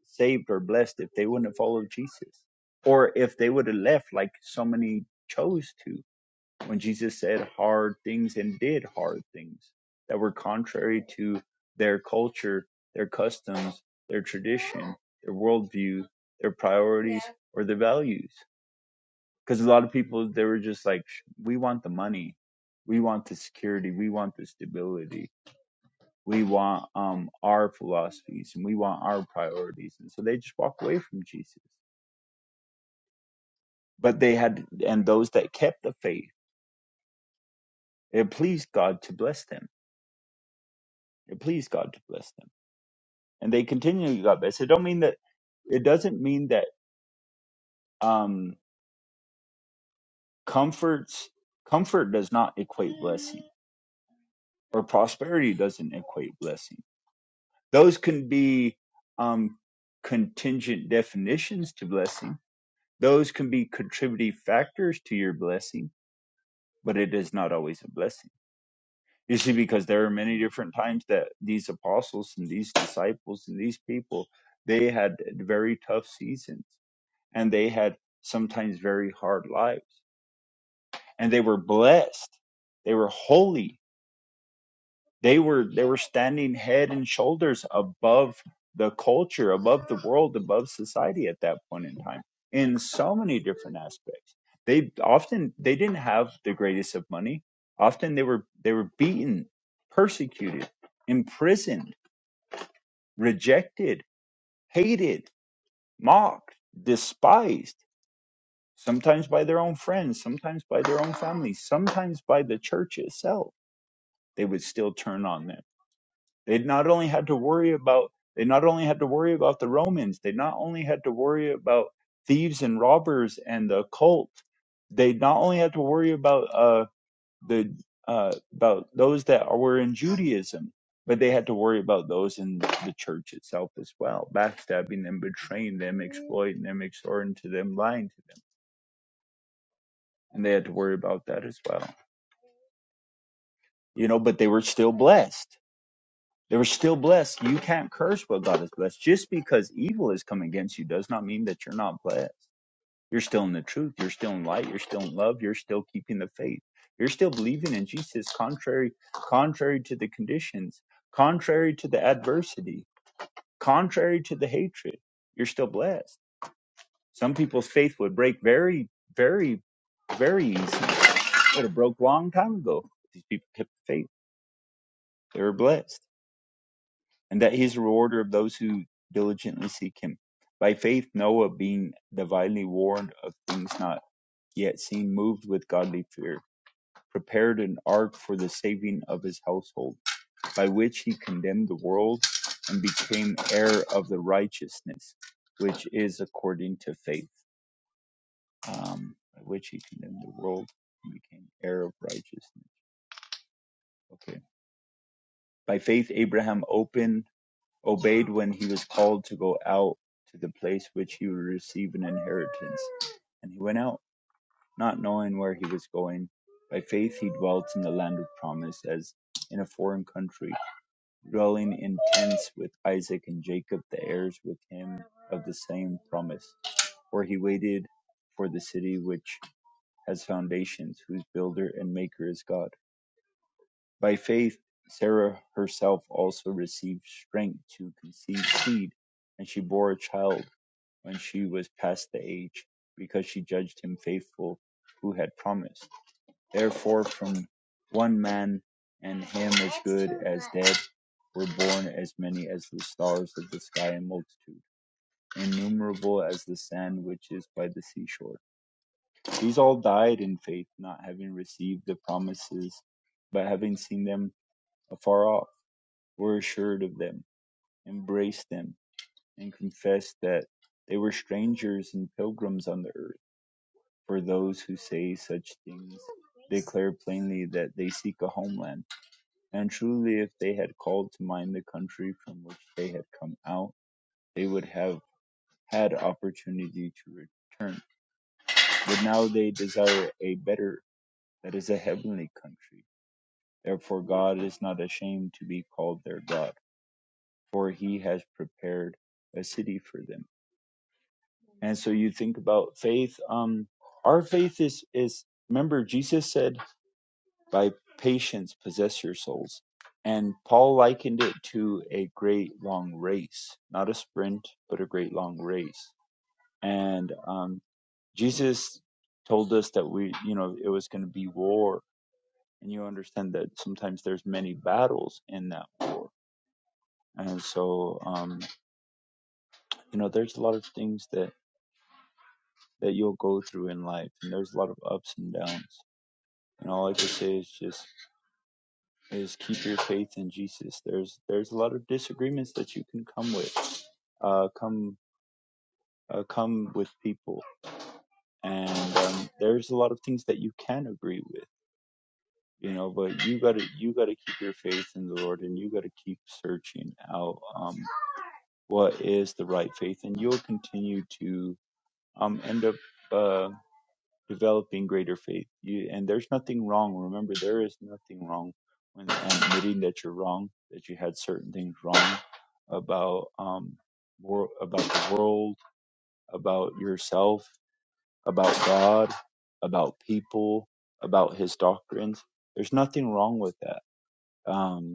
Speaker 5: saved or blessed if they wouldn't have followed Jesus or if they would have left like so many chose to when Jesus said hard things and did hard things that were contrary to their culture, their customs, their tradition, their worldview, their priorities, or their values. Because a lot of people, they were just like, we want the money. We want the security. We want the stability we want um, our philosophies and we want our priorities. And so they just walk away from Jesus. But they had, and those that kept the faith, it pleased God to bless them. It pleased God to bless them. And they continually got blessed. It don't mean that, it doesn't mean that um, comforts, comfort does not equate blessing or prosperity doesn't equate blessing. Those can be um, contingent definitions to blessing. Those can be contributing factors to your blessing but it is not always a blessing. You see, because there are many different times that these apostles and these disciples and these people, they had very tough seasons and they had sometimes very hard lives and they were blessed. They were holy They were they were standing head and shoulders above the culture, above the world, above society at that point in time in so many different aspects. They often they didn't have the greatest of money. Often they were they were beaten, persecuted, imprisoned, rejected, hated, mocked, despised sometimes by their own friends, sometimes by their own family, sometimes by the church itself. They would still turn on them They not only had to worry about they not only had to worry about the Romans, they not only had to worry about thieves and robbers and the occult. They not only had to worry about uh, the uh, about those that were in Judaism, but they had to worry about those in the church itself as well, backstabbing them, betraying them, exploiting them, extorting to them, lying to them, and they had to worry about that as well. You know, but they were still blessed They were still blessed. You can't curse what God has blessed. Just because evil has come against you does not mean that you're not blessed. You're still in the truth. You're still in light. You're still in love. You're still keeping the faith. You're still believing in Jesus contrary contrary to the conditions, contrary to the adversity, contrary to the hatred. You're still blessed. Some people's faith would break very, very, very easy. It would have broke long time ago. These people kept the faith. They were blessed. and that he is the rewarder of those who diligently seek him. By faith, Noah, being divinely warned of things not yet seen, moved with godly fear, prepared an ark for the saving of his household, by which he condemned the world and became heir of the righteousness which is according to faith. Um, by which he condemned the world and became heir of righteousness. Okay. By faith, Abraham opened obeyed when he was called to go out to the place which he would receive an inheritance. And he went out, not knowing where he was going. By faith he dwelt in the land of promise, as in a foreign country, dwelling in tents with Isaac and Jacob, the heirs with him of the same promise. For he waited for the city which has foundations, whose builder and maker is God. By faith, Sarah herself also received strength to conceive seed, and she bore a child when she was past the age, because she judged him faithful who had promised. Therefore, from one man, and him as good as dead, were born as many as the stars of the sky in multitude, innumerable as the sand which is by the seashore. These all died in faith, not having received the promises, but having seen them afar off were assured of them, embraced them, and confessed that they were strangers and pilgrims on the earth. For those who say such things declare plainly that they seek a homeland. And truly, if they had called to mind the country from which they had come out, they would have had opportunity to return. But now they desire a better, that is a heavenly country. Therefore, God is not ashamed to be called their God, for he has prepared a city for them. and so you think about faith um our faith is is remember jesus said by patience possess your souls and paul likened it to a great long race not a sprint but a great long race and um jesus told us that we you know it was going to be war and you understand that sometimes there's many battles in that and so um you know there's a lot of things that that you'll go through in life and there's a lot of ups and downs And all I can say is just is keep your faith in Jesus. There's there's a lot of disagreements that you can come with, uh, come uh, come with people, and um, there's a lot of things that you can agree with, you know. But you gotta you gotta keep your faith in the Lord, and you gotta keep searching out um, what is the right faith, and you'll continue to um, end up. uh. developing greater faith. You, and there's nothing wrong. Remember, there is nothing wrong when um, admitting that you're wrong, that you had certain things wrong about um, wor- about the world, about yourself, about God, about people, about His doctrines. There's nothing wrong with that. Um,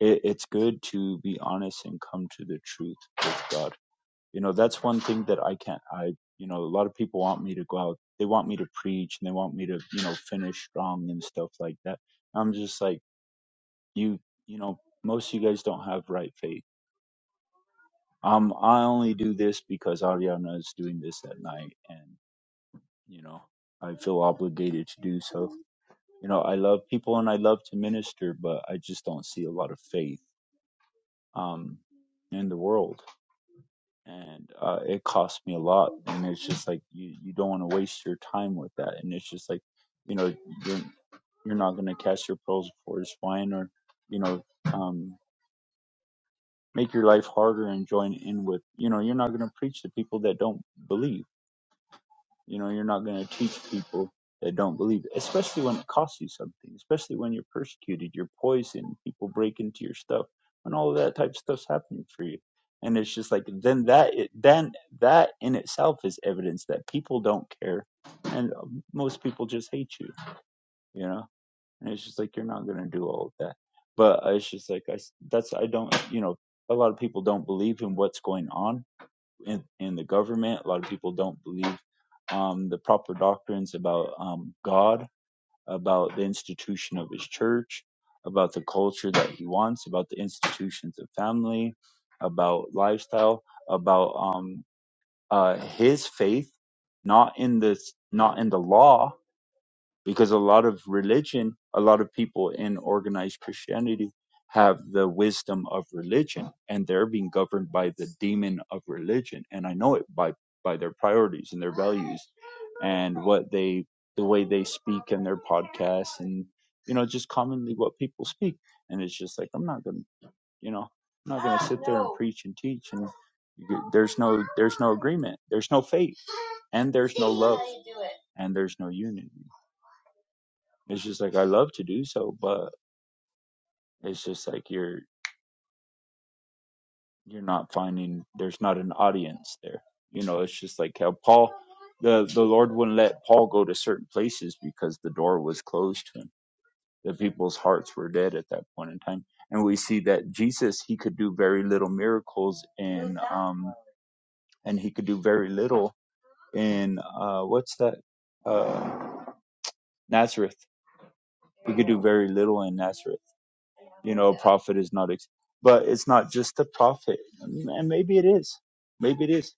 Speaker 5: it, it's good to be honest and come to the truth with God you know that's one thing that i can't i you know a lot of people want me to go out they want me to preach and they want me to you know finish strong and stuff like that i'm just like you you know most of you guys don't have right faith um i only do this because ariana is doing this at night and you know i feel obligated to do so you know i love people and i love to minister but i just don't see a lot of faith um in the world and uh, it cost me a lot. And it's just like you, you don't want to waste your time with that. And it's just like you know you're you're not gonna catch your pearls before it's swine, or you know um, make your life harder and join in with you know you're not gonna preach to people that don't believe. You know, you're not going to teach people that don't believe, it, especially when it costs you something, especially when you're persecuted, you're poisoned, people break into your stuff, and all of that type of stuff's happening for you. And it's just like then that it, then that in itself is evidence that people don't care, and uh, most people just hate you, you know. And it's just like you're not gonna do all of that. But it's just like I that's I don't you know a lot of people don't believe in what's going on in, in the government. A lot of people don't believe um, the proper doctrines about um, God, about the institution of His church, about the culture that He wants, about the institutions of family, about lifestyle, about um, uh, His faith, not in this, not in the law, because a lot of religion, a lot of people in organized Christianity have the wisdom of religion and they're being governed by the demon of religion. And I know it by, by their priorities and their values and what they, the way they speak and their podcasts and, you know, just commonly what people speak. And it's just like, I'm not going to, you know, I'm not going to sit there and preach and teach and you- there's no, there's no agreement. There's no faith and there's no love and there's no unity. It's just like I love to do so, but it's just like you're you're not finding there's not an audience there. You know, it's just like how Paul the the Lord wouldn't let Paul go to certain places because the door was closed to him. The people's hearts were dead at that point in time. And we see that Jesus he could do very little miracles in um and he could do very little in uh what's that? Uh Nazareth. He could do very little in Nazareth you know a prophet is not ex- but it's not just the prophet and maybe it is maybe it is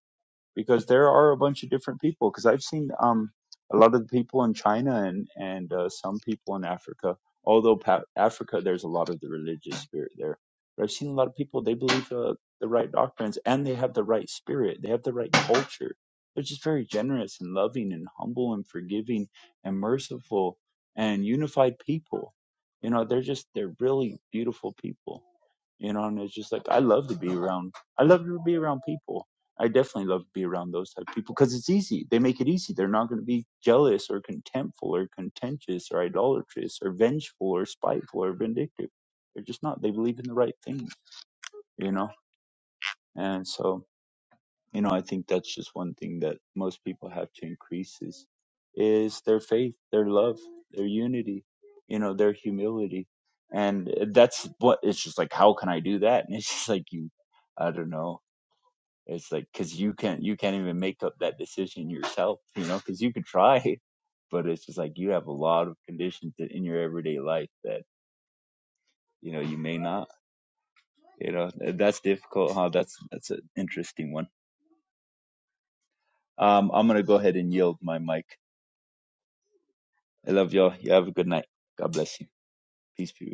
Speaker 5: because there are a bunch of different people. Because I've seen um, a lot of the people in China and and uh, some people in Africa. Although pa- Africa, there's a lot of the religious spirit there, but I've seen a lot of people. They believe uh, the right doctrines and they have the right spirit. They have the right culture. They're just very generous and loving and humble and forgiving and merciful and unified people. You know, they're just they're really beautiful people you know and it's just like i love to be around i love to be around people i definitely love to be around those type of people because it's easy they make it easy they're not going to be jealous or contemptful or contentious or idolatrous or vengeful or spiteful or vindictive they're just not they believe in the right things you know and so you know i think that's just one thing that most people have to increase is is their faith their love their unity you know their humility and that's what it's just like how can i do that and it's just like you i don't know it's like because you can't you can't even make up that decision yourself you know because you could try but it's just like you have a lot of conditions that in your everyday life that you know you may not you know that's difficult huh that's that's an interesting one um i'm gonna go ahead and yield my mic I love y'all. You have a good night. God bless you. Peace, be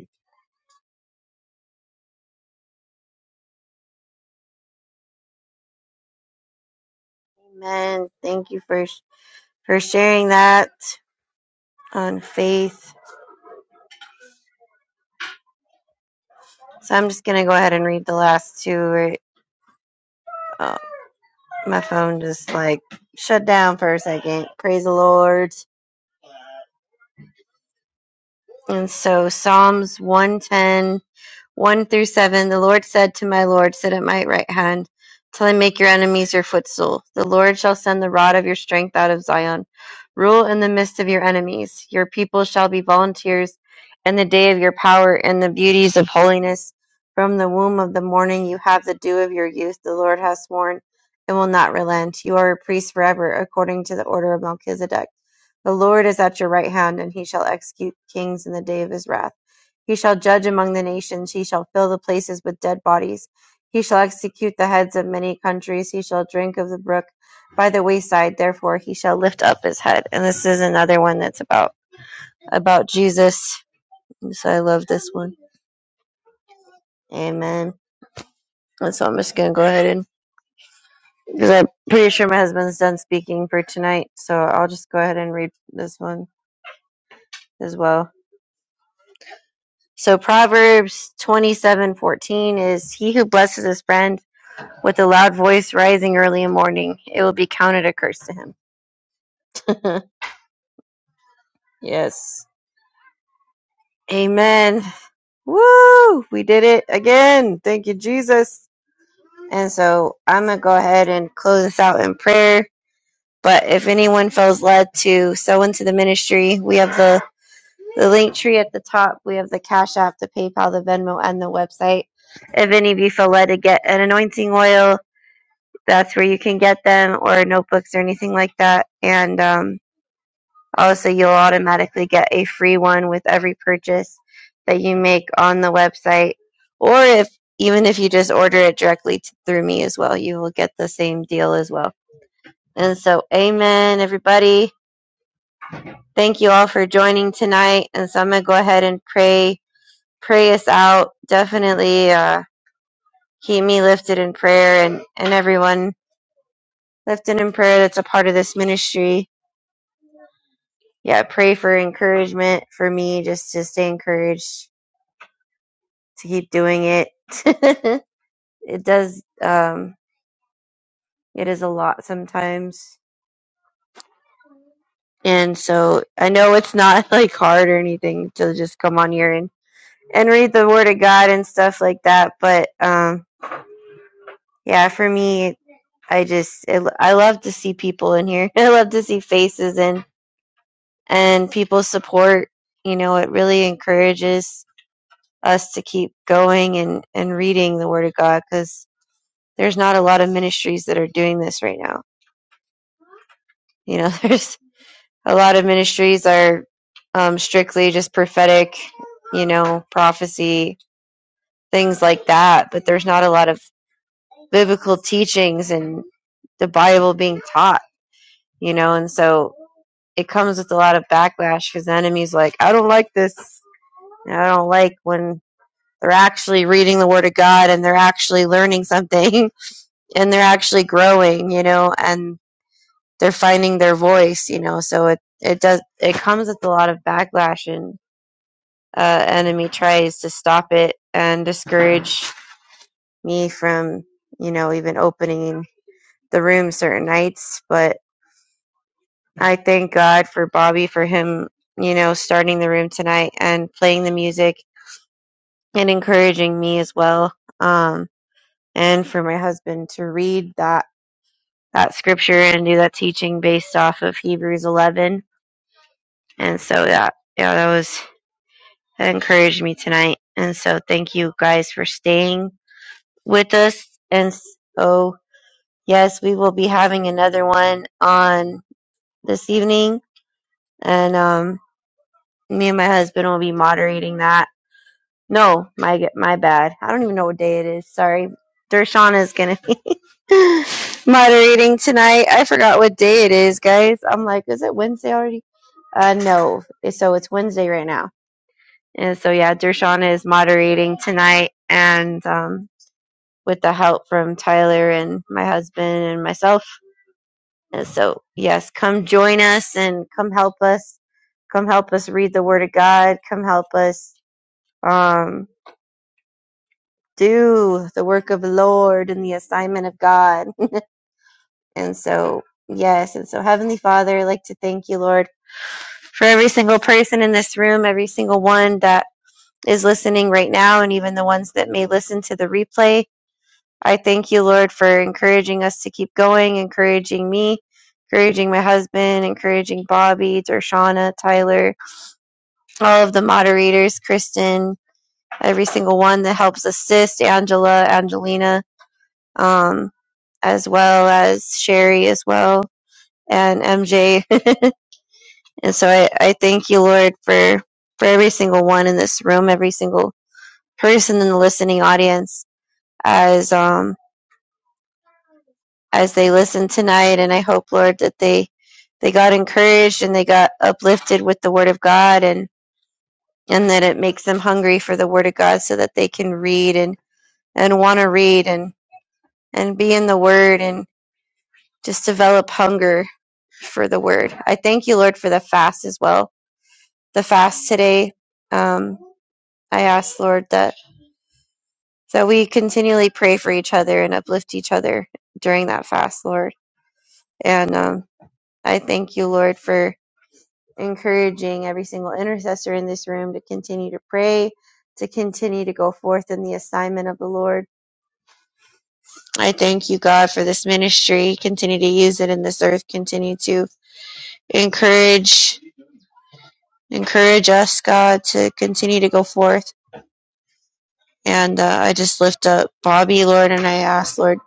Speaker 2: Amen. Thank you for for sharing that on faith. So I'm just gonna go ahead and read the last two. Right? Oh, my phone just like shut down for a second. Praise the Lord. And so Psalms 110 1 through 7 The Lord said to my Lord, Sit at my right hand till I make your enemies your footstool. The Lord shall send the rod of your strength out of Zion. Rule in the midst of your enemies. Your people shall be volunteers in the day of your power and the beauties of holiness. From the womb of the morning you have the dew of your youth. The Lord has sworn and will not relent. You are a priest forever, according to the order of Melchizedek. The Lord is at your right hand, and he shall execute kings in the day of his wrath. He shall judge among the nations, he shall fill the places with dead bodies, he shall execute the heads of many countries, he shall drink of the brook by the wayside, therefore he shall lift up his head. And this is another one that's about about Jesus. So I love this one. Amen. And so I'm just gonna go ahead and because I'm pretty sure my husband's done speaking for tonight, so I'll just go ahead and read this one as well. So Proverbs twenty seven fourteen is he who blesses his friend With a loud voice rising early in morning, it will be counted a curse to him. yes. Amen. Woo! We did it again. Thank you, Jesus. And so I'm going to go ahead and close this out in prayer. But if anyone feels led to sow into the ministry, we have the, the link tree at the top. We have the Cash App, the PayPal, the Venmo, and the website. If any of you feel led to get an anointing oil, that's where you can get them or notebooks or anything like that. And um, Also, you'll automatically get a free one with every purchase that you make on the website. Or if even if you just order it directly t- through me as well, you will get the same deal as well. And so, amen, everybody. Thank you all for joining tonight. And so, I'm going to go ahead and pray, pray us out. Definitely uh, keep me lifted in prayer and, and everyone lifted in prayer that's a part of this ministry. Yeah, pray for encouragement for me just to stay encouraged to keep doing it. it does, um, it is a lot sometimes. And so I know it's not like hard or anything to just come on here and, and read the word of God and stuff like that. But, um, yeah, for me, I just, it, I love to see people in here. I love to see faces and, and people support, you know, it really encourages us to keep going and, and reading the word of God because there's not a lot of ministries that are doing this right now You know, there's a lot of ministries are um, strictly just prophetic, you know, prophecy, things like that. But there's not a lot of biblical teachings and the Bible being taught, you know, and so it comes with a lot of backlash because the enemy's like, I don't like this. I don't like when they're actually reading the Word of God and they're actually learning something and they're actually growing, you know, and they're finding their voice, you know. So it it does it comes with a lot of backlash and. uh, enemy tries to stop it and discourage me from, you know, even opening the room certain nights. But I thank God for Bobby for him, you know, starting the room tonight and playing the music and encouraging me as well. Um, and for my husband to read that that scripture and do that teaching based off of Hebrews 11. And so that, yeah, that was that encouraged me tonight. And so thank you guys for staying with us. And so, yes, we will be having another one on this evening, and um, me and my husband will be moderating that. No, my my bad. I don't even know what day it is. Sorry, Dershana is gonna be moderating tonight. I forgot what day it is, guys. I'm like, is it Wednesday already? Uh, no. So it's Wednesday right now. And so yeah, Dershana is moderating tonight, and um, with the help from Tyler and my husband and myself And so, yes, come join us and come help us. Come help us read the Word of God. Come help us um, do the work of the Lord and the assignment of God. and so, yes, and so, Heavenly Father, I'd like to thank you, Lord, for every single person in this room, every single one that is listening right now, and even the ones that may listen to the replay. I thank you, Lord, for encouraging us to keep going, encouraging me, encouraging my husband, encouraging Bobby, Dershana, Tyler, all of the moderators, Kristen, every single one that helps assist, Angela, Angelina, um, as well as Sherry, as well, and MJ. and so I, I thank you, Lord, for, for every single one in this room, every single person in the listening audience, as um, as they listen tonight. And I hope, Lord, that they they got encouraged and they got uplifted with the Word of God, and and that it makes them hungry for the Word of God, so that they can read and and want to read and and be in the Word and just develop hunger for the Word. I thank you, Lord, for the fast as well. The fast today, um, I ask, Lord, that that we continually pray for each other and uplift each other during that fast, Lord. And um, I thank you, Lord, for encouraging every single intercessor in this room to continue to pray, to continue to go forth in the assignment of the Lord. I thank you, God, for this ministry. Continue to use it in this earth. Continue to encourage, encourage us, God, to continue to go forth. And uh, I just lift up Bobby, Lord, and I ask, Lord,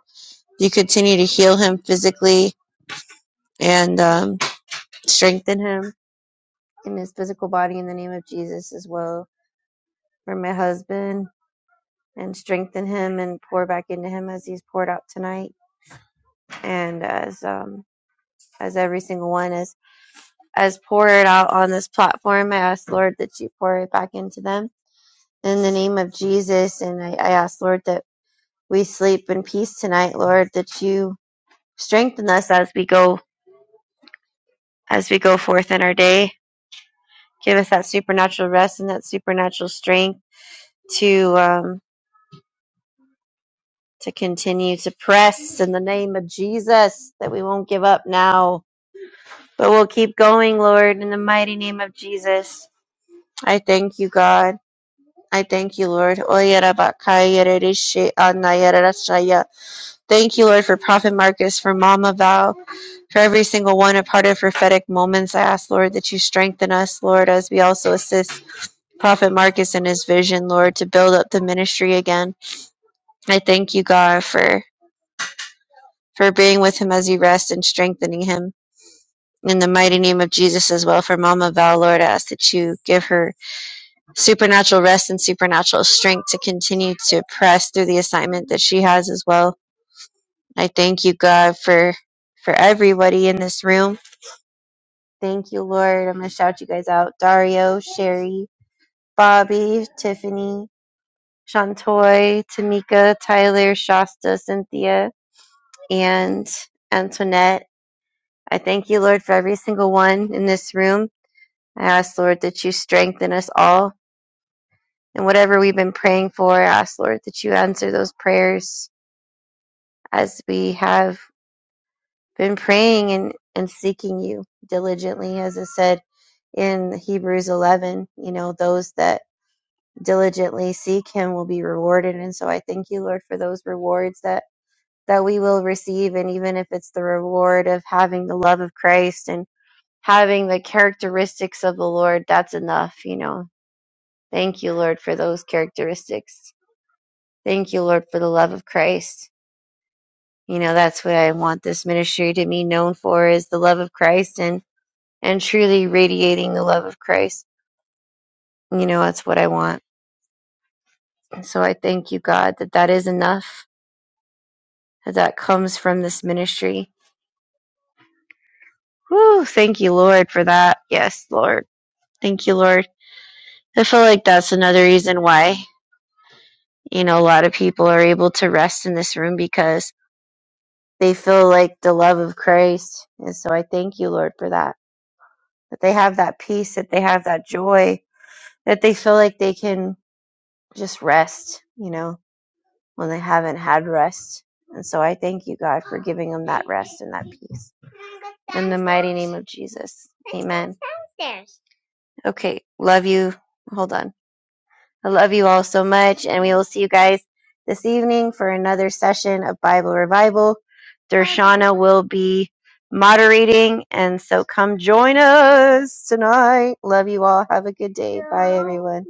Speaker 2: you continue to heal him physically and um, strengthen him in his physical body in the name of Jesus as well. For my husband, and strengthen him and pour back into him as he's poured out tonight and as um as every single one is as poured out on this platform i ask lord that you pour it back into them in the name of jesus and i, I ask lord that we sleep in peace tonight lord that you strengthen us as we go as we go forth in our day give us that supernatural rest and that supernatural strength to um to continue to press in the name of jesus that we won't give up now But we'll keep going, Lord, in the mighty name of Jesus. I thank you, God. I thank you, Lord. Oyerabakayererishayanayaradashaya. Thank you, Lord, for Prophet Marcus, for Mama Val, for every single one a part of prophetic moments. I ask, Lord, that you strengthen us, Lord, as we also assist Prophet Marcus in his vision, Lord, to build up the ministry again. I thank you, God, for for being with him as he rests and strengthening him. In the mighty name of Jesus as well, for Mama Val, Lord, I ask that you give her supernatural rest and supernatural strength to continue to press through the assignment that she has as well. I thank you, God, for for everybody in this room. Thank you, Lord. I'm gonna shout you guys out: Dario, Sherry, Bobby, Tiffany, Shantoy, Tamika, Tyler, Shasta, Cynthia, and Antoinette. I thank you, Lord, for every single one in this room. I ask, Lord, that you strengthen us all. And whatever we've been praying for, I ask, Lord, that you answer those prayers as we have been praying and, and seeking you diligently, as it said in Hebrews 11, you know, those that diligently seek him will be rewarded. And so I thank you, Lord, for those rewards that, that we will receive. And even if it's the reward of having the love of Christ and having the characteristics of the Lord, that's enough, you know. Thank you, Lord, for those characteristics. Thank you, Lord, for the love of Christ. You know, that's what I want this ministry to be known for is the love of Christ and and truly radiating the love of Christ. You know, that's what I want. And so I thank you, God, that that is enough that that comes from this ministry. Whew, thank you, Lord, for that. Yes, Lord. Thank you, Lord. I feel like that's another reason why, you know, a lot of people are able to rest in this room because they feel like the love of Christ. And so I thank you, Lord, for that. That they have that peace, that they have that joy, that they feel like they can just rest, you know, when they haven't had rest. And so I thank you, God, for giving them that rest and that peace. In the mighty name of Jesus. Amen. Okay. Love you. Hold on. I love you all so much. And we will see you guys this evening for another session of Bible Revival. Dershana will be moderating. And so come join us tonight. Love you all. Have a good day. Bye, everyone.